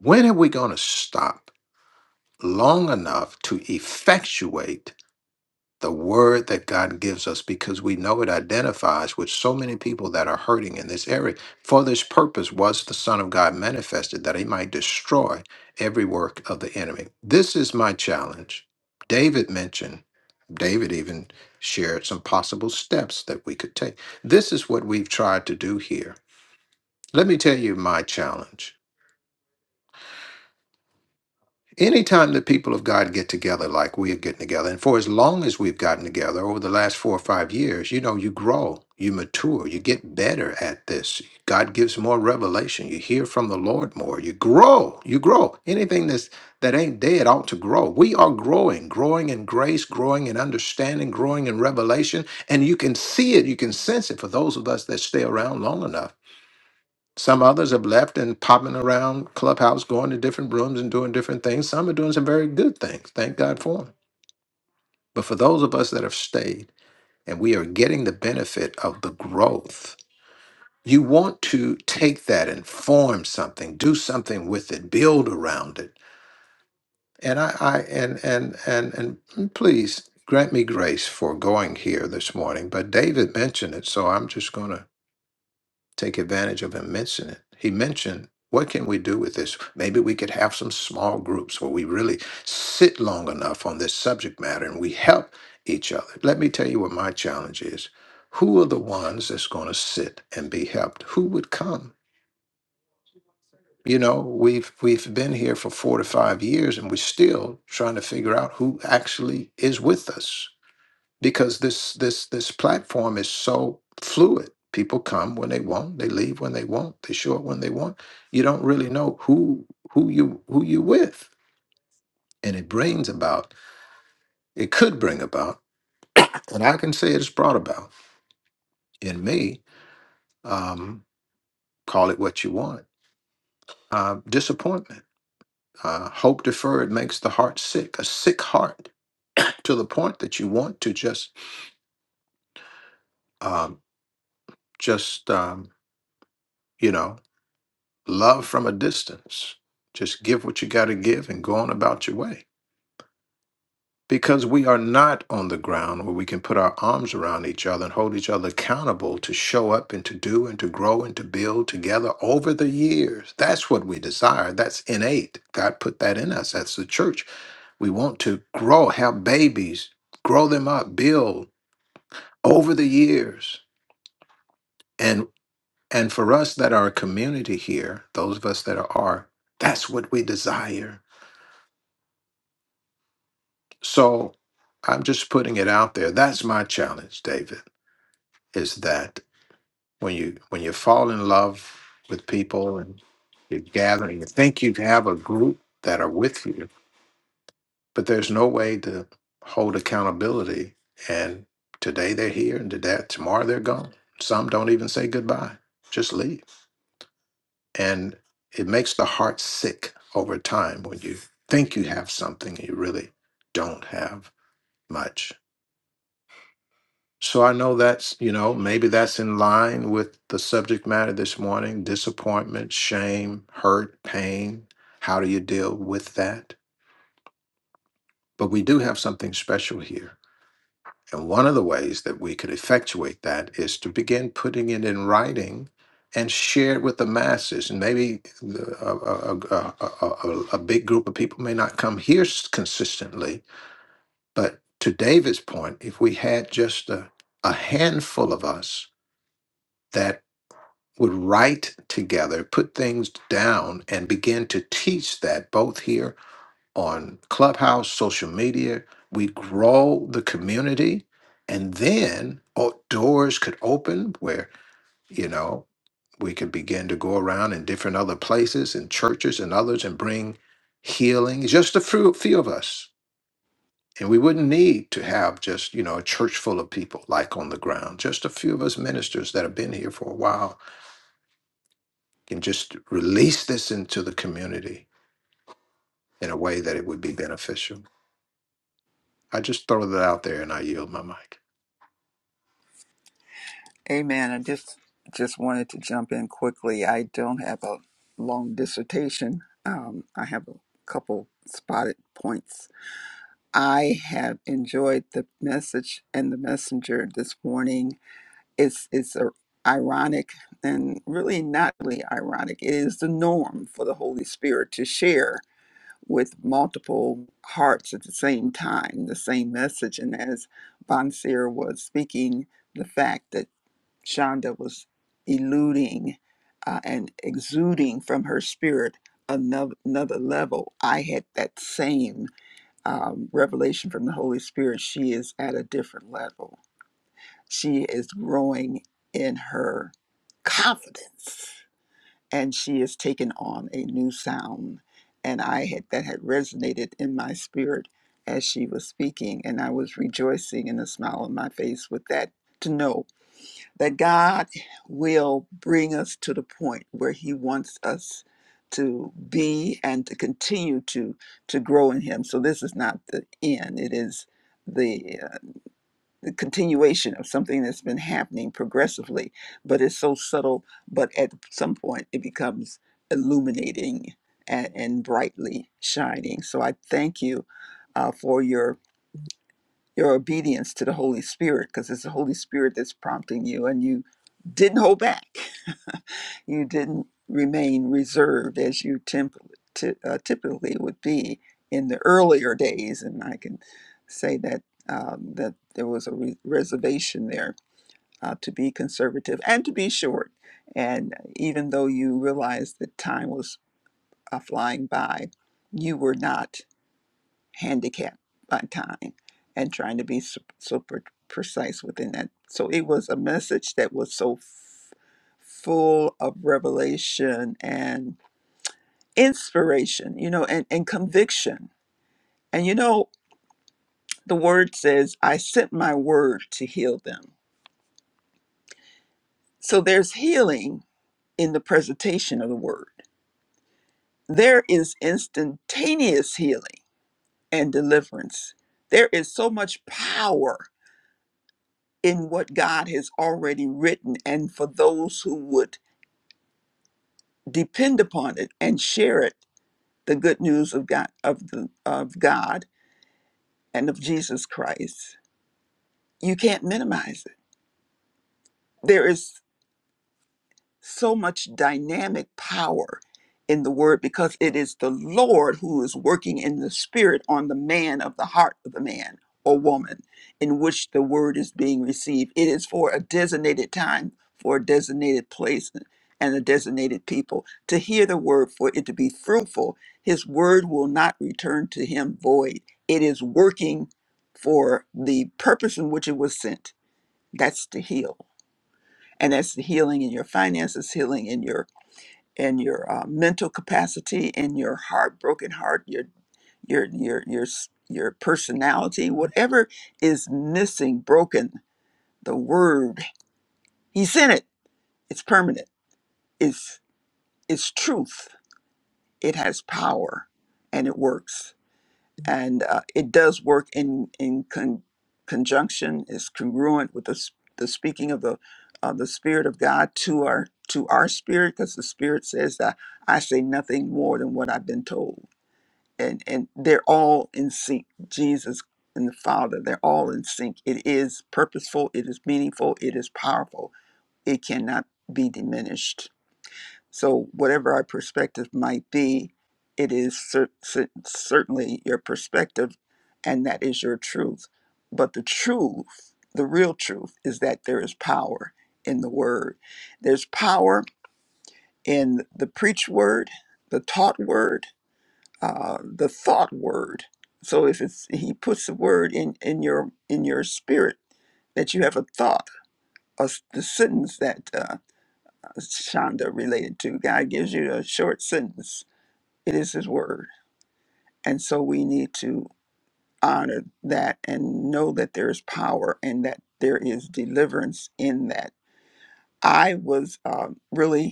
Speaker 2: When are we going to stop long enough to effectuate the word that God gives us because we know it identifies with so many people that are hurting in this area? For this purpose was the Son of God manifested that he might destroy every work of the enemy. This is my challenge. David mentioned, David even shared some possible steps that we could take. This is what we've tried to do here let me tell you my challenge. Anytime the people of God get together like we are getting together, and for as long as we've gotten together over the last four or five years, you know, you grow, you mature, you get better at this. God gives more revelation. You hear from the Lord more. You grow, you grow. Anything that's that ain't dead ought to grow. We are growing, growing in grace, growing in understanding, growing in revelation. And you can see it, you can sense it for those of us that stay around long enough Some others have left and popping around clubhouse, going to different rooms and doing different things. Some are doing some very good things. Thank God for them. But for those of us that have stayed and we are getting the benefit of the growth, you want to take that and form something, do something with it, build around it. And I, I and and and and please grant me grace for going here this morning. But David mentioned it, so I'm just going to take advantage of him mentioning it. He mentioned, what can we do with this? Maybe we could have some small groups where we really sit long enough on this subject matter and we help each other. Let me tell you what my challenge is. Who are the ones that's going to sit and be helped? Who would come? You know, we've we've been here for four to five years and we're still trying to figure out who actually is with us because this this this platform is so fluid. People come when they want, they leave when they want, they show up when they want. You don't really know who who you who you with, and it brings about. It could bring about, and I can say it's brought about in me. Um, call it what you want. Uh, disappointment, uh, hope deferred makes the heart sick. A sick heart to the point that you want to just um, just um, you know. love from a distance. Just give what you got to give and go on about your way. Because we are not on the ground where we can put our arms around each other and hold each other accountable to show up and to do and to grow and to build together over the years. That's what we desire. That's innate. God put that in us. That's the church. We want to grow, have babies, grow them up, build over the years. And and for us that are a community here, those of us that are, that's what we desire So I'm just putting it out there. That's my challenge, David, is that when you when you fall in love with people and you're gathering, you think you have a group that are with you, but there's no way to hold accountability. And today they're here and today tomorrow they're gone. Some don't even say goodbye. Just leave. And it makes the heart sick over time when you think you have something and you really don't have much. So I know that's, you know, maybe that's in line with the subject matter this morning disappointment, shame, hurt, pain. How do you deal with that? But we do have something special here. And one of the ways that we could effectuate that is to begin putting it in writing and share it with the masses. And maybe the, a, a, a, a, a a big group of people may not come here s- consistently. But to David's point, if we had just a, a handful of us, that. would write together, put things down, and begin to teach that both here on Clubhouse, social media. We grow the community, and then oh, doors could open where, you know, we could begin to go around in different other places and churches and others and bring healing, It's just a few, few of us. And we wouldn't need to have just, you know, a church full of people like on the ground, just a few of us ministers that have been here for a while can just release this into the community in a way that it would be beneficial. I just throw that out there and I yield my mic.
Speaker 7: Amen. I just just wanted to jump in quickly. I don't have a long dissertation. Um, I have a couple spotted points. I have enjoyed the message and the messenger this morning it's it's a, ironic and really not really ironic. It is the norm for the Holy Spirit to share with multiple hearts at the same time the same message. And as Bonseer was speaking, the fact that Shonda was eluding uh, and exuding from her spirit another, another level, I had that same um, revelation from the Holy Spirit. She is at a different level she is growing in her confidence and she is taking on a new sound. And I had that had resonated in my spirit as she was speaking, and I was rejoicing in the smile on my face with that to know that God will bring us to the point where He wants us to be and to continue to to grow in Him. So this is not the end; it is the. uh, the continuation of something that's been happening progressively, but it's so subtle, but at some point it becomes illuminating and, and brightly shining. So I thank you uh, for your your obedience to the Holy Spirit, because it's the Holy Spirit that's prompting you, and you didn't hold back. You didn't remain reserved as you temp- ty- uh, typically would be in the earlier days, and I can say that um, that there was a re- reservation there uh, to be conservative and to be short. And even though you realized that time was uh, flying by, you were not handicapped by time and trying to be su- super precise within that. So it was a message that was so f- full of revelation and inspiration, you know, and, and conviction. And you know, the word says, I sent my word to heal them. So there's healing in the presentation of the word there is instantaneous healing and deliverance. There is so much power in what God has already written, and for those who would depend upon it and share it, the good news of God, of the of God, and of Jesus Christ, you can't minimize it. There is. so much dynamic power in the word because it is the Lord who is working in the spirit on the man of the heart of the man or woman in which the word is being received. It is for a designated time, for a designated place, and a designated people to hear the word, for it to be fruitful. His word will not return to him void. It is working for the purpose in which it was sent. That's to heal and that's the healing in your finances, healing in your and your uh, mental capacity and your heartbroken heart your your your your s- your personality whatever is missing broken the word he's in it it's permanent it's it's truth it has power and it works and uh, it does work in in con- conjunction is congruent with the, s- the speaking of the uh, the spirit of god to our to our spirit because the spirit says that i say nothing more than what i've been told and and they're all in sync jesus and the father they're all in sync it is purposeful it is meaningful it is powerful it cannot be diminished so whatever our perspective might be it is cer- cer- certainly your perspective and that is your truth but the truth the real truth is that there is power in the word there's power in the preached word the taught word uh, the thought word. So if it's he puts the word in in your in your spirit that you have a thought, a the sentence that uh, Shonda related to, God gives you a short sentence. It is His word, and so we need to honor that and know that there is power and that there is deliverance in that. I was um, really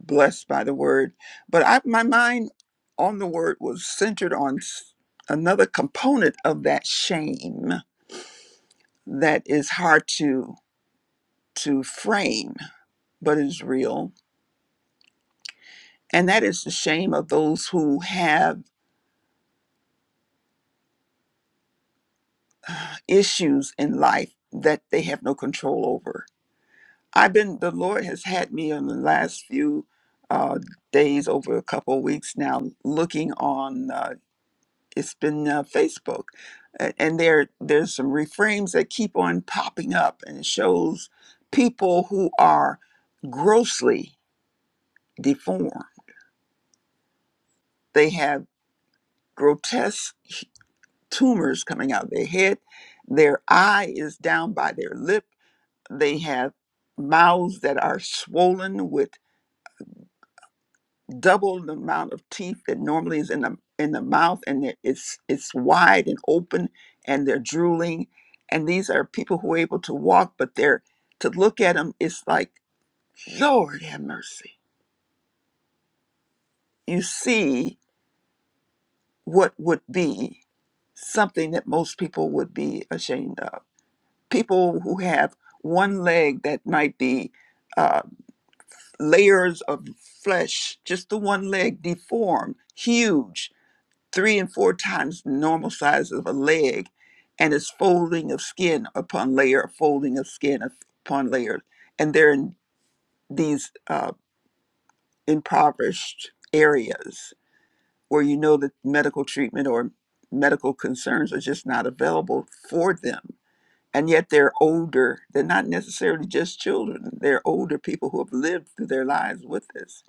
Speaker 7: blessed by the word. But I, my mind on the word was centered on s- another component of that shame that is hard to to frame, but is real, and that is the shame of those who have issues in life that they have no control over. I've been the Lord has had me in the last few uh, days, over a couple of weeks now, looking on. uh, it's been uh, Facebook, A- and there there's some reframes that keep on popping up, and it shows people who are grossly deformed. They have grotesque h- tumors coming out of their head. Their eye is down by their lip. They have mouths that are swollen with double the amount of teeth that normally is in the in the mouth and it- it's it's wide and open and they're drooling and these are people who are able to walk but they're to look at them it's like lord have mercy you see what would be something that most people would be ashamed of people who have one leg that might be uh, layers of flesh just the one leg deformed huge three and four times the normal size of a leg, and it's folding of skin upon layer, folding of skin upon layer. And they're in these uh, impoverished areas where you know that medical treatment or medical concerns are just not available for them. And yet they're older. They're not necessarily just children, they're older people who have lived through their lives with this.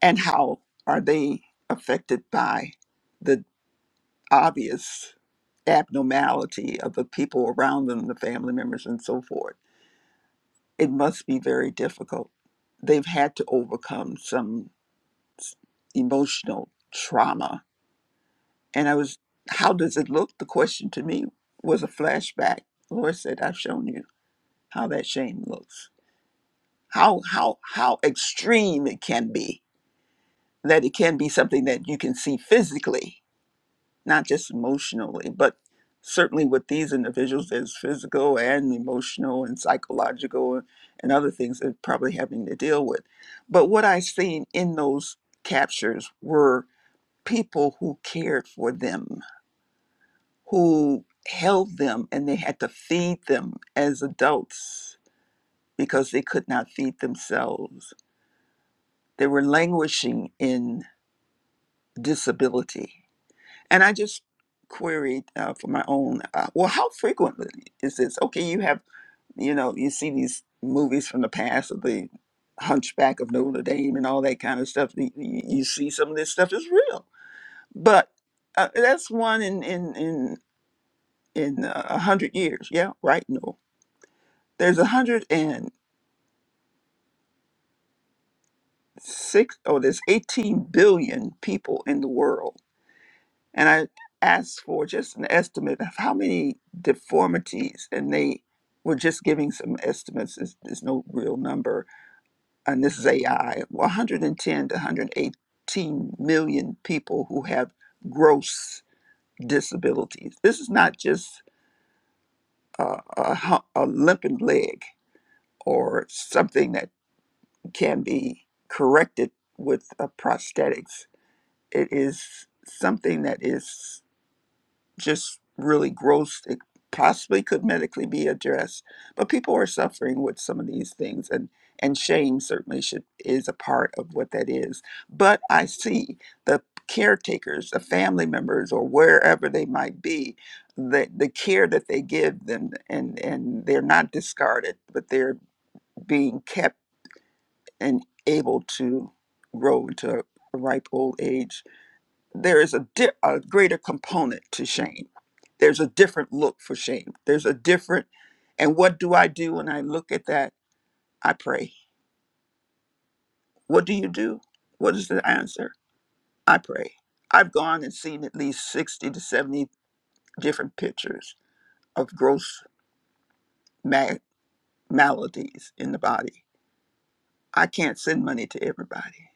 Speaker 7: And how are they affected by? the? obvious abnormality of the people around them, the family members, and so forth, it must be very difficult. They've had to overcome some s- emotional trauma. And I was, how does it look? The question to me was a flashback. Lord said, I've shown you how that shame looks, how, how, how extreme it can be, that it can be something that you can see physically not just emotionally, but certainly with these individuals, there's physical and emotional and psychological and other things they're probably having to deal with. But what I seen in those captures were people who cared for them, who held them, and they had to feed them as adults because they could not feed themselves. They were languishing in disability And I just queried uh, for my own, uh, well, how frequently is this? Okay, you have, you know, you see these movies from the past of the Hunchback of Notre Dame and all that kind of stuff. You, you you see some of this stuff is real, but uh, that's one in in in in uh, a hundred years. Yeah, right. No, there's a hundred and six. Oh, there's 18 billion people in the world and I asked for just an estimate of how many deformities, and they were just giving some estimates. There's, there's no real number, and this is AI. 110 to 118 million people who have gross disabilities. This is not just uh, a, hu- a limping leg or something that can be corrected with uh, prosthetics. It is something that is just really gross it possibly could medically be addressed but people are suffering with some of these things and and shame certainly should is a part of what that is but i see the caretakers the family members or wherever they might be the, the care that they give them and and they're not discarded but they're being kept and able to grow into a ripe old age there is a, di- a greater component to shame. There's a different look for shame. There's a different, and what do I do when I look at that? I pray. What do you do? What is the answer? I pray. I've gone and seen at least 60 to 70 different pictures of gross ma- maladies in the body. I can't send money to everybody,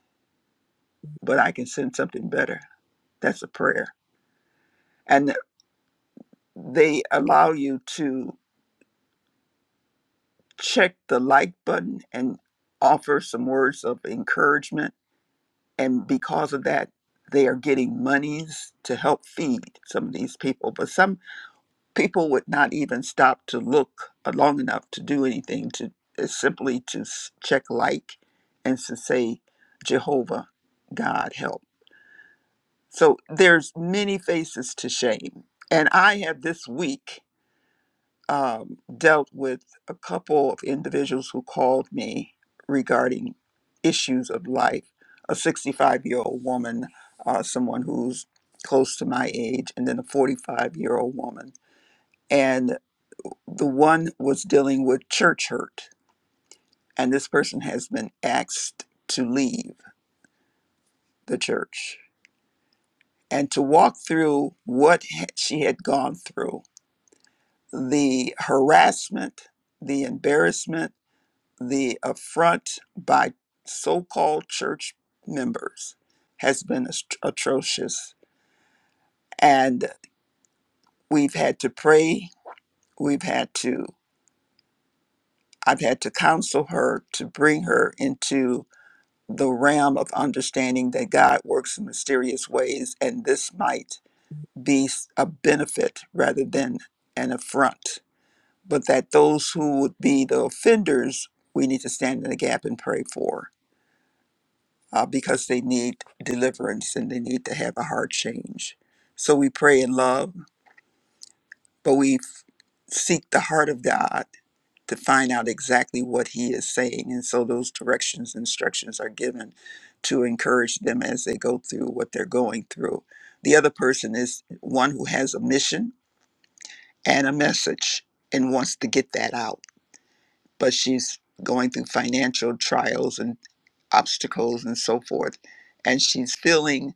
Speaker 7: but I can send something better. That's a prayer. And they allow you to check the like button and offer some words of encouragement. And because of that, they are getting monies to help feed some of these people. But some people would not even stop to look long enough to do anything, to it's simply to s- check like and to say, Jehovah, God help. So there's many faces to shame. And I have this week um, dealt with a couple of individuals who called me regarding issues of life. A 65 year old woman, uh, someone who's close to my age, and then a 45 year old woman. And the one was dealing with church hurt. And this person has been asked to leave the church and to walk through what ha- she had gone through the harassment, the embarrassment, the affront by so called church members has been ast- atrocious. And we've had to pray, we've had to, I've had to counsel her to bring her into the realm of understanding that God works in mysterious ways, and this might be s- a benefit rather than an affront. But that those who would be the offenders, we need to stand in the gap and pray for. uh, because they need deliverance and they need to have a heart change. So we pray in love, but we f- seek the heart of God to find out exactly what He is saying. And so those directions, instructions are given to encourage them as they go through what they're going through. The other person is one who has a mission and a message and wants to get that out, but she's going through financial trials and obstacles and so forth. And she's feeling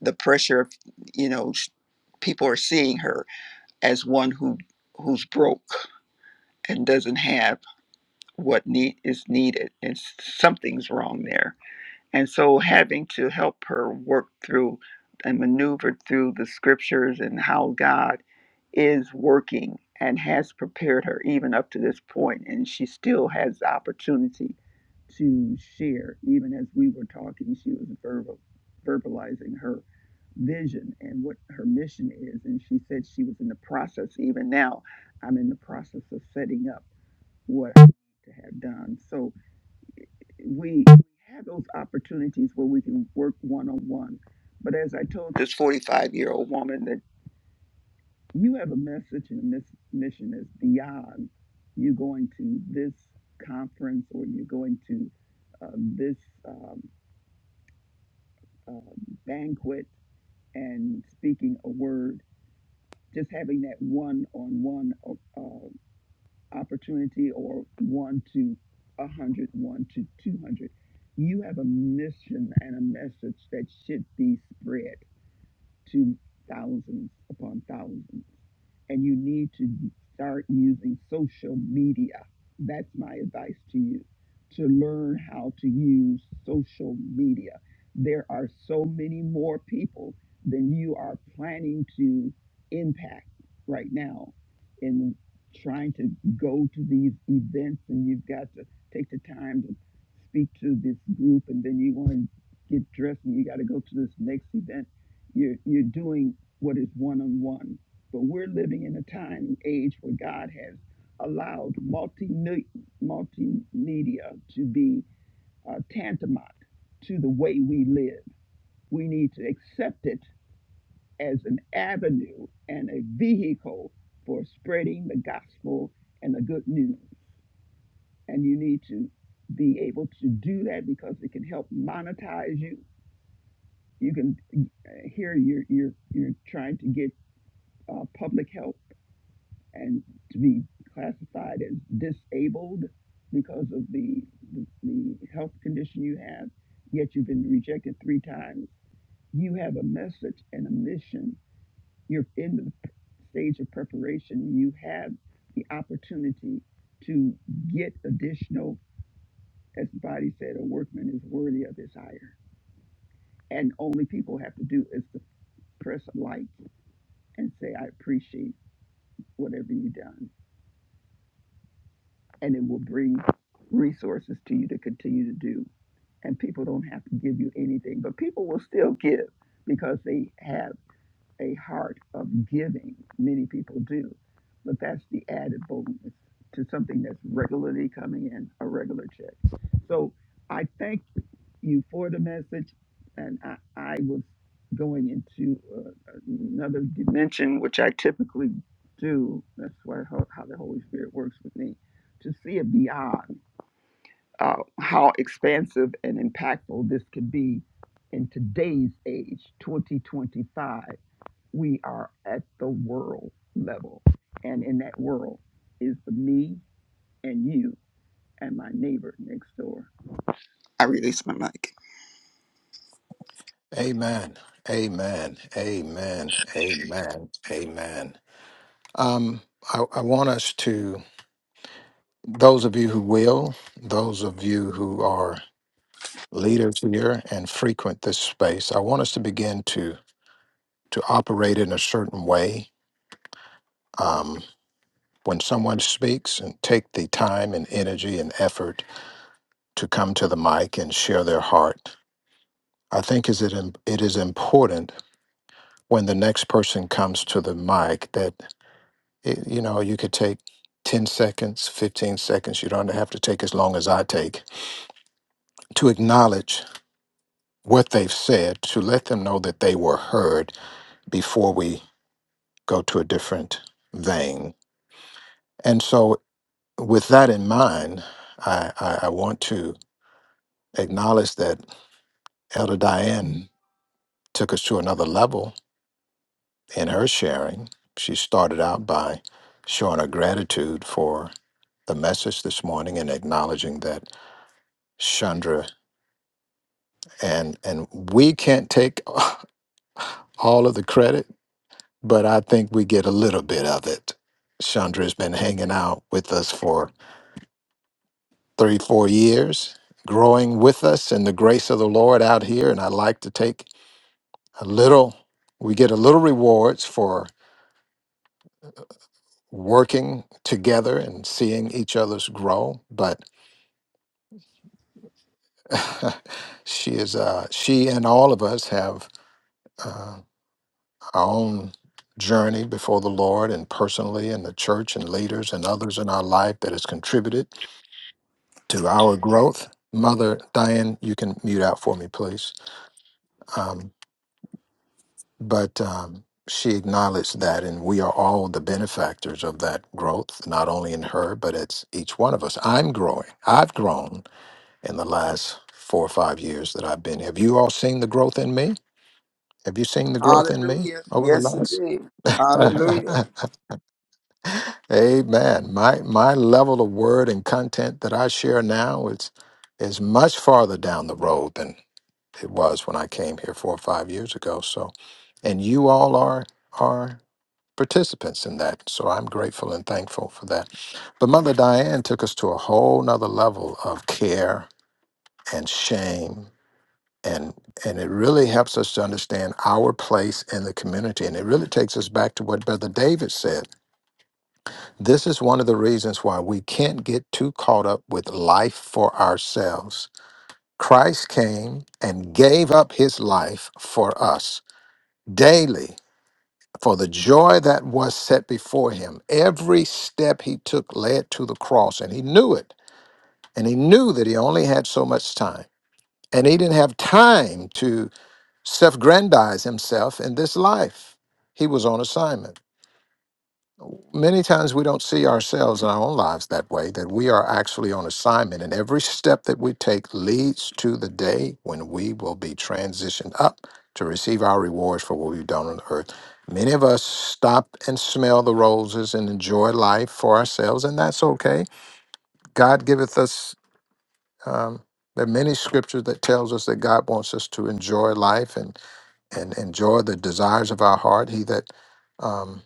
Speaker 7: the pressure of you know sh- people are seeing her as one who who's broke and doesn't have what need is needed and s- something's wrong there and so having to help her work through and maneuver through the scriptures and how god is working and has prepared her even up to this point and she still has the opportunity to share even as we were talking she was verbal verbalizing her vision and what her mission is. And she said she was in the process, even now, I'm in the process of setting up what I need to have done. So we have those opportunities where we can work one on one. But as I told this 45 year old woman, that you have a message and a miss- mission that's beyond you going to this conference or you going to uh, this um, uh, banquet and speaking a word just having that one-on-one uh, opportunity or one to a hundred, one to 200 you have a mission and a message that should be spread to thousands upon thousands and you need to start using social media. That's my advice to you to learn how to use social media. There are so many more people than you are planning to impact right now in trying to go to these events, and you've got to take the time to speak to this group, and then you want to get dressed and you got to go to this next event. You're, you're doing what is one on one but we're living in a time and age where God has allowed multi multimedia to be uh, tantamount to the way we live. We need to accept it as an avenue and a vehicle for spreading the gospel and the good news. And you need to be able to do that because it can help monetize you. You can uh, here you're you're you're trying to get uh, public help and to be classified as disabled because of the, the, the health condition you have, yet you've been rejected three times. You have a message and a mission. You're in the stage of preparation. You have the opportunity to get additional, as the body said, a workman is worthy of his hire. And only people have to do is to press like and say, I appreciate whatever you've done and it will bring resources to you to continue to do. And people don't have to give you anything, but people will still give because they have a heart of giving. Many people do, but that's the added bonus to something that's regularly coming in a regular check. So I thank you for the message, and I, I was going into uh, another dimension, which I typically do. That's why how, how the Holy Spirit works with me to see it beyond uh, how expansive and impactful this could be in today's age, 2025 we are at the world level. And in that world is the me and you and my neighbor next door. I release my mic.
Speaker 2: Amen. Amen. Amen. Amen. Amen. Um, I, I want us to, those of you who will, those of you who are leaders here and frequent this space, I want us to begin to to operate in a certain way. Um, when someone speaks and take the time and energy and effort to come to the mic and share their heart. I think is it im- it is important when the next person comes to the mic that it, you know you could take 10 seconds, 15 seconds, you don't have to take as long as I take to acknowledge what they've said, to let them know that they were heard before we go to a different vein. And so with that in mind, I, I, I want to acknowledge that Elder Diane took us to another level in her sharing, she started out by showing her gratitude for the message this morning and acknowledging that Chandra and and we can't take (laughs) all of the credit, but I think we get a little bit of it. Chandra's been hanging out with us for three, four years, growing with us in the grace of the Lord out here. And I like to take a little, we get a little rewards for working together and seeing each other's grow. But (laughs) she is uh, she and all of us have uh, our own journey before the Lord and personally and the church and leaders and others in our life that has contributed to our growth. Mother Diane, you can mute out for me, please. Um, but um, she acknowledged that, and we are all the benefactors of that growth, not only in her, but it's each one of us. I'm growing. I've grown in the last four or five years that I've been. Have you all seen the growth in me? Have you seen the growth in me
Speaker 7: Hallelujah.
Speaker 2: over the
Speaker 7: Yes,
Speaker 2: last?
Speaker 7: indeed. Hallelujah.
Speaker 2: (laughs) Amen. My my level of word and content that I share now is is much farther down the road than it was when I came here four or five years ago. So, and you all are are participants in that. So I'm grateful and thankful for that. But Mother Diane took us to a whole nother level of care and shame and and it really helps us to understand our place in the community and it really takes us back to what brother david said this is one of the reasons why we can't get too caught up with life for ourselves christ came and gave up his life for us daily for the joy that was set before him every step he took led to the cross and he knew it and he knew that he only had so much time and he didn't have time self-grandize himself in this life. He was on assignment. Many times we don't see ourselves in our own lives that way, that we are actually on assignment, and every step that we take leads to the day when we will be transitioned up to receive our rewards for what we've done on earth. Many of us stop and smell the roses and enjoy life for ourselves, and that's okay. God giveth us. Um, there are many scriptures that tells us that God wants us to enjoy life, and and enjoy the desires of our heart. He that um,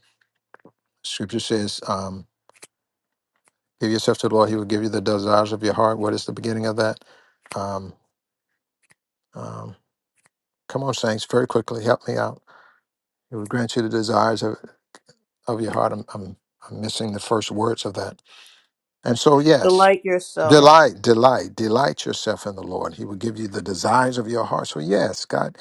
Speaker 2: Scripture says, um, "Give yourself to the Lord; He will give you the desires of your heart." What is the beginning of that? Um, um, come on, saints, very quickly, help me out. He will grant you the desires of, of your heart. I'm, I'm I'm missing the first words of that. And so, yes,
Speaker 9: Delight yourself.
Speaker 2: delight, delight, delight yourself in the Lord. He will give you the desires of your heart. So, yes, God.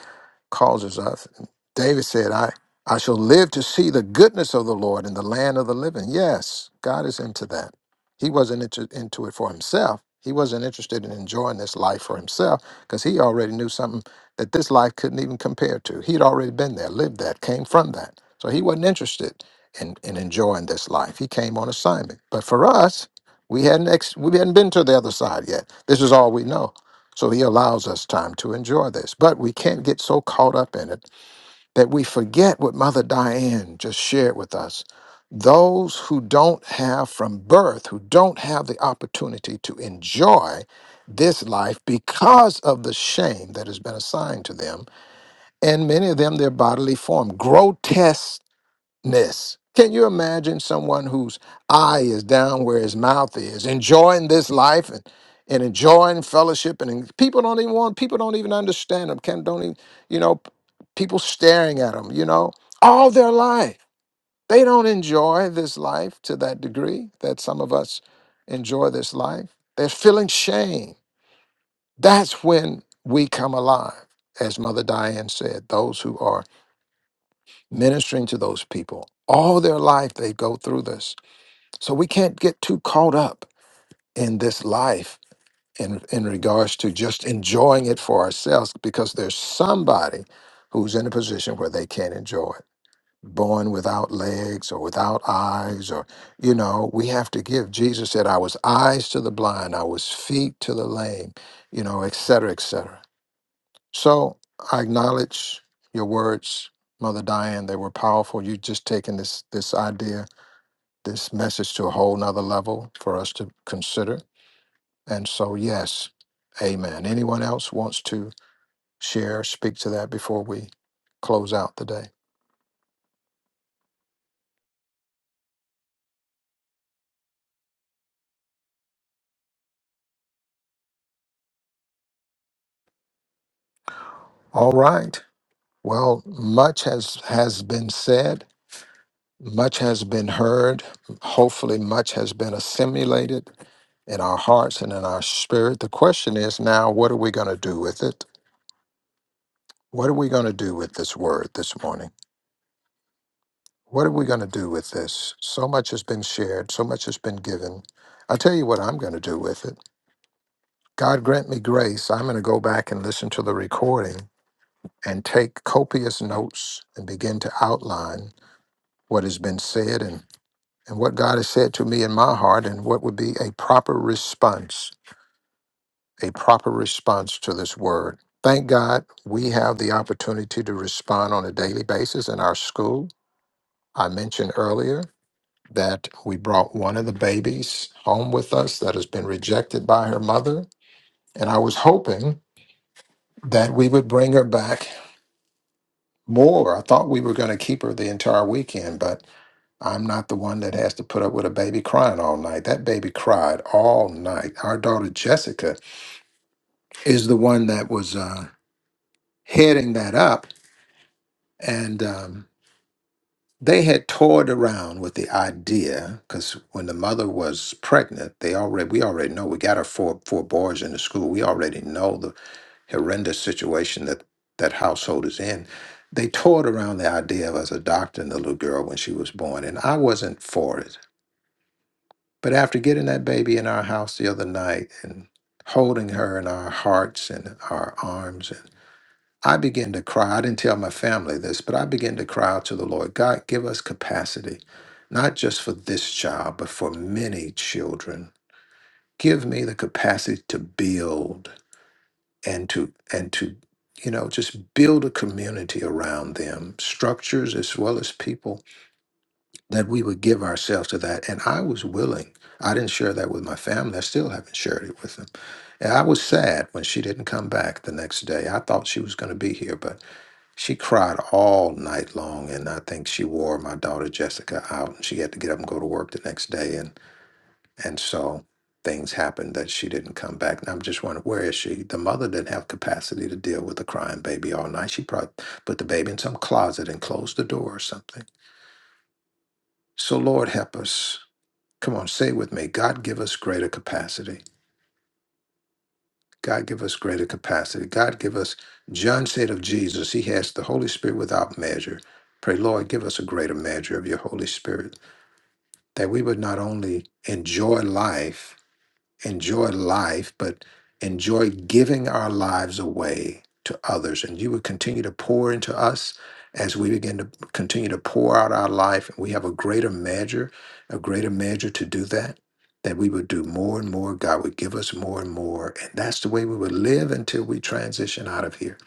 Speaker 2: causes us. David said, I, I shall live to see the goodness of the Lord in the land of the living. Yes, God is into that. He wasn't into, into it for himself. He wasn't interested in enjoying this life for himself because he already knew something that this life couldn't even compare to. He'd already been there, lived that, came from that. So he wasn't interested in, in enjoying this life. He came on assignment. But for us, we hadn't ex- we hadn't been to the other side yet. This is all we know. So he allows us time to enjoy this. But we can't get so caught up in it that we forget what Mother Diane just shared with us. Those who don't have from birth, who don't have the opportunity to enjoy this life because of the shame that has been assigned to them, and many of them, their bodily form, grotesque ness. Can you imagine someone whose eye is down where his mouth is, enjoying this life and, and enjoying fellowship? And, and people don't even want, people don't even understand them. Can don't even, you know, p- people staring at them, you know, all their life. They don't enjoy this life to that degree that some of us enjoy this life. They're feeling shame. That's when we come alive, as Mother Diane said, those who are ministering to those people. All their life they go through this. So we can't get too caught up in this life in, in regards to just enjoying it for ourselves because there's somebody who's in a position where they can't enjoy it. Born without legs or without eyes, or, you know, we have to give. Jesus said, I was eyes to the blind, I was feet to the lame, you know, et cetera, et cetera. So I acknowledge your words, Mother Diane. They were powerful. You've just taken this this idea, this message to a whole nother level for us to consider. And so yes, amen. Anyone else wants to share, speak to that before we close out the day? All right. Well, much has has been said, much has been heard. Hopefully much has been assimilated in our hearts and in our spirit. The question is now, what are we going to do with it? What are we going to do with this word this morning? What are we going to do with this? So much has been shared, so much has been given. I'll tell you what I'm going to do with it. God grant me grace. I'm going to go back and listen to the recording and take copious notes and begin to outline what has been said and, and what God has said to me in my heart and what would be a proper response, a proper response to this word. Thank God we have the opportunity to respond on a daily basis in our school. I mentioned earlier. that we brought one of the babies home with us that has been rejected by her mother. And I was hoping that we would bring her back more. I thought we were going to keep her the entire weekend, but I'm not the one that has to put up with a baby crying all night. That baby cried all night. Our daughter Jessica is the one that was uh, heading that up. And um, They had toyed around with the idea because when the mother was pregnant, they already we already know we got her four four boys in the school. We already know the horrendous situation that that household is in. They toyed around the idea of us adopting the little girl when she was born, and I wasn't for it. But after getting that baby in our house the other night and holding her in our hearts and our arms I began to cry. I didn't tell my family this, but I began to cry out to the Lord God, give us capacity, not just for this child, but for many children. Give me the capacity to build and to, and to, you know, just build a community around them, structures as well as people, that we would give ourselves to that. And I was willing. I didn't share that with my family. I still haven't shared it with them. And I was sad when she didn't come back the next day. I thought she was going to be here, but she cried all night long, and I think she wore my daughter Jessica out. And she had to get up and go to work the next day, and and so things happened that she didn't come back. And I'm just wondering where is she? The mother didn't have capacity to deal with a crying baby all night. She probably put the baby in some closet and closed the door or something. So Lord help us. Come on, say it with me. God give us greater capacity. God give us greater capacity. God give us, John said of Jesus, he has the Holy Spirit without measure. Pray, Lord, give us a greater measure of your Holy Spirit, that we would not only enjoy life, enjoy life, but enjoy giving our lives away to others. And you would continue to pour into us as we begin to continue to pour out our life. And we have a greater measure, a greater measure to do that, that we would do more and more. God would give us more and more. And that's the way we would live until we transition out of here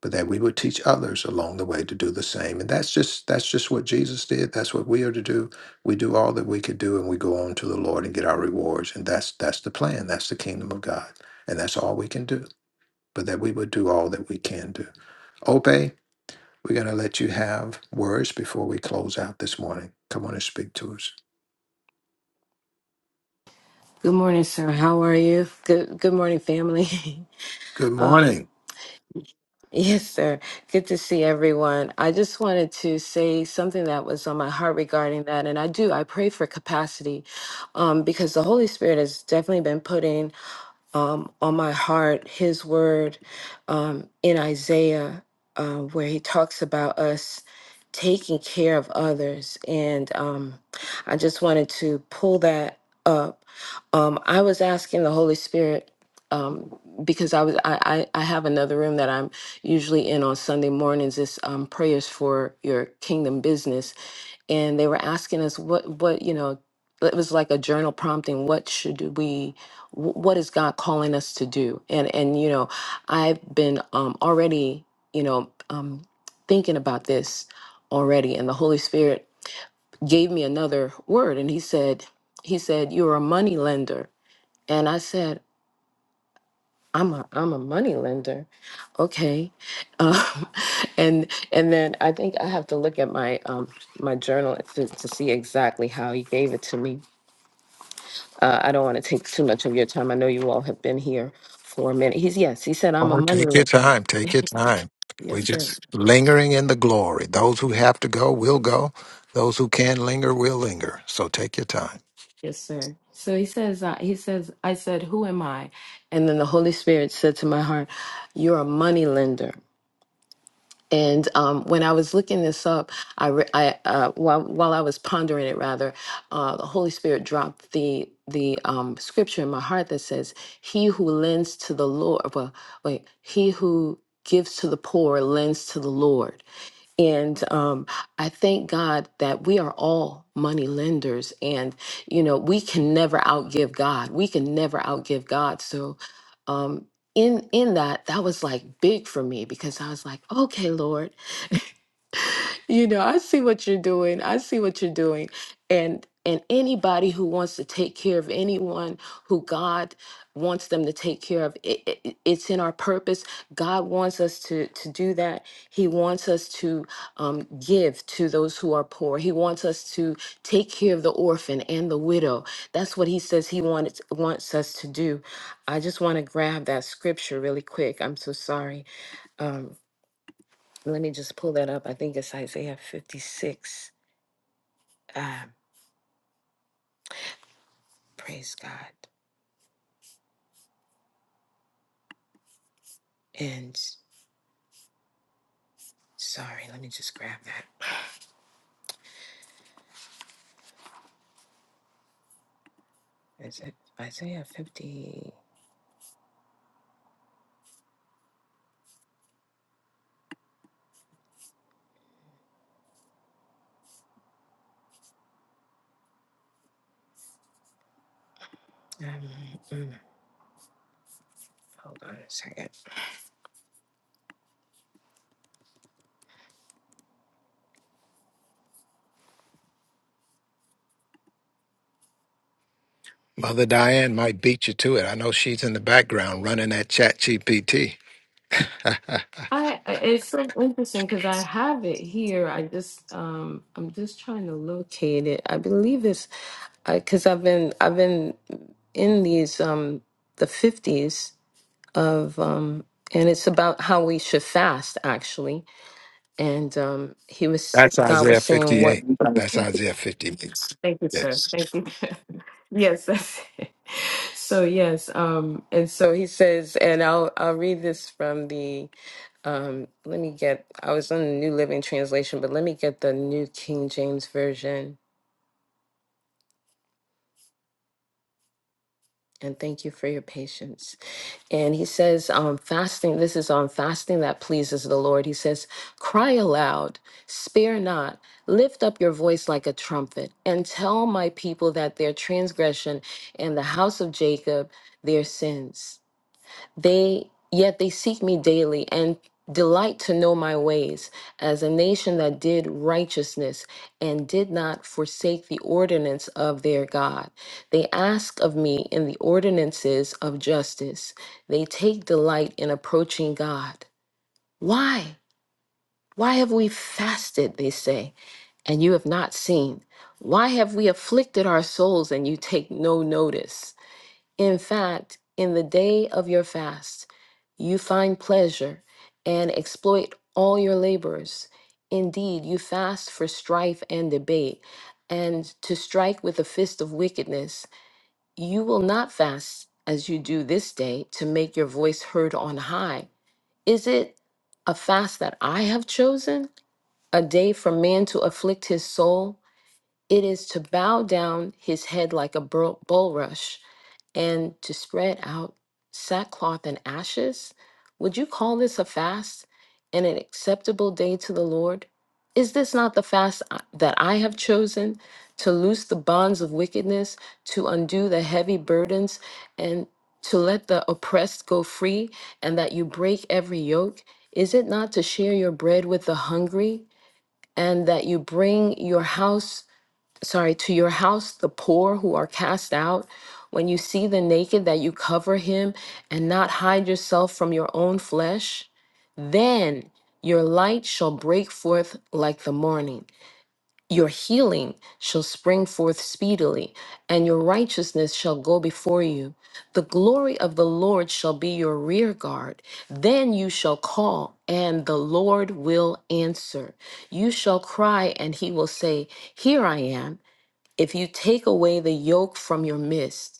Speaker 2: but that we would teach others along the way to do the same. And that's just that's just what Jesus did. That's what we are to do. We do all that we could do and we go on to the Lord and get our rewards. And that's that's the plan. That's the kingdom of God. And that's all we can do. But that we would do all that we can do. Obey, we're gonna let you have words before we close out this morning. Come on and speak to us.
Speaker 11: Good morning, sir. How are you? Good good morning, family. (laughs)
Speaker 2: Good morning.
Speaker 11: um, yes, sir. Good to see everyone. I just wanted to say something that was on my heart regarding that. And I do, I pray for capacity um, because the Holy Spirit has definitely been putting um, on my heart his word um, in Isaiah, uh, where he talks about us taking care of others. And um, I just wanted to pull that up. Um, I was asking the Holy Spirit. Um, because I was I, I I have another room that I'm usually in on Sunday mornings. It's um, prayers for your kingdom business, and they were asking us what what you know. It was like a journal prompting. What should we? Wh- what is God calling us to do? And and you know, I've been um, already you know um, thinking about this already, and the Holy Spirit gave me another word, and He said He said you're a money lender, and I said I'm a I'm a money lender, okay, um, (laughs) and and then I think I have to look at my um, my journal to, to see exactly how He gave it to me, Uh, I don't want to take too much of your time. I know you all have been here for a minute. He's yes. He said, "I'm a
Speaker 2: Oh,
Speaker 11: money
Speaker 2: take your
Speaker 11: lender."
Speaker 2: time. Take your time. We're
Speaker 11: Yes, sir.
Speaker 2: just lingering in the glory. Those who have to go will go. Those who can linger will linger. So take your time.
Speaker 11: Yes, sir. So he says, uh, he says, I said, who am I? And then the Holy Spirit said to my heart, you're a money lender. And um, when I was looking this up, I, re- I uh, while, while I was pondering it, rather, uh, the Holy Spirit dropped the the um, scripture in my heart that says, "He who lends to the Lord, well, wait, he who gives to the poor lends to the Lord." And um, I thank God that we are all money lenders. And, you know, we can never outgive God. We can never outgive God. So, um, in, in that, that was like big for me because I was like, okay, Lord, you know, I see what you're doing. I see what you're doing. And and anybody who wants to take care of anyone who God wants them to take care of, it, it- it's in our purpose. God wants us to to do that. He wants us to um, give to those who are poor. He wants us to take care of the orphan and the widow. That's what He says He wants wants us to do. I just want to grab that scripture really quick. I'm so sorry. Um, let me just pull that up. I think it's Isaiah 56. Um, praise God. And sorry, let me just grab that. Is it Isaiah 50? Um, mm, hold on a second.
Speaker 2: Mother Diane might beat you to it. I know she's in the background running that chat GPT.
Speaker 11: I I- it's so interesting because I have it here. I just um I'm just trying to locate it. I believe it's because I've been I've been in these um the 50s of um and it's about how we should fast actually and um, he was
Speaker 2: That's
Speaker 11: God was
Speaker 2: Isaiah
Speaker 11: saying what.
Speaker 2: 58. That's Isaiah 58.
Speaker 11: Thank you, sir.
Speaker 2: Yes.
Speaker 11: Thank you. (laughs) yes, that's it. So yes, um, and so he says, and I'll I'll read this from the. Um, let me get. I was on the New Living Translation, but let me get the New King James version. And thank you for your patience. And he says, um, fasting, this is on fasting that pleases the Lord. He says, Cry aloud, spare not, lift up your voice like a trumpet, and tell my people that their transgression and the house of Jacob their sins. They yet they seek me daily and delight to know my ways, as a nation that did righteousness and did not forsake the ordinance of their God. They ask of me in the ordinances of justice. They take delight in approaching God. Why? Why have we fasted, they say, and you have not seen? Why have we afflicted our souls and you take no notice? In fact, in the day of your fast, you find pleasure and exploit all your labors. Indeed, you fast for strife and debate, and to strike with a fist of wickedness. You will not fast as you do this day to make your voice heard on high. Is it a fast that I have chosen? A day for man to afflict his soul? It is to bow down his head like a bul- bulrush and to spread out sackcloth and ashes? Would you call this a fast and an acceptable day to the Lord? Is this not the fast I- that I have chosen to loose the bonds of wickedness, to undo the heavy burdens, and to let the oppressed go free, and that you break every yoke? Is it not to share your bread with the hungry, and that you bring your house? sorry, to your house the poor who are cast out. When you see the naked, that you cover him and not hide yourself from your own flesh. Then your light shall break forth like the morning. Your healing shall spring forth speedily, and your righteousness shall go before you. The glory of the Lord shall be your rear guard. Then you shall call, and the Lord will answer. You shall cry, and he will say, Here I am. If you take away the yoke from your midst,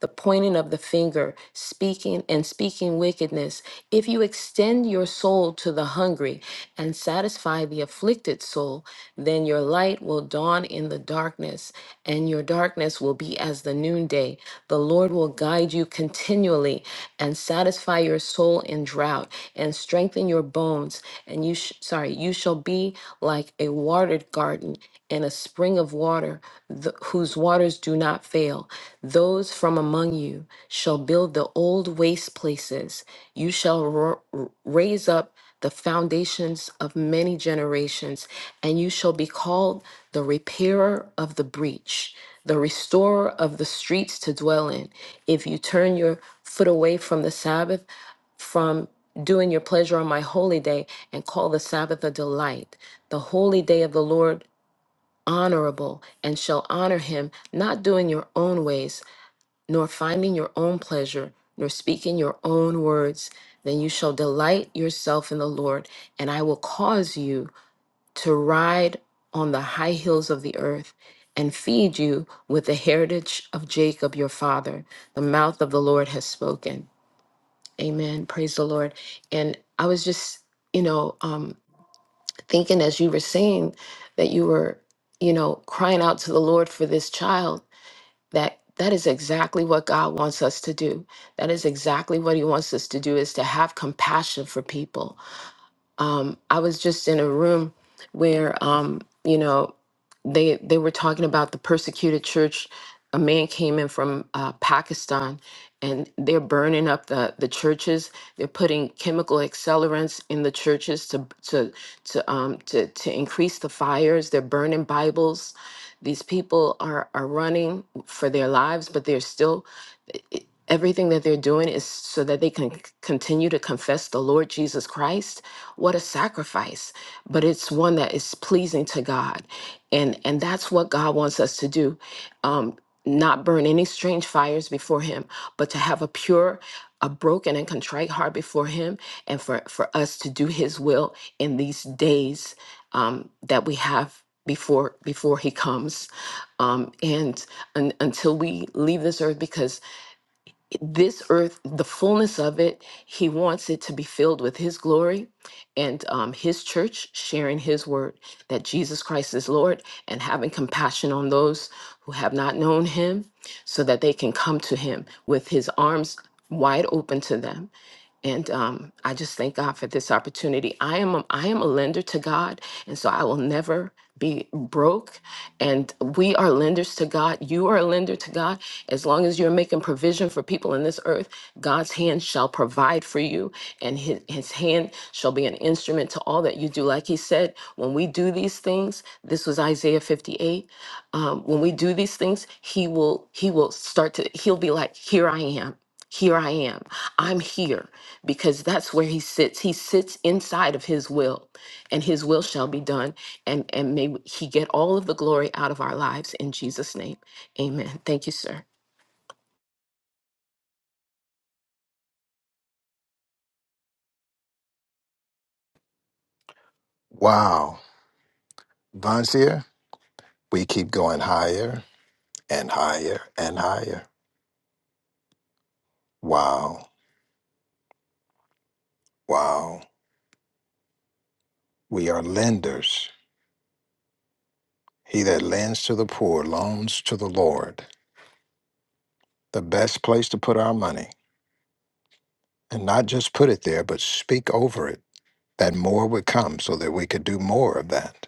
Speaker 11: the pointing of the finger, speaking and speaking wickedness. If you extend your soul to the hungry and satisfy the afflicted soul, then your light will dawn in the darkness, and your darkness will be as the noonday. The Lord will guide you continually and satisfy your soul in drought and strengthen your bones. And you, sh- sorry, you shall be like a watered garden and a spring of water th- whose whose waters do not fail. Those from among you shall build the old waste places. You shall ro- raise up the foundations of many generations, and you shall be called the repairer of the breach, the restorer of the streets to dwell in. If you turn your foot away from the Sabbath, from doing your pleasure on my holy day and call the Sabbath a delight. The holy day of the Lord honorable and shall honor him, not doing your own ways, nor finding your own pleasure, nor speaking your own words. Then you shall delight yourself in the Lord, and I will cause you to ride on the high hills of the earth and feed you with the heritage of Jacob your father. The mouth of the Lord has spoken. Amen. Praise the Lord. And I was just, you know, um, thinking as you were saying that you were you know crying out to the lord for this child that that is exactly what god wants us to do that is exactly what he wants us to do is to have compassion for people um, I was just in a room where um, you know they they were talking about the persecuted church. A man came in from uh, Pakistan, and they're burning up the the churches. They're putting chemical accelerants in the churches to to to um, to to increase the fires. They're burning Bibles. These people are are running for their lives, but they're still Everything that they're doing is so that they can c- continue to confess the Lord Jesus Christ. What a sacrifice, but it's one that is pleasing to God. And and that's what God wants us to do. Um not burn any strange fires before him, but to have a pure, a broken and contrite heart before him and for for us to do his will in these days um that we have before before he comes um and un, until we leave this earth because this earth, the fullness of it, he wants it to be filled with his glory and um, his church sharing his word that Jesus Christ is Lord and having compassion on those who have not known him so that they can come to him with his arms wide open to them and um, I just thank God for this opportunity. I am a, I am a lender to God, and so I will never be broke. And we are lenders to God. You are a lender to God. As long as you're making provision for people in this earth, God's hand shall provide for you, and His, his hand shall be an instrument to all that you do. Like He said, when we do these things, this was Isaiah 58. Um, when we do these things, He will He will start to He'll be like, here I am. Here I am. I'm here because that's where he sits. He sits inside of his will, and his will shall be done. And, and may he get all of the glory out of our lives in Jesus' name. Amen. Thank you, sir.
Speaker 2: Wow. Vonsier, we keep going higher and higher and higher. Wow. Wow. We are lenders. He that lends to the poor loans to the Lord. the best place to put our money and not just put it there, but speak over it that more would come so that we could do more of that.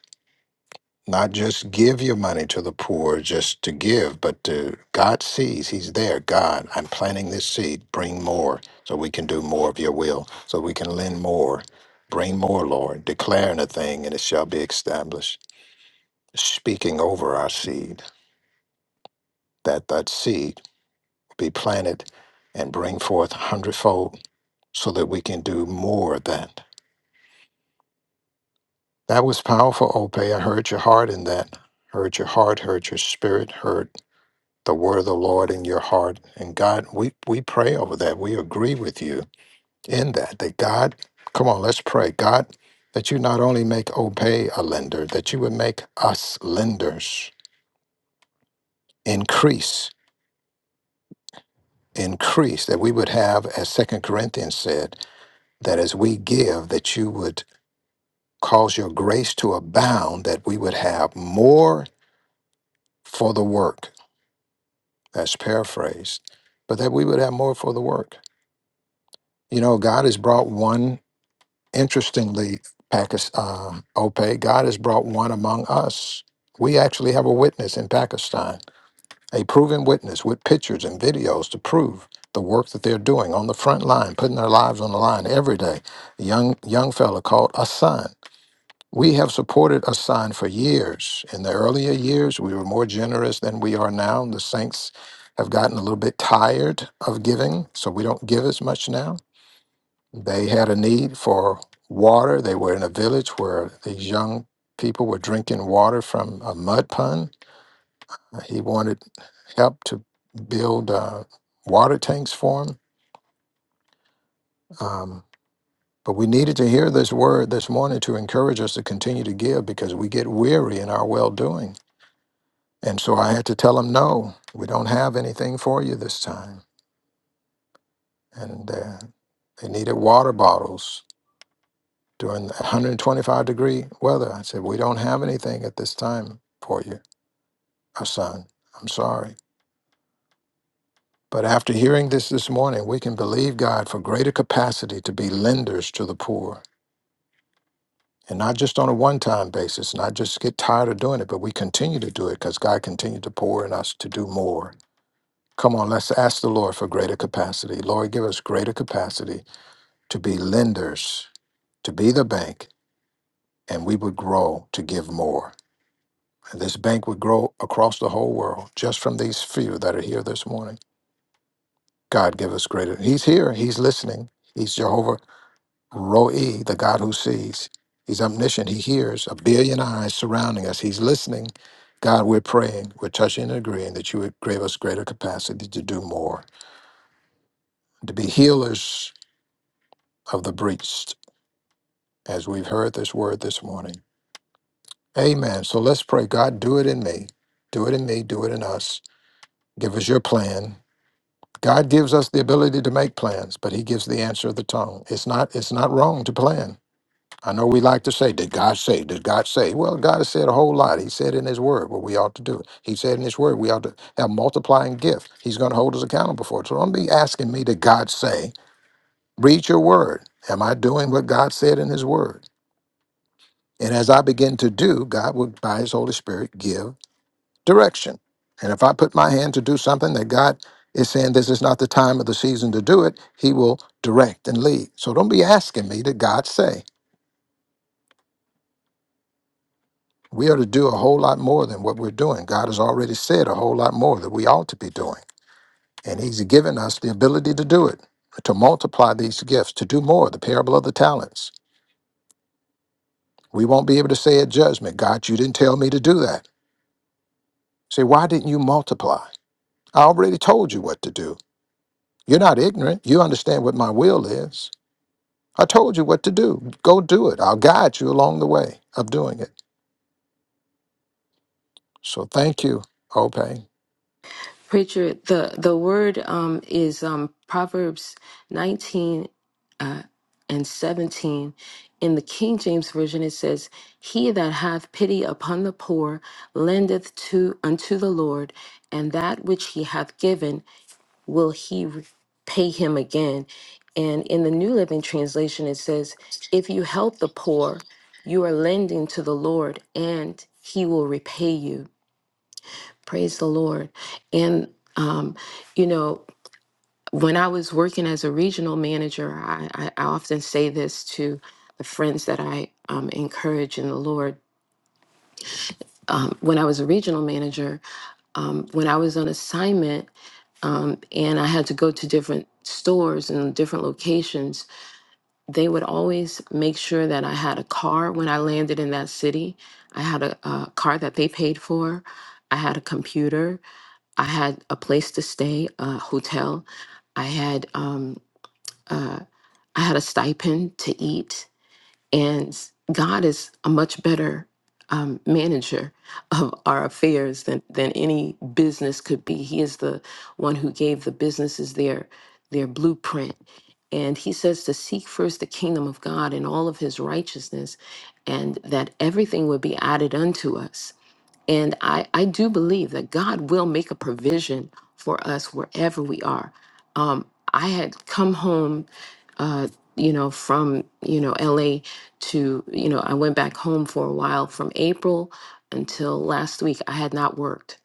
Speaker 2: Not just give your money to the poor just to give, but to God sees, He's there. God, I'm planting this seed. Bring more so we can do more of your will, so we can lend more. Bring more, Lord, declaring a thing and it shall be established. Speaking over our seed, that that seed be planted and bring forth hundredfold so that we can do more of that. That was powerful, Ope. I heard your heart in that. Heard your heart, heard your spirit, heard the word of the Lord in your heart. And God, we, we pray over that. We agree with you in that. That God, come on, let's pray. God, that you not only make Ope a lender, that you would make us lenders increase, increase, that we would have, as Second Corinthians said, that as we give, that you would cause your grace to abound, that we would have more for the work. That's paraphrased, but that we would have more for the work. You know, God has brought one, interestingly, Pakistan, um, Ope, God has brought one among us. We actually have a witness in Pakistan, a proven witness with pictures and videos to prove the work that they're doing on the front line, putting their lives on the line every day. A young young fella called Hassan. We have supported a sign for years. In the earlier years, we were more generous than we are now. The saints have gotten a little bit tired of giving, so we don't give as much now. They had a need for water. They were in a village where these young people were drinking water from a mud pond. Uh, He wanted help to build uh, water tanks for him. Um, but we needed to hear this word this morning to encourage us to continue to give because we get weary in our well doing And so I had to tell them, no, we don't have anything for you this time. And uh, they needed water bottles during the 125 degree weather. I said, we don't have anything at this time for you, our son. I'm sorry. But after hearing this this morning, we can believe God for greater capacity to be lenders to the poor. And not just on a one time basis, not just get tired of doing it, but we continue to do it because God continued to pour in us to do more. Come on, let's ask the Lord for greater capacity. Lord, give us greater capacity to be lenders, to be the bank, and we would grow to give more. And this bank would grow across the whole world just from these few that are here this morning. God, give us greater. He's here, He's listening. He's Jehovah Roe, the God who sees. He's omniscient. He hears a billion eyes surrounding us. He's listening. God, we're praying, we're touching and agreeing that you would give us greater capacity to do more, to be healers of the breached. as we've heard this word this morning. Amen. So let's pray. God, do it in me. Do it in me. Do it in us. Give us your plan. God gives us the ability to make plans, but He gives the answer of the tongue. It's not, it's not wrong to plan. I know we like to say, Did God say? Did God say? Well, God has said a whole lot. He said in His Word what we ought to do. He said in His Word we ought to have multiplying gift. He's going to hold us accountable for it. So don't be asking me, Did God say? Read your Word. Am I doing what God said in His Word? And as I begin to do, God will, by His Holy Spirit, give direction. And if I put my hand to do something that God is saying this is not the time of the season to do it, He will direct and lead. So don't be asking me to God say. We are to do a whole lot more than what we're doing. God has already said a whole lot more that we ought to be doing. And He's given us the ability to do it, to multiply these gifts, to do more, the parable of the talents. We won't be able to say at judgment, God, you didn't tell me to do that. Say, why didn't you multiply? I already told you what to do. You're not ignorant. You understand what my will is. I told you what to do. Go do it. I'll guide you along the way of doing it. So thank you, Opay.
Speaker 11: Preacher, the, the word um, is um, Proverbs 19 uh, and 17. In the King James Version, it says, He that hath pity upon the poor lendeth to unto the Lord, and that which he hath given will he re- pay him again? And in the New Living Translation, it says, If you help the poor, you are lending to the Lord and he will repay you. Praise the Lord. And, um, you know, when I was working as a regional manager, I, I, I often say this to the friends that I um, encourage in the Lord. Um, when I was a regional manager, um, when I was on assignment um, and I had to go to different stores and different locations, they would always make sure that I had a car when I landed in that city. I had a, a car that they paid for. I had a computer. I had a place to stay, a hotel. I had um, uh, I had a stipend to eat. And God is a much better um, manager of our affairs than, than any business could be. He is the one who gave the businesses their their blueprint. And he says to seek first the kingdom of God and all of his righteousness, and that everything would be added unto us. And I, I do believe that God will make a provision for us wherever we are. Um, I had come home, uh, you know, from, you know, LA to, you know, I went back home for a while from April until last week. I had not worked.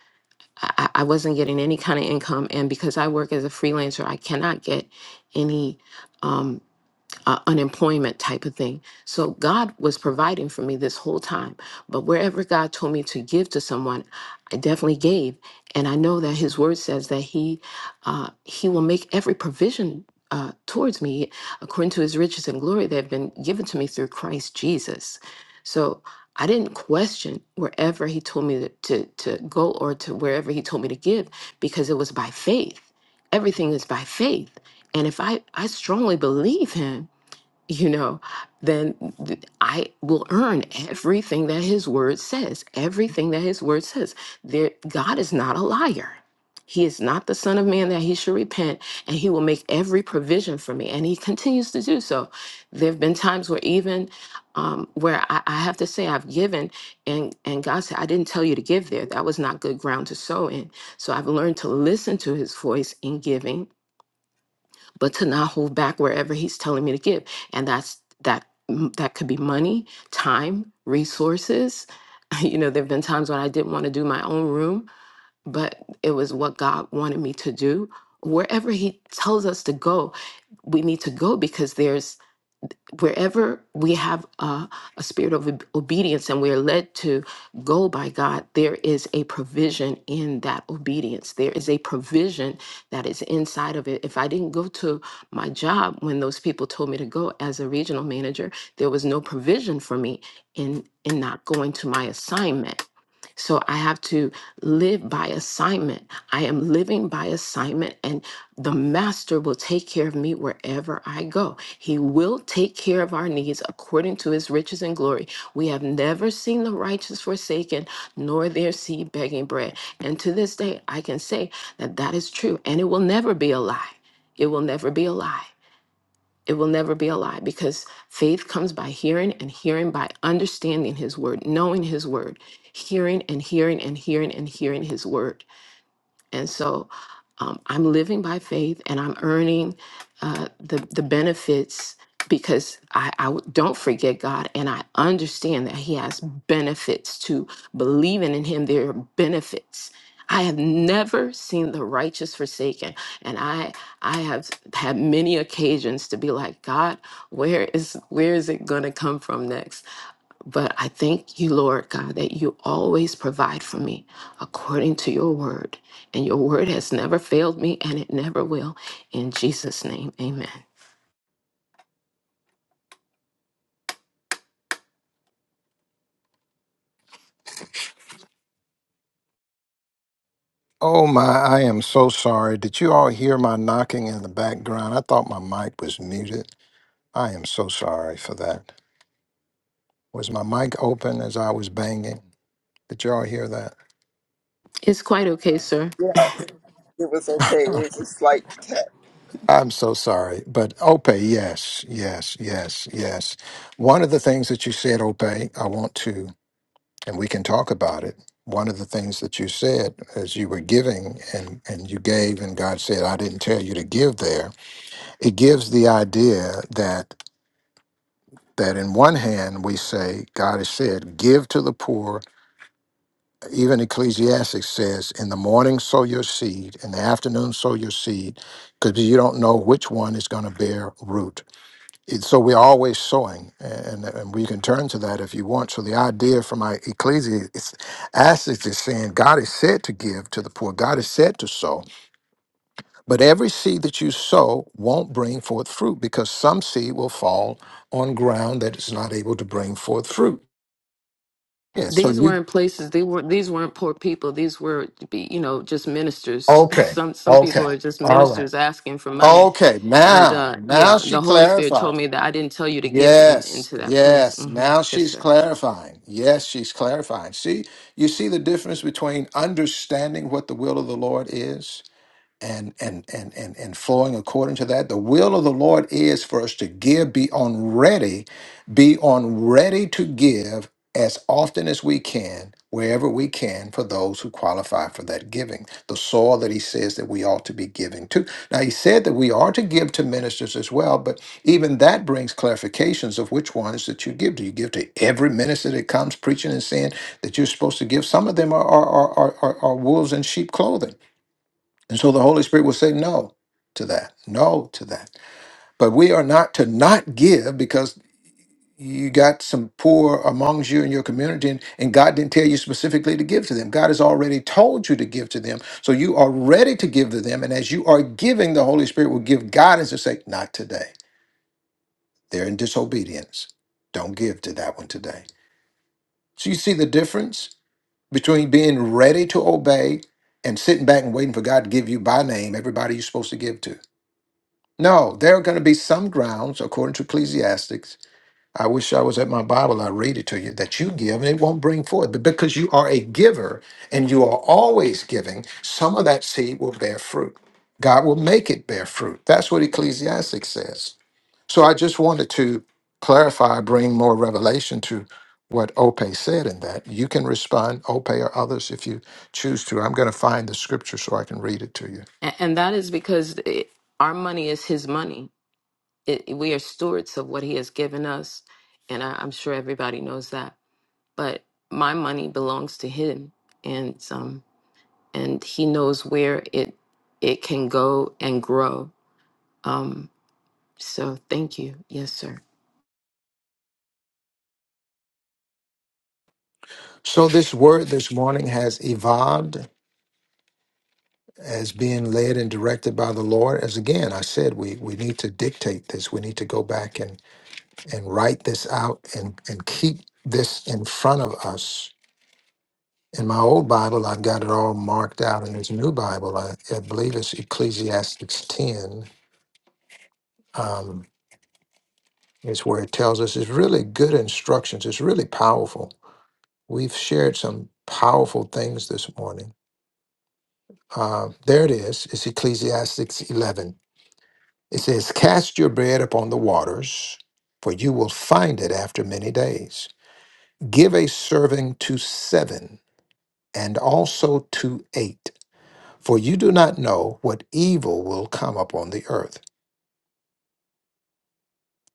Speaker 11: I, I I wasn't getting any kind of income. And because I work as a freelancer, I cannot get any. um, uh, unemployment type of thing. So God was providing for me this whole time. But wherever God told me to give to someone, I definitely gave. And I know that His Word says that He uh, He will make every provision. Uh, towards me, according to his riches and glory that have been given to me through Christ Jesus. So I didn't question wherever he told me to, to, to go or to wherever he told me to give because it was by faith. Everything is by faith. And if I, I strongly believe him you know, then th- I will earn everything that his word says, everything that his word says. There, God is not a liar. He is not the son of man that he should repent, and he will make every provision for me. And he continues to do so. There have been times where even um, where I, I have to say I've given, and and God said I didn't tell you to give there. That was not good ground to sow in. So I've learned to listen to His voice in giving, but to not hold back wherever he's telling me to give and that's that that could be money time resources (laughs) you know there've been times when I didn't want to do my own room but it was what God wanted me to do wherever he tells us to go we need to go because there's wherever we have a, a spirit of ob- obedience and we are led to go by God, there is a provision in that obedience. There is a provision that is inside of it. If I didn't go to my job when those people told me to go as a regional manager, there was no provision for me in in not going to my assignment. So I have to live by assignment. I am living by assignment, and the Master will take care of me wherever I go. He will take care of our needs according to his riches and glory. We have never seen the righteous forsaken, nor their seed begging bread. And to this day, I can say that that is true, and it will never be a lie. It will never be a lie. It will never be a lie because faith comes by hearing and hearing by understanding his word, knowing his word, hearing and hearing and hearing and hearing his word. And so um, I'm living by faith and I'm earning uh, the, the benefits because I, I w- don't forget God and I understand that He has benefits to believing in Him. There are benefits. I have never seen the righteous forsaken. And I I have had many occasions to be like, God, where is where is it gonna come from next? But I thank you, Lord God, that you always provide for me according to your word. And your word has never failed me and it never will. In Jesus' name, amen.
Speaker 2: Oh my, I am so sorry. Did you all hear my knocking in the background? I thought my mic was muted. I am so sorry for that. Was my mic open as I was banging? Did y'all hear that?
Speaker 11: It's quite okay, sir.
Speaker 7: Yeah, it was okay. It
Speaker 2: (laughs)
Speaker 7: was a slight test.
Speaker 2: I'm so sorry. But Ope, yes, yes, yes, yes. One of the things that you said, Ope, I want to, and we can talk about it. One of the things that you said as you were giving and, and you gave, and God said, I didn't tell you to give there, it gives the idea that that in one hand we say, God has said, give to the poor Even Ecclesiastes says, In the morning sow your seed, in the afternoon sow your seed, because you don't know which one is going to bear root. It- So we're always sowing, and, and we can turn to that if you want. So the idea from my Ecclesiastes is saying God is said to give to the poor, God is said to sow, but every seed that you sow won't bring forth fruit because some seed will fall on ground that is not able to bring forth fruit. Yeah, so
Speaker 11: These
Speaker 2: you,
Speaker 11: weren't places, they were these weren't poor people. These were be, you know, just ministers. (laughs)
Speaker 2: okay,
Speaker 11: Some some
Speaker 2: okay.
Speaker 11: people are just
Speaker 2: All right.
Speaker 11: ministers asking for money.
Speaker 2: Okay,
Speaker 11: And
Speaker 2: now,
Speaker 11: uh
Speaker 2: now
Speaker 11: yeah,
Speaker 2: she
Speaker 11: the Holy Spirit told
Speaker 2: clarifies.
Speaker 11: me that I didn't tell you to give in,
Speaker 2: Yes,
Speaker 11: into that place.
Speaker 2: yes.
Speaker 11: hmm
Speaker 2: Now
Speaker 11: Yes,
Speaker 2: she's
Speaker 11: sir.
Speaker 2: clarifying. Yes, she's clarifying. See, you see the difference between understanding what the will of the Lord is and and and and and flowing according to that. The will of the Lord is for us to give, be on ready, be on ready to give as often as we can, wherever we can, for those who qualify for that giving. The soil that he says that we ought to be giving to. Now he said that we are to give to ministers as well, but even that brings clarifications of which ones that you give. Do you give to every minister that comes preaching and saying that you're supposed to give? Some of them are are are, are, are wolves in sheep clothing and so the Holy Spirit will say no to that, no to that. But we are not to not give because you got some poor amongst you in your community and, and God didn't tell you specifically to give to them. God has already told you to give to them. So you are ready to give to them. And as you are giving, the Holy Spirit will give guidance to say, not today. They're in disobedience. Don't give to that one today. So you see the difference between being ready to obey and sitting back and waiting for God to give you by name everybody you're supposed to give to. No, there are going to be some grounds, according to Ecclesiastics. I wish I was at my Bible, I read it to you, that you give and it won't bring forth. But because you are a giver and you are always giving, some of that seed will bear fruit. God will make it bear fruit. That's what Ecclesiastics says. So I just wanted to clarify, bring more revelation to what Ope said in that. You can respond, Ope or others, if you choose to. I'm going to find the scripture so I can read it to you.
Speaker 11: And, and that is because it, our money is his money it, we are stewards of what he has given us and I, i'm sure everybody knows that but my money belongs to him and um and he knows where it it can go and grow um so thank you yes sir
Speaker 2: So this word this morning has evolved as being led and directed by the Lord. As again, I said, we, we need to dictate this. We need to go back and, and write this out and, and keep this in front of us. In my old Bible, I've got it all marked out. In this new Bible, I, I believe it's Ecclesiastes 10, um, is where it tells us it's really good instructions. It's really powerful. We've shared some powerful things this morning. Uh, there it is. It's Ecclesiastes 11. It says, Cast your bread upon the waters, for you will find it after many days. Give a serving to seven and also to eight, for you do not know what evil will come upon the earth.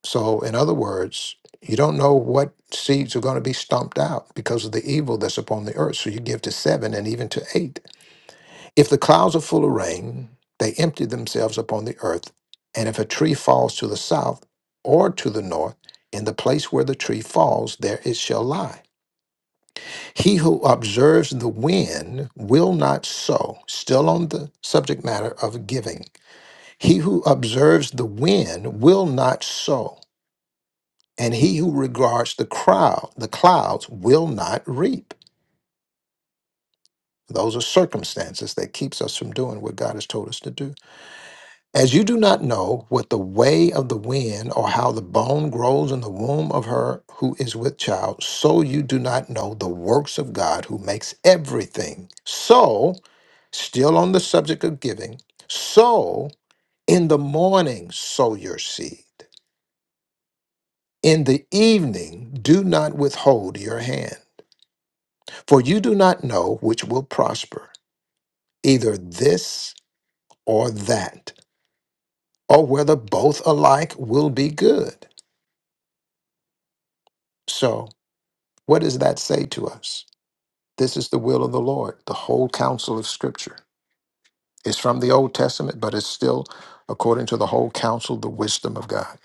Speaker 2: So, in other words, you don't know what seeds are going to be stomped out because of the evil that's upon the earth. So you give to seven and even to eight. If the clouds are full of rain, they empty themselves upon the earth. And if a tree falls to the south or to the north, in the place where the tree falls, there it shall lie. He who observes the wind will not sow. Still on the subject matter of giving. He who observes the wind will not sow. And he who regards the crowd, the clouds, will not reap. Those are circumstances that keeps us from doing what God has told us to do. As you do not know what the way of the wind or how the bone grows in the womb of her who is with child, so you do not know the works of God who makes everything. So, still on the subject of giving, sow in the morning, sow your seed. In the evening, do not withhold your hand, for you do not know which will prosper, either this or that, or whether both alike will be good. So, What does that say to us? This is the will of the Lord. The whole counsel of Scripture is from the Old Testament, but it's still according to the whole counsel, the wisdom of God.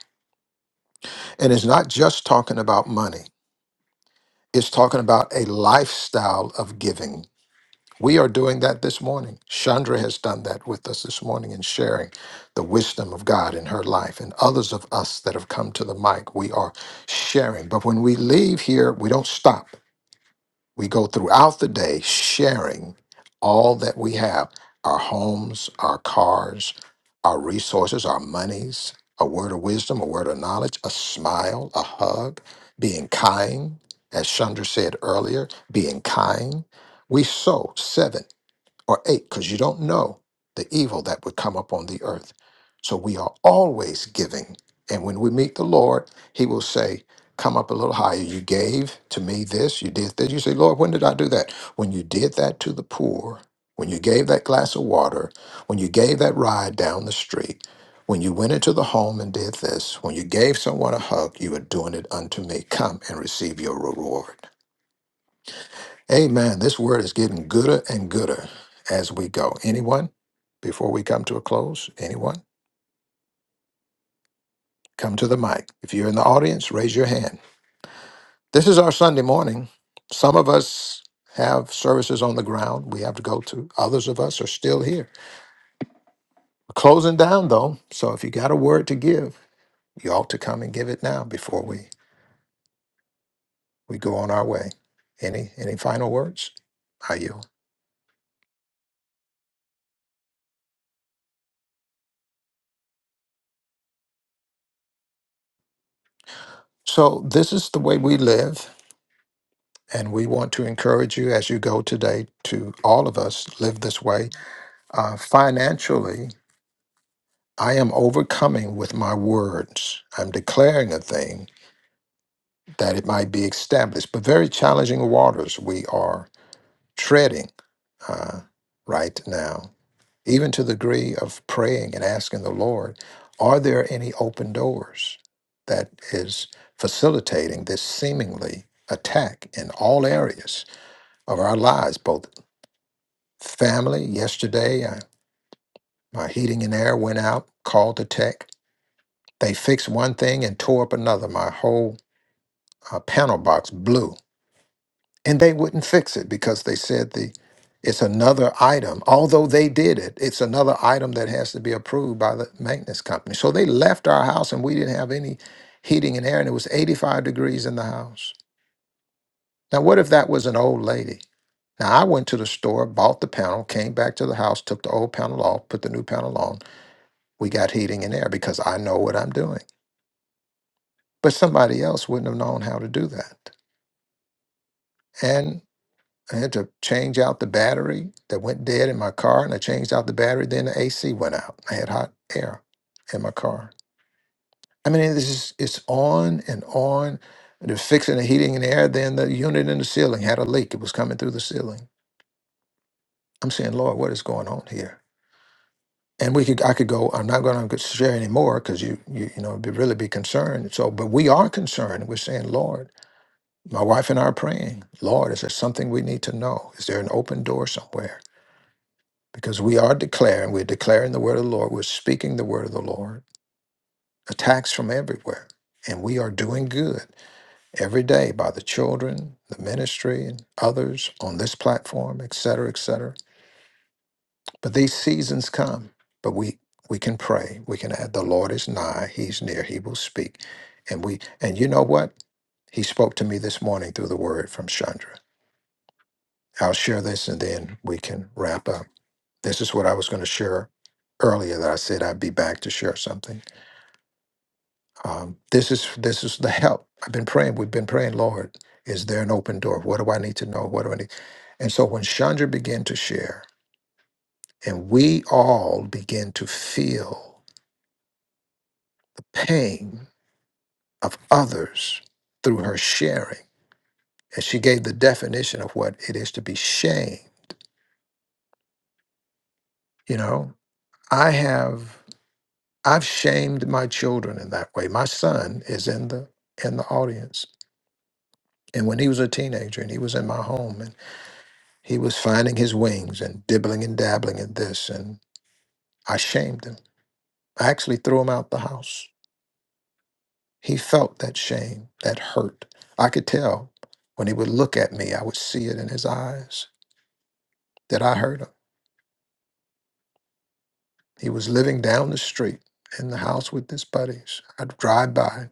Speaker 2: And it's not just talking about money, it's talking about a lifestyle of giving. We are doing that this morning. Chandra has done that with us this morning in sharing the wisdom of God in her life and others of us that have come to the mic. We are sharing. But when we leave here, we don't stop. We go throughout the day sharing all that we have our homes, our cars, our resources, our monies, a word of wisdom, a word of knowledge, a smile, a hug, being kind. As Chandra said earlier, being kind. We sow seven or eight, because you don't know the evil that would come upon the earth. So we are always giving. And when we meet the Lord, He will say, Come up a little higher. You gave to me this, you did this. You say, Lord, when did I do that? When you did that to the poor, when you gave that glass of water, when you gave that ride down the street, when you went into the home and did this, when you gave someone a hug, you were doing it unto me. Come and receive your reward. Amen. This word is getting gooder and gooder as we go. Anyone, before we come to a close, anyone, come to the mic. If you're in the audience, raise your hand. This is our Sunday morning. Some of us have services on the ground we have to go to, others of us are still here. We're closing down though, so if you got a word to give, you ought to come and give it now before we, we go on our way. Any any final words? I yield. So this is the way we live. And we want to encourage you as you go today to all of us live this way. Uh, financially, I am overcoming with my words. I'm declaring a thing that it might be established, but very challenging waters we are treading uh, right now, even to the degree of praying and asking the Lord, are there any open doors that is facilitating this seemingly attack in all areas of our lives, both family yesterday. I, my heating and air went out, called the tech. They fixed one thing and tore up another. My whole uh, panel box blew. And they wouldn't fix it because they said the it's another item. Although they did it, it's another item that has to be approved by the maintenance company. So they left our house and we didn't have any heating and air and it was 85 degrees in the house. Now what if that was an old lady? Now I went to the store, bought the panel, came back to the house, took the old panel off, put the new panel on we got heating and air because I know what I'm doing. But somebody else wouldn't have known how to do that. And I had to change out the battery that went dead in my car, and I changed out the battery. Then the AC went out. I had hot air in my car. I mean, this is it's on and on. They're fixing the heating and air. Then the unit in the ceiling had a leak. It was coming through the ceiling. I'm saying, Lord, what is going on here? And we could, I could go. I'm not going to share anymore because you, you, you know, be really be concerned. So, but we are concerned. We're saying, Lord. My wife and I are praying, Lord, is there something we need to know? Is there an open door somewhere? Because we are declaring, we're declaring the word of the Lord, we're speaking the word of the Lord, attacks from everywhere. And we are doing good every day by the children, the ministry, and others on this platform, et cetera, et cetera. But these seasons come, but we we can pray. We can add, the Lord is nigh, he's near, he will speak. And we and you know what? He spoke to me this morning through the word from Chandra. I'll share this and then we can wrap up. This is what I was going to share earlier that I said I'd be back to share something. Um, this is this is the help. I've been praying. We've been praying, Lord, is there an open door? What do I need to know? What do I need? And so when Chandra began to share, and we all began to feel the pain of others through her sharing, and she gave the definition of what it is to be shamed. You know, I have. I've shamed my children in that way. My son is in the in the audience. And when he was a teenager and he was in my home and he was finding his wings and dibbling and dabbling at this and I shamed him. I actually threw him out the house. He felt that shame, that hurt. I could tell when he would look at me, I would see it in his eyes that I hurt him. He was living down the street in the house with his buddies. I'd drive by.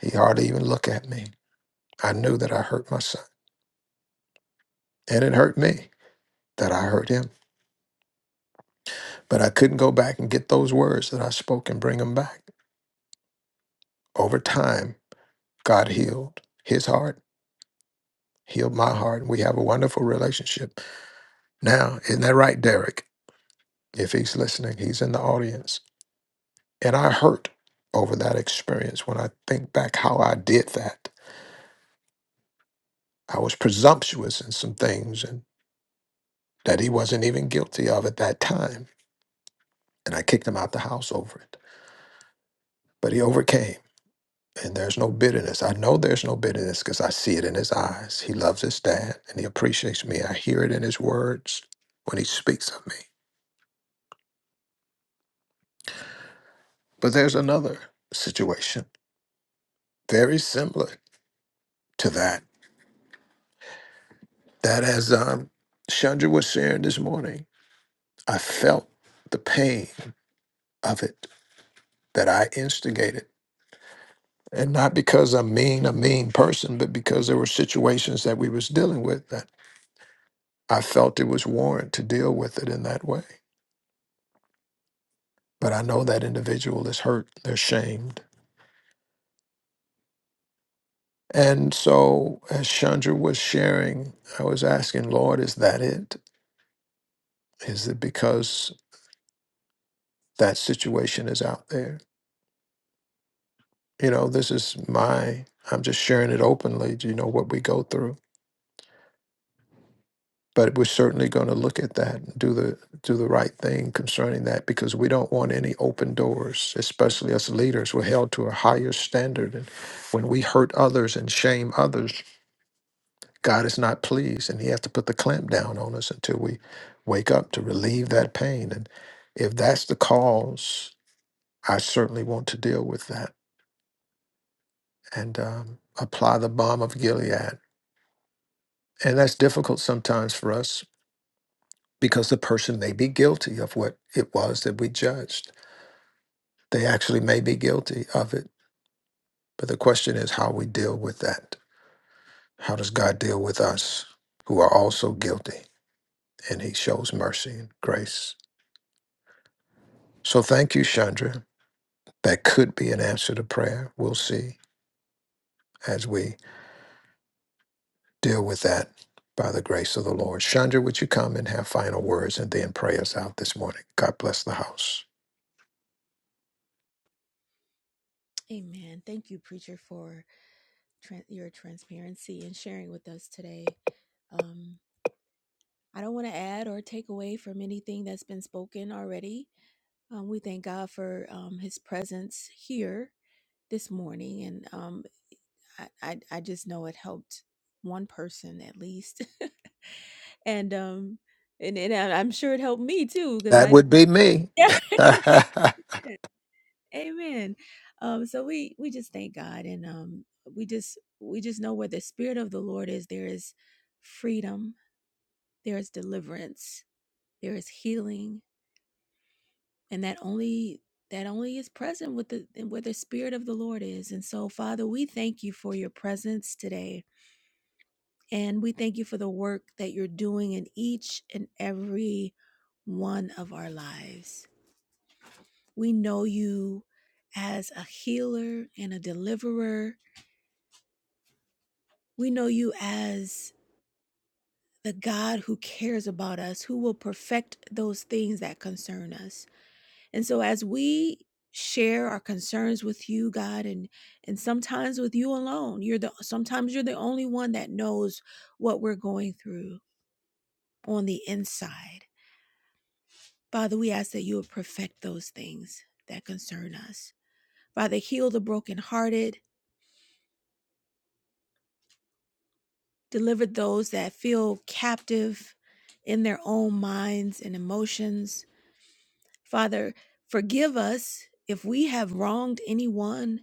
Speaker 2: He hardly even look at me. I knew that I hurt my son and it hurt me. that I heard him, but I couldn't go back and get those words that I spoke and bring them back. Over time, God healed his heart, healed my heart, and we have a wonderful relationship. Now, isn't that right, Derek? If he's listening, he's in the audience. And I hurt over that experience when I think back how I did that. I was presumptuous in some things and that he wasn't even guilty of at that time. And I kicked him out the house over it. But he overcame And there's no bitterness. I know there's no bitterness because I see it in his eyes. He loves his dad and he appreciates me. I hear it in his words when he speaks of me. But there's another situation very similar to that. That, as um, Chandra was sharing this morning, I felt the pain of it that I instigated. And not because I'm mean, a mean person, but because there were situations that we was dealing with that I felt it was warrant to deal with it in that way. but I know that individual is hurt, they're shamed. And so, as Chandra was sharing, I was asking, Lord, is that it? Is it because that situation is out there? You know, this is my, I'm just sharing it openly, you know, what we go through. But we're certainly going to look at that and do the do the right thing concerning that because we don't want any open doors, especially as leaders. We're held to a higher standard, and when we hurt others and shame others, God is not pleased, and He has to put the clamp down on us until we wake up to relieve that pain. And if that's the cause, I certainly want to deal with that and um, apply the bomb of Gilead. And that's difficult sometimes for us because the person may be guilty of what it was that we judged. They actually may be guilty of it. But the question is how we deal with that. How does God deal with us who are also guilty? And He shows mercy and grace. So thank you, Chandra. That could be an answer to prayer. We'll see as we deal with that by the grace of the Lord. Chandra, would you come and have final words and then pray us out this morning? God bless the house.
Speaker 3: Amen. Thank you, preacher, for tran your transparency and sharing with us today. Um, I don't want to add or take away from anything that's been spoken already. Um, we thank God for um, His presence here this morning, and um, I, I I just know it helped one person at least, (laughs) and um, and and I- I'm sure it helped me too because
Speaker 2: That
Speaker 3: I
Speaker 2: would be me.
Speaker 3: yeah. (laughs)
Speaker 2: (laughs)
Speaker 3: Amen. Um, so we we just thank God, and um, we just we just know where the spirit of the Lord is, there is freedom there is deliverance there is healing and that only that only is present with the where the spirit of the lord is and so father we thank you for your presence today and we thank you for the work that you're doing in each and every one of our lives we know you as a healer and a deliverer we know you as the God who cares about us, who will perfect those things that concern us. And so as we share our concerns with you, God, and and sometimes with you alone, you're the sometimes you're the only one that knows what we're going through on the inside. Father, we ask that you would perfect those things that concern us. Father, heal the brokenhearted, deliver those that feel captive in their own minds and emotions. Father, forgive us if we have wronged anyone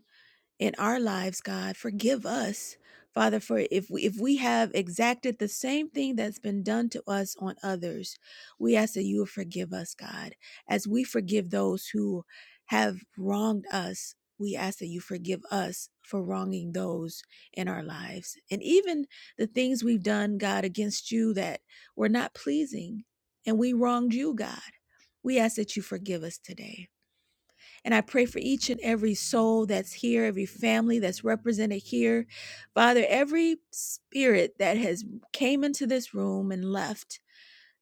Speaker 3: in our lives, God. Forgive us, Father, for if we, if we have exacted the same thing that's been done to us on others, we ask that you will forgive us, God, as we forgive those who have wronged us. We ask that you forgive us for wronging those in our lives. And even the things we've done, God, against you that were not pleasing and we wronged you, God. We ask that you forgive us today. And I pray for each and every soul that's here, every family that's represented here. Father, every spirit that has came into this room and left.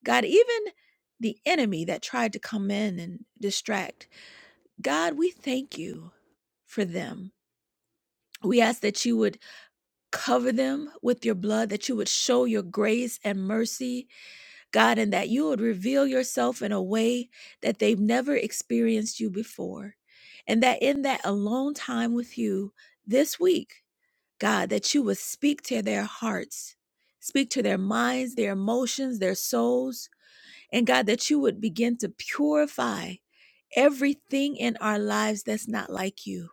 Speaker 3: God, even the enemy that tried to come in and distract. God, we thank you for them. We ask that you would cover them with your blood, that you would show your grace and mercy God, and that you would reveal yourself in a way that they've never experienced you before. And that in that alone time with you this week, God, that you would speak to their hearts, speak to their minds, their emotions, their souls, and God, that you would begin to purify everything in our lives that's not like you,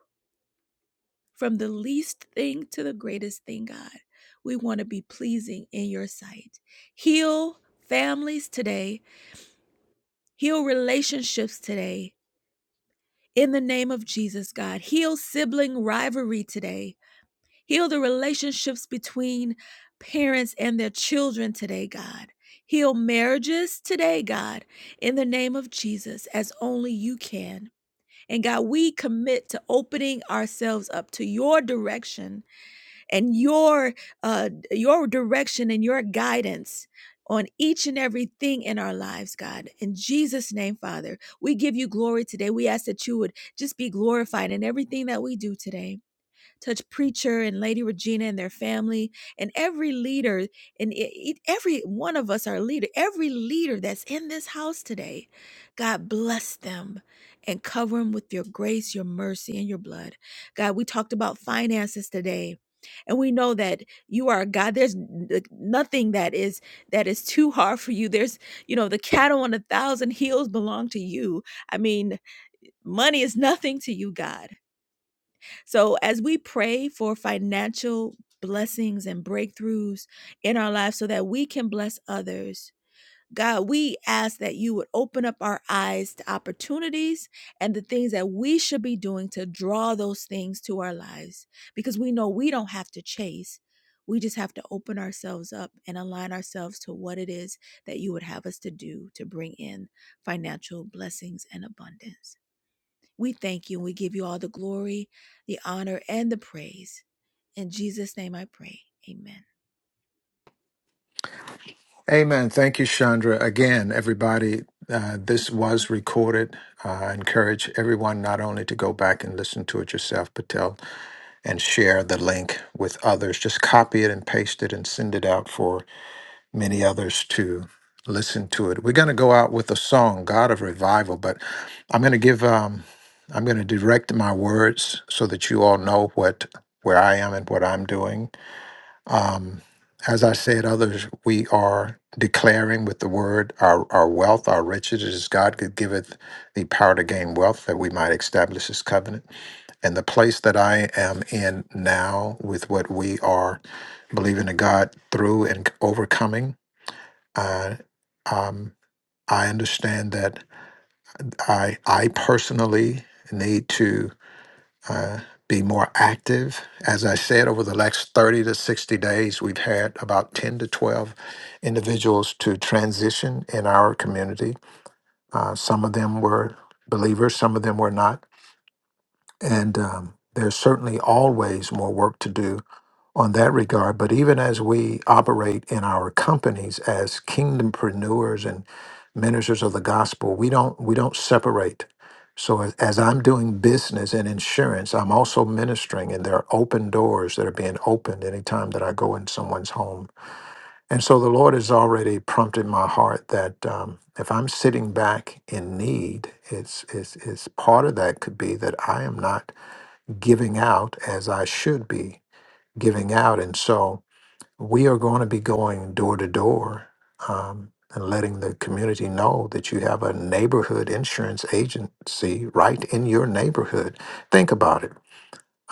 Speaker 3: from the least thing to the greatest thing, God. We want to be pleasing in your sight. Heal families today Heal relationships today in the name of Jesus, God. Heal sibling rivalry today. Heal the relationships between parents and their children today, God. Heal marriages today, God, in the name of Jesus, as only you can. And God, we commit to opening ourselves up to your direction and your uh, your direction and your guidance on each and everything in our lives, God. In Jesus' name, Father, we give you glory today. We ask that you would just be glorified in everything that we do today touch preacher and lady regina and their family and every leader and e- e- every one of us are a leader every leader that's in this house today god bless them and cover them with your grace your mercy and your blood god we talked about finances today and we know that you are a god there's nothing that is that is too hard for you there's you know the cattle on a thousand hills belong to you i mean money is nothing to you god so, as we pray for financial blessings and breakthroughs in our lives so that we can bless others, God, we ask that you would open up our eyes to opportunities and the things that we should be doing to draw those things to our lives because we know we don't have to chase. We just have to open ourselves up and align ourselves to what it is that you would have us to do to bring in financial blessings and abundance. We thank you and we give you all the glory, the honor, and the praise. In Jesus' name I pray. Amen.
Speaker 2: Amen. Thank you, Chandra. Again, everybody, uh, this was recorded. Uh, I encourage everyone not only to go back and listen to it yourself, but tell and share the link with others. Just copy it and paste it and send it out for many others to listen to it. We're going to go out with a song, God of Revival, but I'm going to give, um, I'm going to direct my words so that you all know what, where I am and what I'm doing. Um, as I said, others, we are declaring with the word our, our wealth, our riches, as God could giveth the power to gain wealth that we might establish his covenant. And the place that I am in now with what we are believing in God through and overcoming I um, I understand that I I personally need to uh, be more active. As I said, over the next thirty to sixty days, we've had about ten to twelve individuals to transition in our community. Uh, some of them were believers, some of them were not, and um, there's certainly always more work to do on that regard. But even as we operate in our companies as kingdompreneurs and ministers of the gospel, we don't we don't separate. So as, as I'm doing business and insurance, I'm also ministering, and there are open doors that are being opened anytime that I go in someone's home. And so the Lord has already prompted my heart that um, if I'm sitting back in need, it's, it's, it's part of that could be that I am not giving out as I should be giving out. And so we are going to be going door to door um, and letting the community know that you have a neighborhood insurance agency right in your neighborhood. Think about it.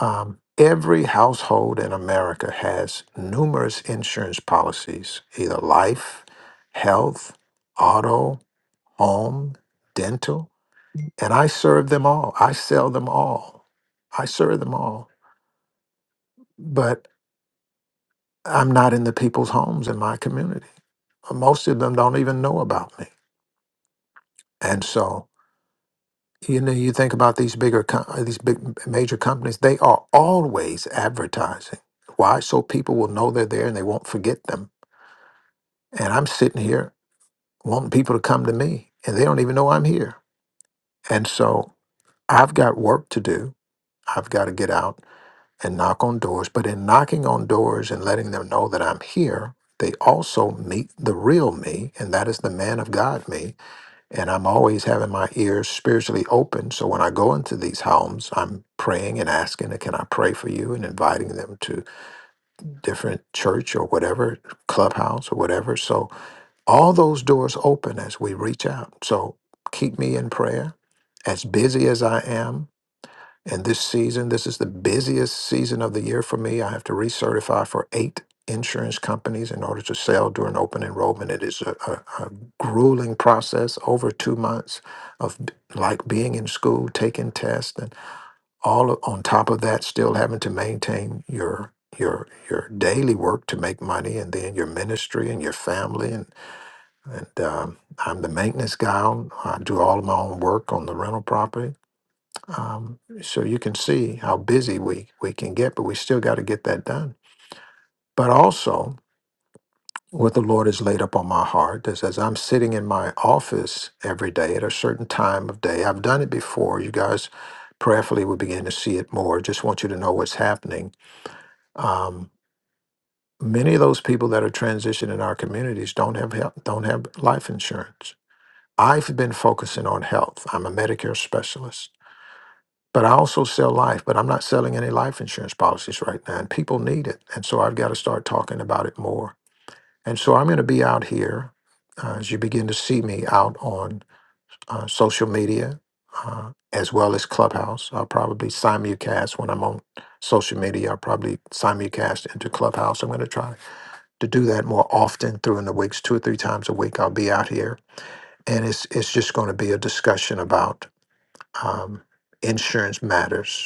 Speaker 2: Um, every household in America has numerous insurance policies, either life, health, auto, home, dental. And I serve them all, I sell them all, I serve them all. But I'm not in the people's homes in my community. Most of them don't even know about me. And so, you know, you think about these bigger, com- uh, these big m- major companies, they are always advertising. Why? So people will know they're there and they won't forget them. And I'm sitting here wanting people to come to me and they don't even know I'm here. And so I've got work to do. I've got to get out and knock on doors. But in knocking on doors and letting them know that I'm here, they also meet the real me, and that is the man of God me. And I'm always having my ears spiritually open. So when I go into these homes, I'm praying and asking, Can I pray for you? and inviting them to different church or whatever, clubhouse or whatever. So all those doors open as we reach out. So keep me in prayer. As busy as I am, and this season, this is the busiest season of the year for me. I have to recertify for eight insurance companies in order to sell during open enrollment. It is a, a, a grueling process over two months of b- like being in school, taking tests, and all o- on top of that, still having to maintain your your your daily work to make money, and then your ministry and your family. And and um, I'm the maintenance guy. on- I do all of my own work on the rental property um, so you can see how busy we, we can get, but we still got to get that done. But also, what the Lord has laid up on my heart is as I'm sitting in my office every day at a certain time of day, I've done it before. You guys prayerfully will begin to see it more. Just want you to know what's happening. Um, many of those people that are transitioning in our communities don't have health, don't have life insurance. I've been focusing on health. I'm a Medicare specialist. But I also sell life, but I'm not selling any life insurance policies right now. And people need it. And so I've got to start talking about it more. And so I'm going to be out here uh, as you begin to see me out on uh, social media uh, as well as Clubhouse. I'll probably simulcast when I'm on social media. I'll probably simulcast into Clubhouse. I'm going to try to do that more often through in the weeks, two or three times a week. I'll be out here. And it's, it's just going to be a discussion about um, insurance matters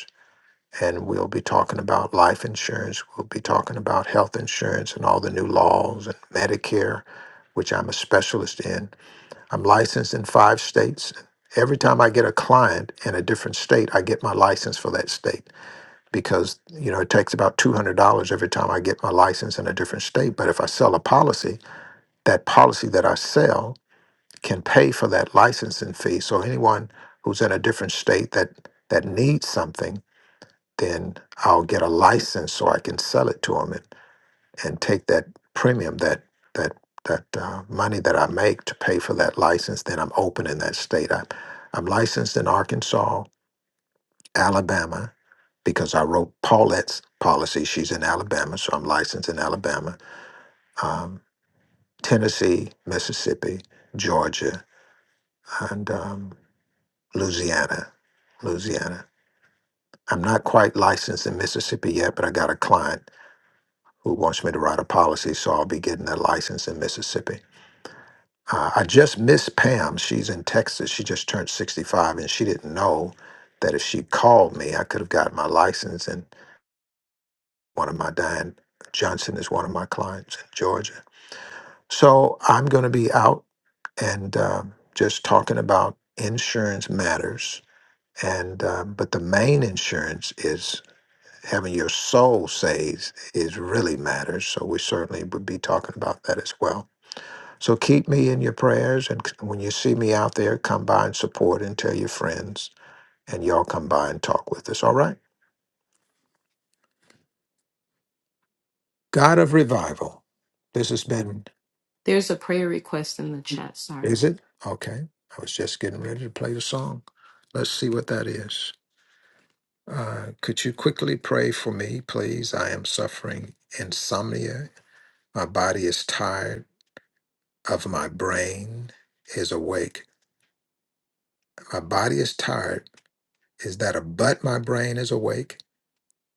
Speaker 2: and we'll be talking about life insurance. We'll be talking about health insurance and all the new laws and Medicare, which I'm a specialist in. I'm licensed in five states. Every time I get a client in a different state, I get my license for that state because you know it takes about two hundred dollars every time I get my license in a different state. But if I sell a policy, that policy that I sell can pay for that licensing fee. So anyone who's in a different state that that needs something then I'll get a license so I can sell it to them and, and take that premium, that that that uh, money that I make to pay for that license. Then I'm open in that state. I, I'm licensed in Arkansas, Alabama, because I wrote Paulette's policy. She's in Alabama, so I'm licensed in Alabama, um, Tennessee, Mississippi, Georgia, and um, Louisiana. Louisiana. I'm not quite licensed in Mississippi yet, but I got a client who wants me to write a policy, so I'll be getting that license in Mississippi. Uh, I just missed Pam. She's in Texas. She just turned 65, and she didn't know that if she called me, I could have gotten my license. And one of my Diane Johnson is one of my clients in Georgia. So I'm going to be out and um, just talking about insurance matters. And um, but the main insurance is having your soul saved is really matters. So we certainly would be talking about that as well. So keep me in your prayers. And c- when you see me out there, come by and support and tell your friends. And y'all come by and talk with us. All right? God of revival. This has been,
Speaker 11: there's a prayer request in the chat sorry
Speaker 2: is it? Okay. I was just getting ready to play the song. Let's see what that is. Uh, could you quickly pray for me, please? I am suffering insomnia. My body is tired of my brain is awake. My body is tired. Is that a but my brain is awake?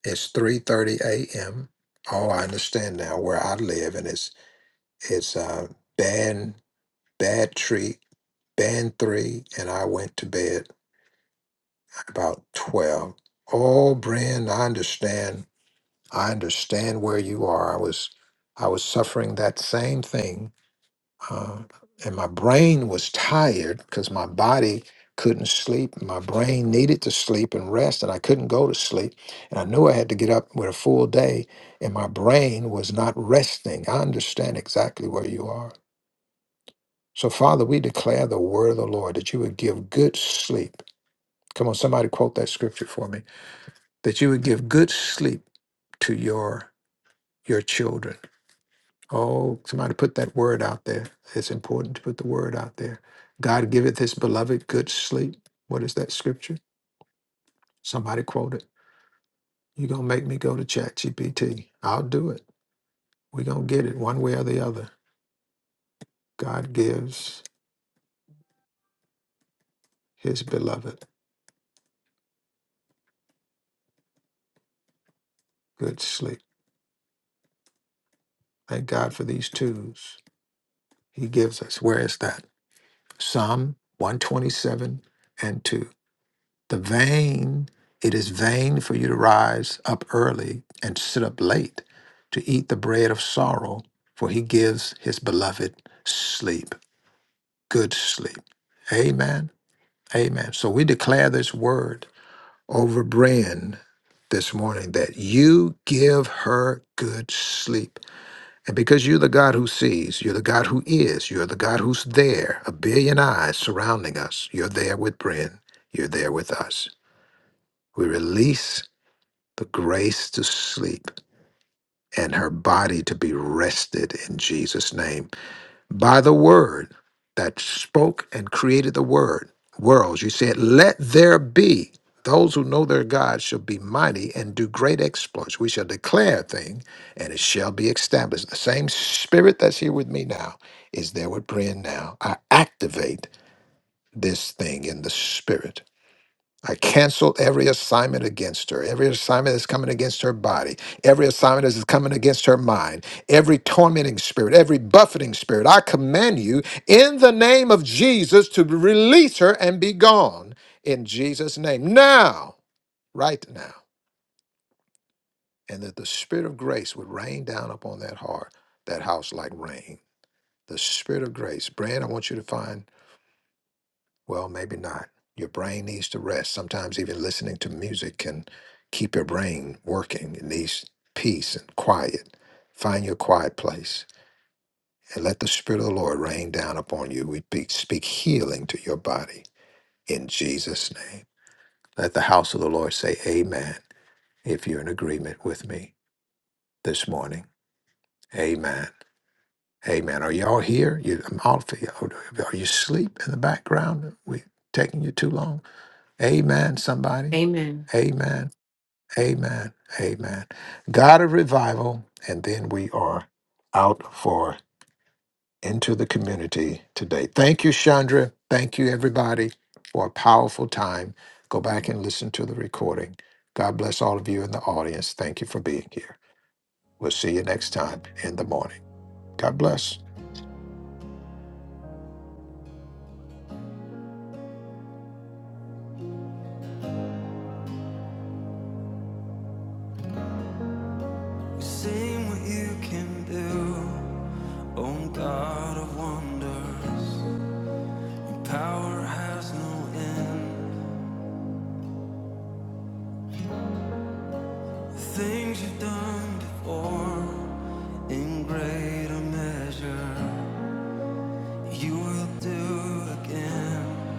Speaker 2: It's three thirty a.m. Oh, I understand now where I live, and it's it's uh, band bad treat band three, and I went to bed at about twelve. Oh, Brian, I understand. I understand where you are. I was I was suffering that same thing uh, and my brain was tired because my body couldn't sleep. My brain needed to sleep and rest, and I couldn't go to sleep. And I knew I had to get up with a full day, and my brain was not resting. I understand exactly where you are. So, Father, we declare the word of the Lord that you would give good sleep. Come on, somebody quote that scripture for me. That you would give good sleep to your your children Oh, somebody put that word out there. It's important to put the word out there. God giveth his beloved good sleep. What is that scripture? Somebody quote it. You're going to make me go to ChatGPT. I'll do it. We're going to get it one way or the other. God gives his beloved good sleep. Thank God for these twos he gives us. Where is that? Psalm 127 and 2. The vain, it is vain for you to rise up early and sit up late to eat the bread of sorrow, for he gives his beloved sleep, good sleep. Amen. Amen. So we declare this word over Bren this morning that you give her good sleep. And because you're the God who sees, you're the God who is, you're the God who's there, a billion eyes surrounding us, you're there with Bren, you're there with us. We release the grace to sleep and her body to be rested in Jesus' name by the word that spoke and created the word worlds. You said, Let there be. Those who know their God shall be mighty and do great exploits. We shall declare a thing and it shall be established. The same spirit that's here with me now is there with Brian now. I activate this thing in the spirit I cancel every assignment against her, every assignment that's coming against her body, every assignment that's coming against her mind, every tormenting spirit, every buffeting spirit. I command you in the name of Jesus to release her and be gone in Jesus' name. Now, right now. And that the spirit of grace would rain down upon that heart, that house like rain. The spirit of grace. Brand, I want you to find Well, maybe not. Your brain needs to rest. Sometimes even listening to music can keep your brain working. It needs peace and quiet. Find your quiet place and let the Spirit of the Lord rain down upon you. We speak, speak healing to your body in Jesus' name. Let the house of the Lord say amen if you're in agreement with me this morning. Amen. Amen. Are y'all here? You, I'm all for you. Are you asleep in the background? we taking you too long? Amen, somebody.
Speaker 11: amen
Speaker 2: Amen. Amen. Amen. God of revival, and then we are out for into the community today. Thank you, Chandra. Thank you, everybody, for a powerful time. Go back and listen to the recording. God bless all of you in the audience. Thank you for being here. We'll see you next time in the morning. God bless.
Speaker 6: We sing what you can do, O God of wonders. Your power has no end. The things you've done before, in greater measure. you will do again.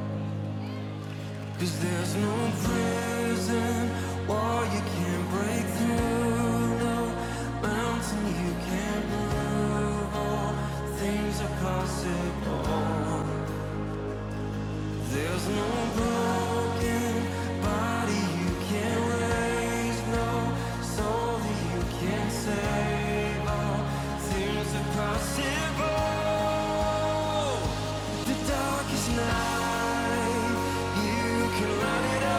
Speaker 6: Cause there's no prison wall you can't break through, no mountain you can't move. All things are possible. There's no broken body you can't raise, no soul that you can't save. All things are possible. The darkest night, you can light it up.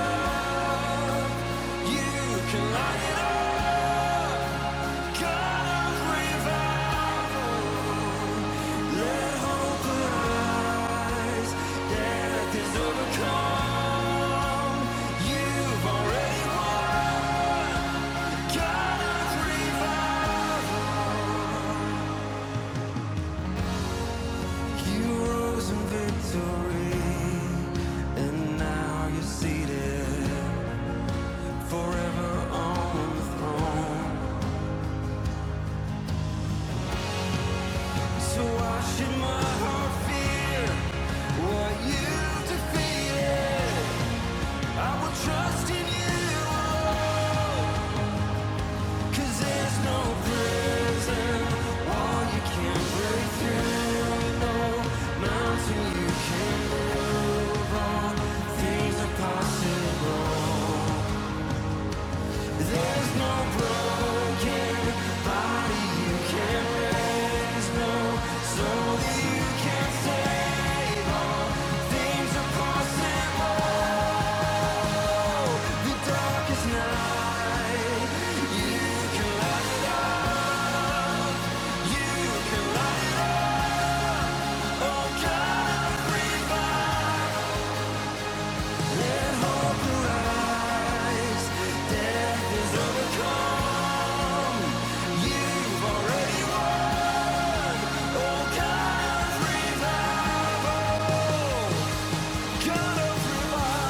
Speaker 6: Trust in you, cause there's no prison wall you can't break through, no mountain you can't. Things are possible. There's no, the dark is not gonna prevail.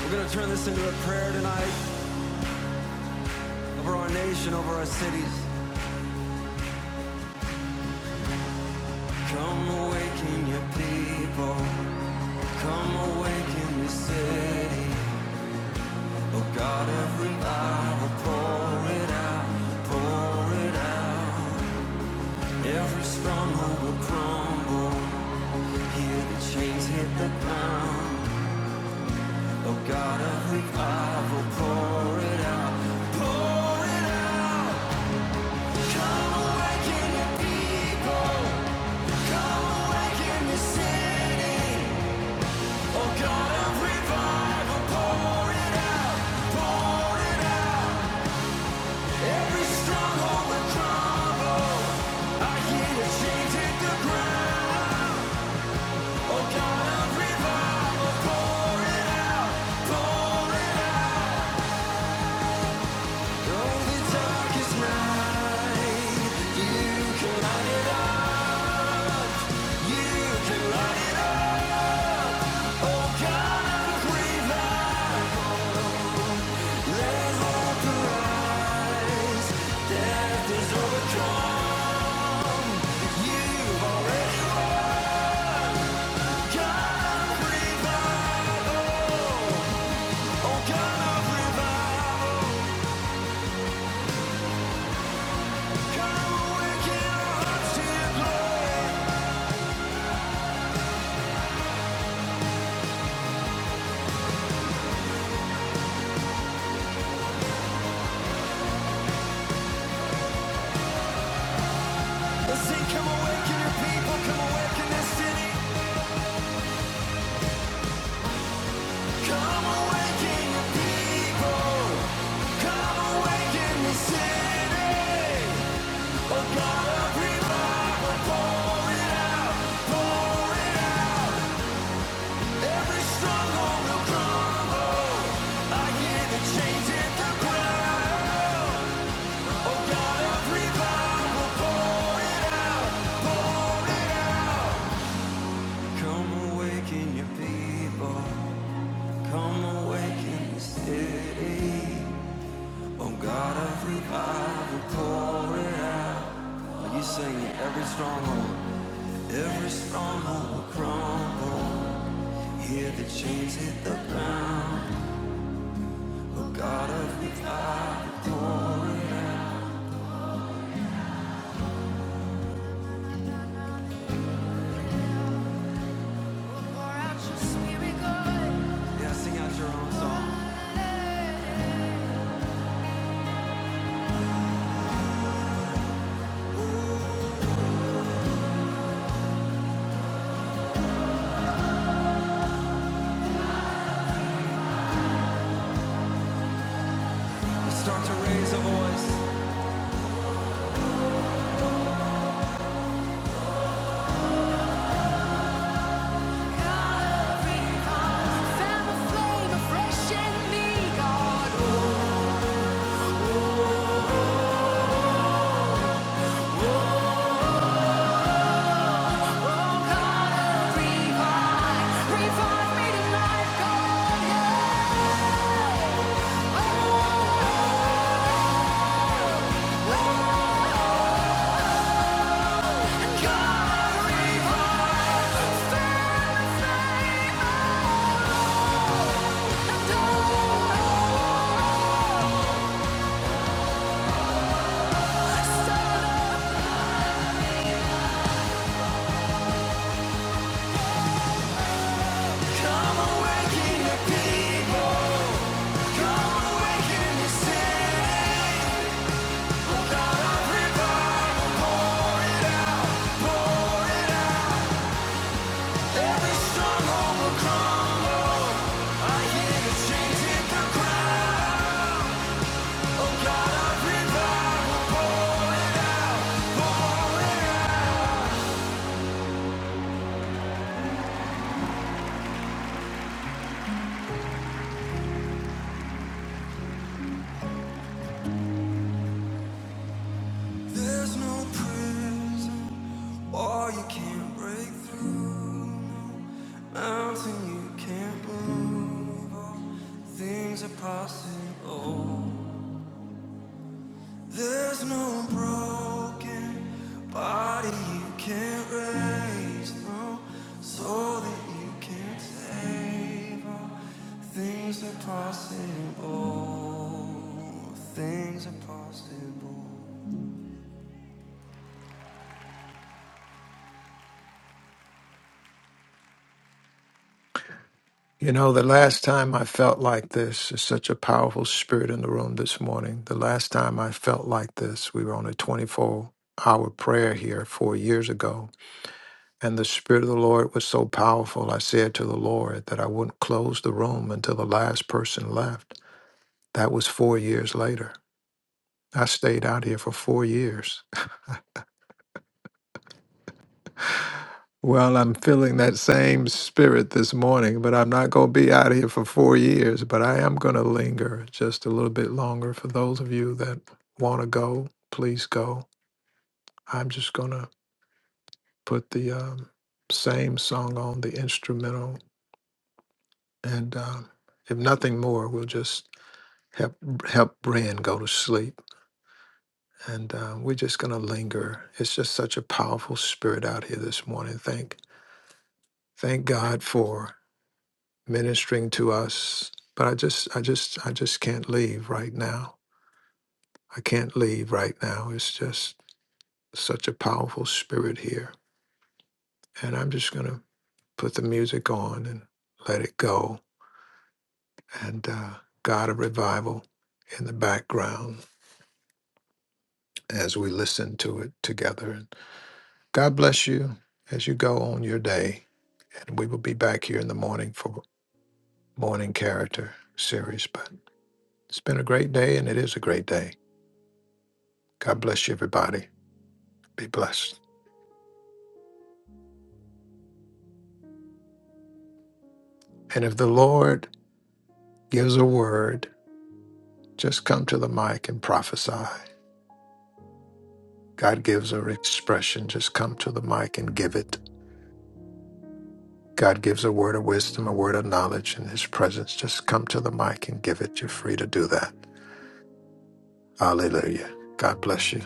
Speaker 6: We're gonna turn this into a prayer tonight over our nation, over our cities. Come awaken your people. Come awaken the city. Oh God, every eye will pour it out, pour it out. Every stronghold will crumble. Hear the chains hit the ground. Oh God of the I will pour it out, pour it out. Come awaken your people, come awaken your city. Oh God of revival, pour it out, pour it out. Every stronghold will crumble. I hear the chains hit the ground. Oh God of revival, oh oh God of revival, come awaken our hearts to your glory. Come awaken your people. Come awaken the city. Oh God of revival, pour it out. You sing it every stronghold. Every stone will crumble. Hear the chains hit the ground. But God of me, I pour out. Pour out your spirit, God. I start to raise a voice. God of revival, fan the flame afresh in me, God. Oh, oh, God of revival, revive me tonight, God. Fan the dawn. Come awaken the people. Come awaken the city. There's no prison wall you can't break through, mountain you can't move. all Things are possible. There's no broken body you can't raise, no soul that you can't save. All things are possible. Things are possible.
Speaker 2: You know, the last time I felt like this is such a powerful spirit in the room this morning. The last time I felt like this, we were on a 24 hour prayer here four years ago. And the Spirit of the Lord was so powerful, I said to the Lord that I wouldn't close the room until the last person left. That was four years later. I stayed out here for four years. Well, I'm feeling that same spirit this morning, but I'm not going to be out here for four years, but I am going to linger just a little bit longer. For those of you that want to go, please go. I'm just going to put the um, same song on the instrumental, and um, if nothing more, we'll just help help Brian go to sleep. And um, we're just going to linger. It's just such a powerful spirit out here this morning. Thank thank God for ministering to us. But I just, I just, I just can't leave right now. I can't leave right now. It's just such a powerful spirit here, and I'm just gonna put the music on and let it go, and uh, God of revival in the background as we listen to it together. And God bless you as you go on your day, and we will be back here in the morning for morning character series. But it's been a great day, and it is a great day. God bless you, everybody. Be blessed. And if the Lord gives a word, just come to the mic and prophesy. God gives an expression, just come to the mic and give it. God gives a word of wisdom, a word of knowledge in his presence. Just come to the mic and give it. You're free to do that. Hallelujah. God bless you.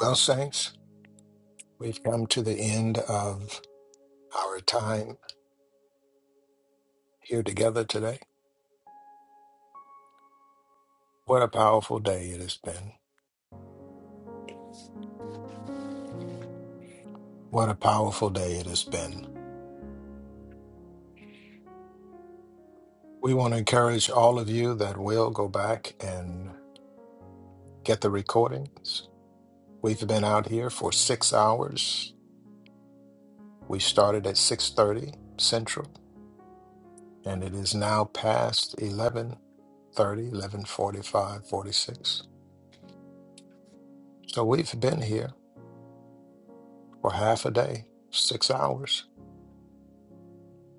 Speaker 2: Well, saints, we've come to the end of our time here together today. What a powerful day it has been. What a powerful day it has been. We want to encourage all of you that will go back and get the recordings. We've been out here for six hours. We started at 6.30 Central, and it is now past eleven thirty, eleven forty-five, forty-six. So we've been here for half a day, six hours.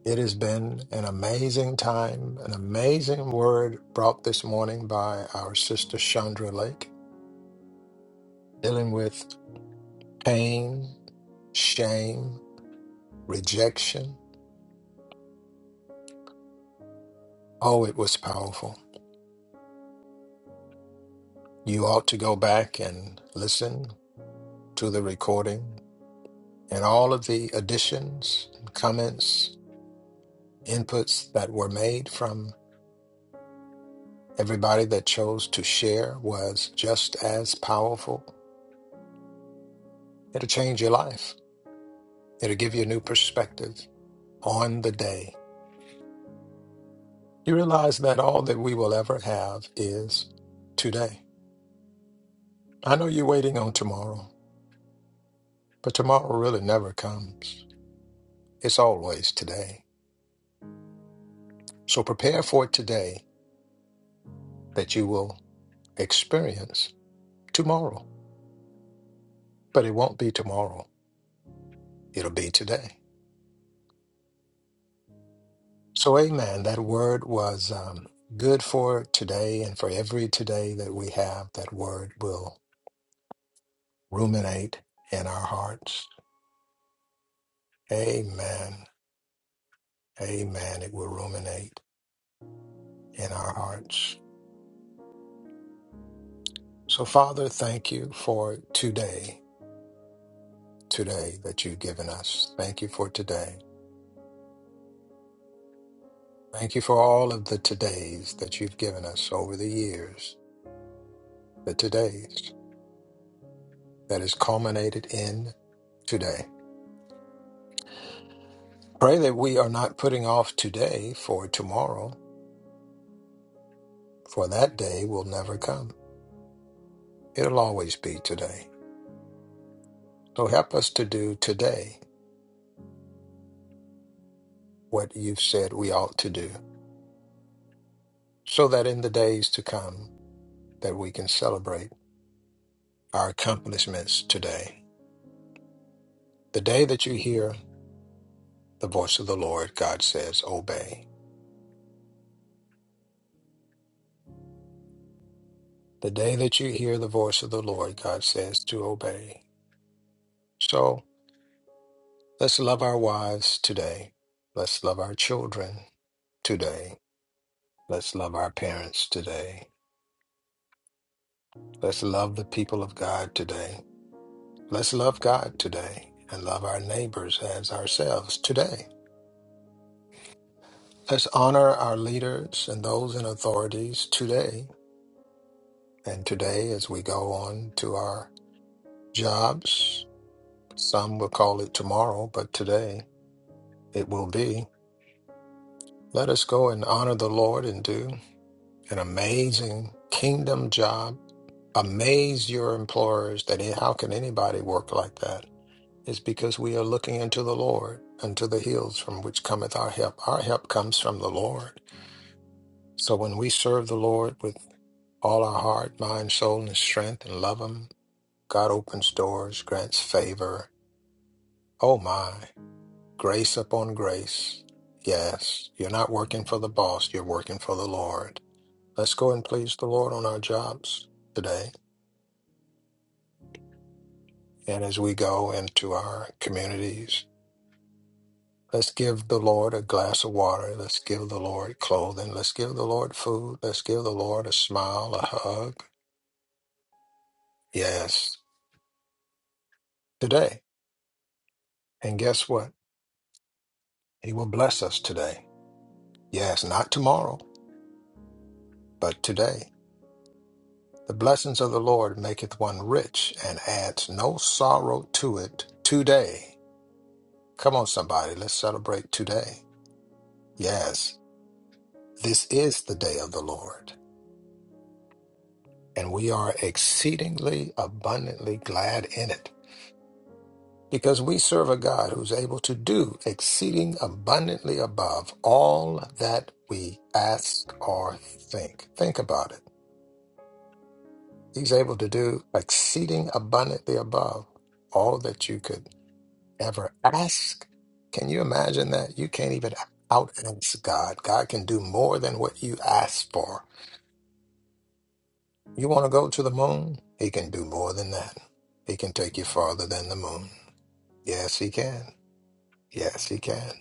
Speaker 2: It has been an amazing time, an amazing word brought this morning by our sister Chandra Lake, dealing with pain, shame, rejection. Oh, it was powerful. You ought to go back and listen to the recording and all of the additions, comments, inputs that were made from everybody that chose to share was just as powerful. It'll change your life. It'll give you a new perspective on the day. You realize that all that we will ever have is today. I know you're waiting on tomorrow, but tomorrow really never comes. It's always today. So prepare for it today that you will experience tomorrow, but it won't be tomorrow. It'll be today. So, amen. That word was um, good for today and for every today that we have. That word will ruminate in our hearts. Amen. Amen. It will ruminate in our hearts. So, Father, thank you for today, today that you've given us. Thank you for today. Thank you for all of the todays that you've given us over the years, the todays that has culminated in today. Pray that we are not putting off today for tomorrow, for that day will never come. It'll always be today. So help us to do today what you've said we ought to do, so that in the days to come that we can celebrate our accomplishments today. The day that you hear the voice of the Lord, God says, obey. the day that you hear the voice of the Lord, God says to obey. So let's love our wives today. Let's love our children today. Let's love our parents today. Let's love the people of God today. Let's love God today and love our neighbors as ourselves today. Let's honor our leaders and those in authorities today. And today, as we go on to our jobs, some will call it tomorrow, but today it will be. Let us go and honor the Lord and do an amazing kingdom job. Amaze your employers that eh, how can anybody work like that? It's because we are looking unto the Lord, unto the hills from which cometh our help. Our help comes from the Lord. So when we serve the Lord with all our heart, mind, soul, and strength, and love Him, God opens doors, grants favor. Oh my, grace upon grace. Yes, you're not working for the boss, you're working for the Lord. Let's go and please the Lord on our jobs today. And as we go into our communities, let's give the Lord a glass of water. Let's give the Lord clothing. Let's give the Lord food. Let's give the Lord a smile, a hug. Yes, today. And guess what? He will bless us today. Yes, not tomorrow, but today. The blessings of the Lord maketh one rich and adds no sorrow to it today. Come on, somebody. Let's celebrate today. Yes. This is the day of the Lord, and we are exceedingly abundantly glad in it, because we serve a God who's able to do exceeding abundantly above all that we ask or think. Think about it. He's able to do exceeding abundantly above all that you could ever ask. Can you imagine that? You can't even out ask God. God can do more than what you ask for You want to go to the moon? He can do more than that. He can take you farther than the moon. Yes, he can. Yes, he can.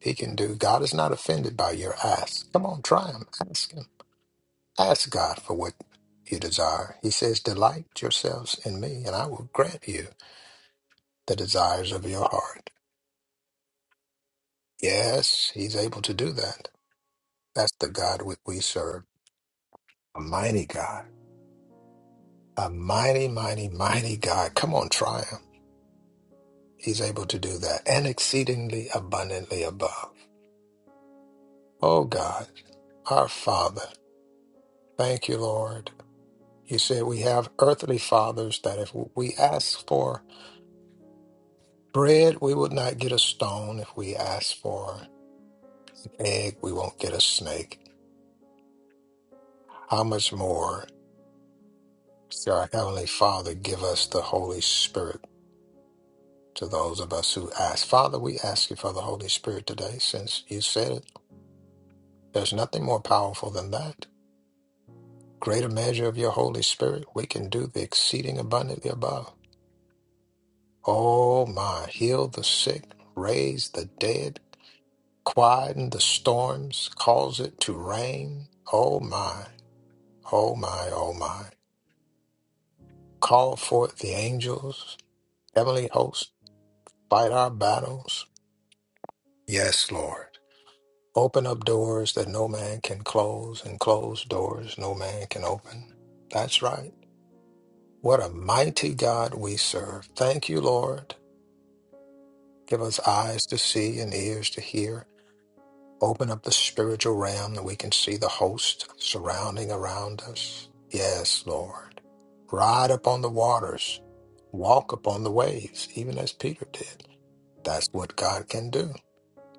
Speaker 2: He can do. God is not offended by your ask. Come on, try him. Ask him. Ask God for what you desire. He says, Delight yourselves in me, and I will grant you the desires of your heart. Yes, he's able to do that. That's the God we we serve. A mighty God. A mighty, mighty, mighty God. Come on, try him. He's able to do that and exceedingly abundantly above. Oh God, our Father, thank you, Lord. You said we have earthly fathers that if we ask for bread, we would not get a stone. If we ask for an egg, we won't get a snake. How much more shall our Heavenly Father give us the Holy Spirit to those of us who ask? Father, we ask you for the Holy Spirit today since you said it. There's nothing more powerful than that. greater measure of your Holy Spirit, we can do the exceeding abundantly above. Oh my, heal the sick, raise the dead, quieten the storms, cause it to rain. Oh my, oh my, oh my. Call forth the angels, heavenly hosts, fight our battles. Yes, Lord. Open up doors that no man can close, and close doors no man can open. That's right. What a mighty God we serve. Thank you, Lord. Give us eyes to see and ears to hear. Open up the spiritual realm that we can see the host surrounding around us. Yes, Lord. Ride upon the waters, walk upon the waves, even as Peter did. That's what God can do.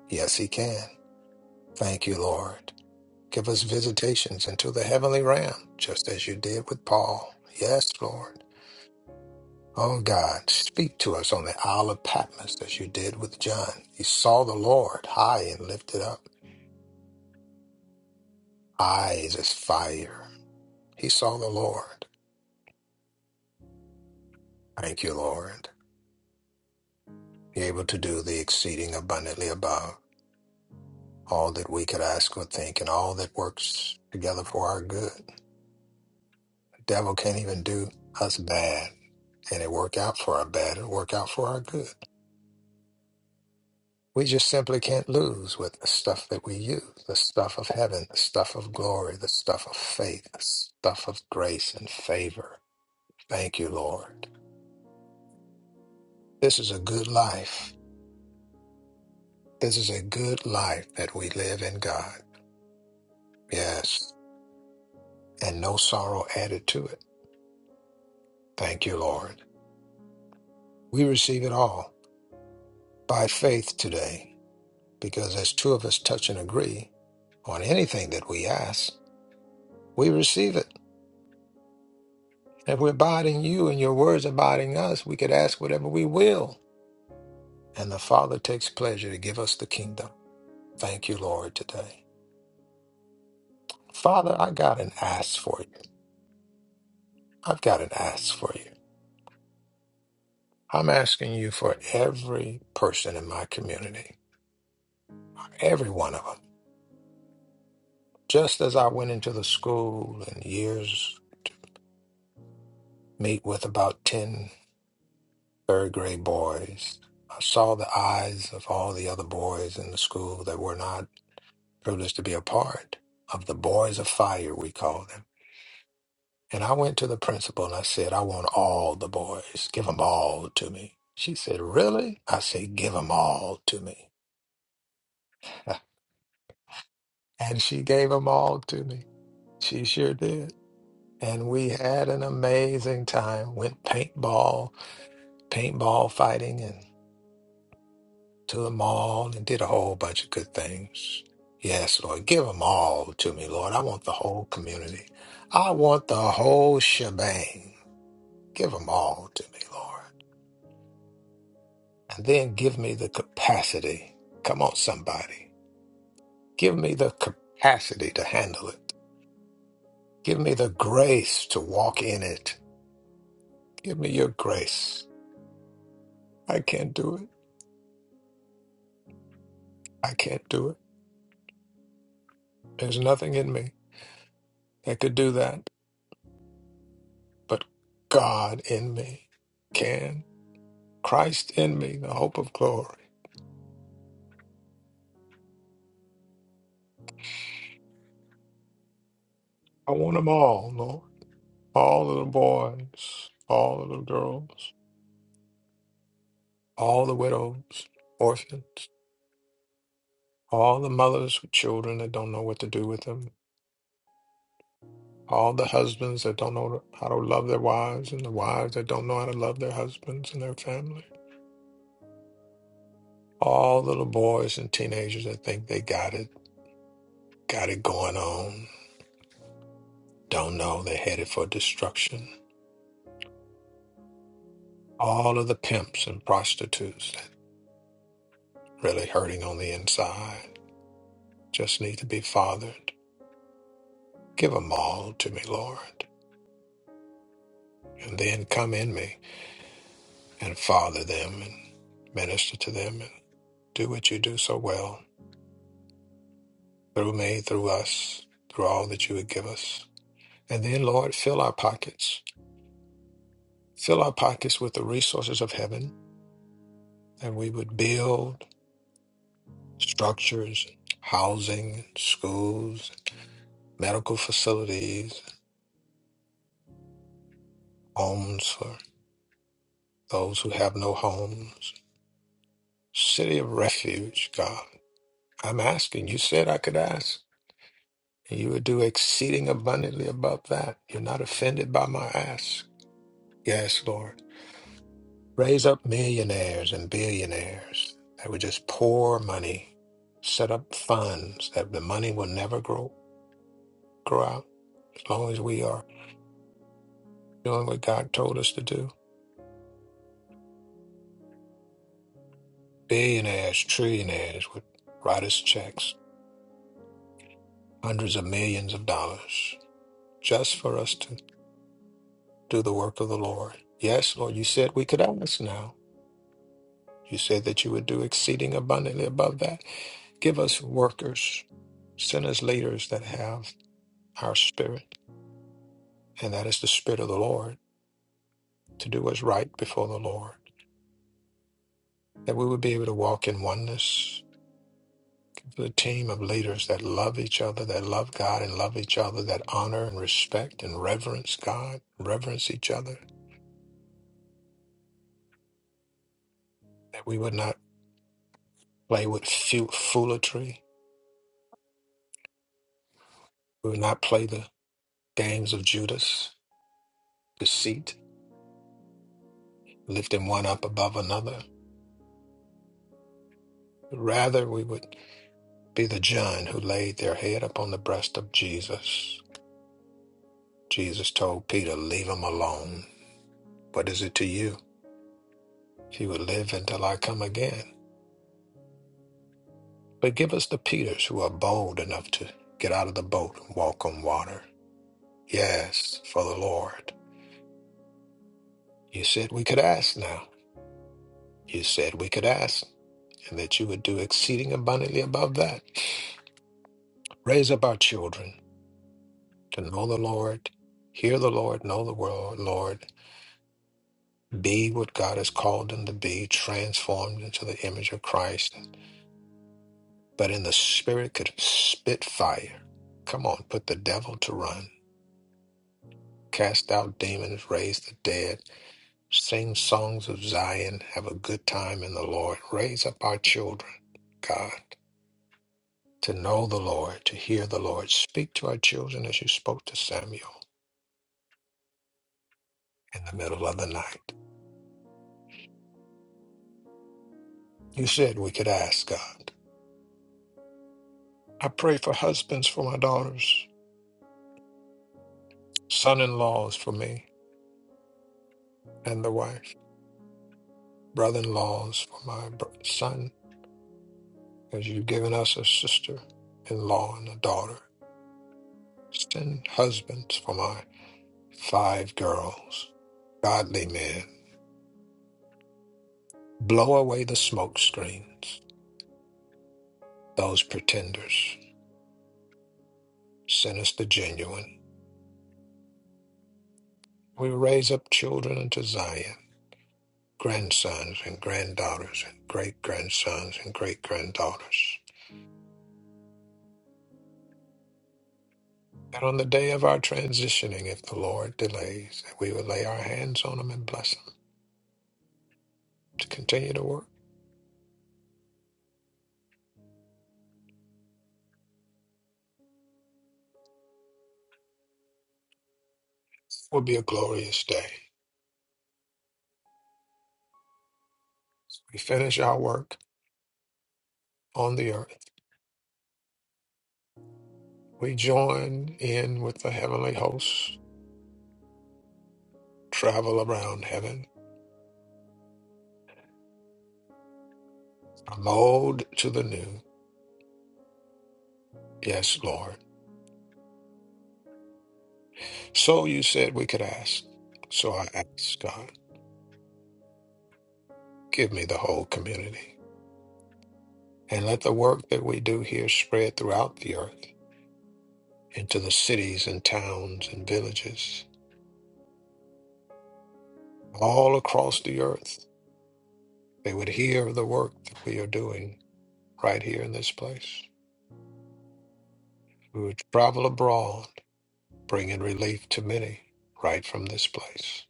Speaker 2: Yes, He can. Thank you, Lord. Give us visitations into the heavenly realm, just as you did with Paul. Yes, Lord. Oh, God, speak to us on the Isle of Patmos, as you did with John. He saw the Lord high and lifted up. eyes as fire. He saw the Lord. Thank you, Lord. be able to do the exceeding abundantly above all that we could ask or think, and all that works together for our good. devil can't even do us bad, and it work out for our bad. It work out for our good. We just simply can't lose with the stuff that we use, the stuff of heaven, the stuff of glory, the stuff of faith, the stuff of grace and favor. Thank you, Lord. This is a good life. This is a good life that we live in God. Yes. And no sorrow added to it. Thank you, Lord. We receive it all by faith today because as two of us touch and agree on anything that we ask, we receive it. If we abide in you and your words abiding us, we could ask whatever we will. And the Father takes pleasure to give us the kingdom. Thank you, Lord, today. Father, I got an ask for you. I've got an ask for you. I'm asking you for every person in my community, every one of them. Just as I went into the school and years meet with about 10 third grade boys, I saw the eyes of all the other boys in the school that were not privileged to be a part of the boys of fire, we call them. And I went to the principal and I said, I want all the boys. Give them all to me. She said, Really? I said, Give them all to me. (laughs) and she gave them all to me. She sure did. And we had an amazing time. Went paintball, paintball fighting, and to the mall and did a whole bunch of good things. Yes, Lord, give them all to me, Lord. I want the whole community. I want the whole shebang. Give them all to me, Lord. And then give me the capacity. Come on, somebody. Give me the capacity to handle it. Give me the grace to walk in it. Give me your grace. I can't do it. I can't do it. There's nothing in me that could do that, but God in me can. Christ in me, the hope of glory. I want them all, Lord. All of the boys, all of the girls, all the widows, orphans, all the mothers with children that don't know what to do with them, all the husbands that don't know how to love their wives, and the wives that don't know how to love their husbands and their family, all little boys and teenagers that think they got it, got it going on Don't know they're headed for destruction. All of the pimps and prostitutes that really hurting on the inside just need to be fathered. Give 'em all to me, Lord, and then come in me and father them and minister to them and do what you do so well through me, through us, through all that you would give us. And then, Lord, fill our pockets. Fill our pockets with the resources of heaven, and we would build structures, housing, schools, medical facilities, homes for those who have no homes, city of refuge, God. I'm asking. You said I could ask, and you would do exceeding abundantly above that. You're not offended by my ask. Yes, Lord. Raise up millionaires and billionaires that would just pour money, set up funds that the money will never grow grow out as long as we are doing what God told us to do. Billionaires, trillionaires would write us checks hundreds of millions of dollars just for us to do the work of the Lord. Yes, Lord, you said we could ask now. You said that you would do exceeding abundantly above that. Give us workers, send us leaders that have our spirit, and that is the spirit of the Lord, to do what's right before the Lord, that we would be able to walk in oneness. The team of leaders that love each other, that love God and love each other, that honor and respect and reverence God, reverence each other, that we would not play with fu- foolery. We will not play the games of Judas, deceit, lifting one up above another. Rather, we would be the John who laid their head upon the breast of Jesus. Jesus told Peter, Leave him alone. What is it to you if you would live until I come again? But give us the Peters who are bold enough to get out of the boat and walk on water. Yes, for the Lord. You said we could ask now. You said we could ask and that you would do exceeding abundantly above that. Raise up our children to know the Lord, hear the Lord, know the world, Lord, be what God has called them to be, transformed into the image of Christ, but in the spirit could spit fire. Come on, put the devil to run, cast out demons, raise the dead, sing songs of Zion, have a good time in the Lord. Raise up our children, God. to know the Lord, to hear the Lord. Speak to our children as you spoke to Samuel in the middle of the night. You said we could ask God. I pray for husbands for my daughters, son in laws for me and the wife, brother in laws for my br- son, as you've given us a sister in law and a daughter. Send husbands for my five girls, godly men. Blow away the smoke screens, those pretenders. Send us the genuine. We raise up children unto Zion, grandsons and granddaughters, and great grandsons and great granddaughters. That on the day of our transitioning, if the Lord delays, that we will lay our hands on them and bless them to continue to work. It will be a glorious day. We finish our work on the earth. We join in with the heavenly hosts, travel around heaven, from old to the new. Yes, Lord. So you said we could ask. So I ask, God, give me the whole community. And let the work that we do here spread throughout the earth, into the cities and towns and villages, all across the earth. They would hear of the work that we are doing right here in this place. We would travel abroad, bringing relief to many right from this place.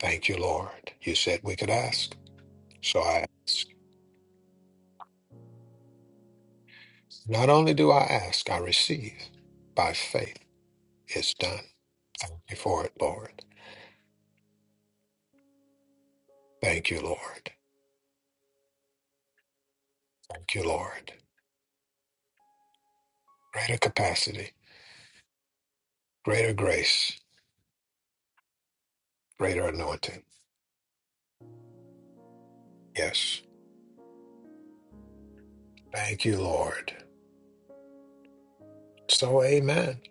Speaker 2: Thank you, Lord. You said we could ask, so I ask. Not only do I ask, I receive by faith. It's done. Thank you for it, Lord. Thank you, Lord. Thank you, Lord. Greater capacity Greater grace, greater anointing. Yes. Thank you, Lord. So, amen.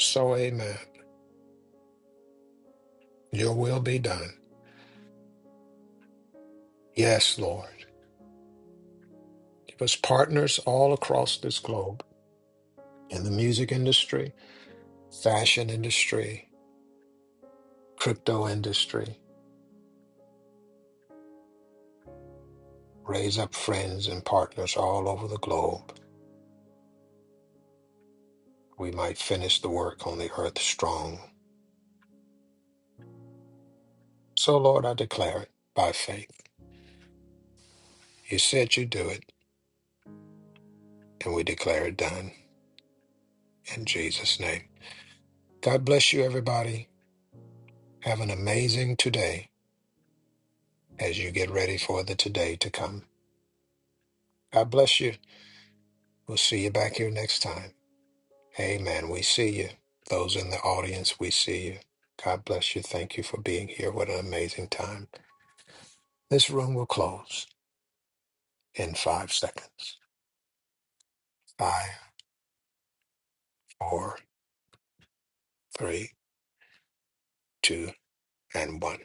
Speaker 2: So, amen. Your will be done. Yes, Lord. Give us partners all across this globe in the music industry, fashion industry, crypto industry. Raise up friends and partners all over the globe. We might finish the work on the earth strong. So, Lord, I declare it by faith. You said you do it, and we declare it done. In Jesus' name. God bless you, everybody. Have an amazing today as you get ready for the today to come. God bless you. We'll see you back here next time. Amen. We see you. Those in the audience, we see you. God bless you. Thank you for being here. What an amazing time. This room will close in five seconds. Five, four, three, two, and one.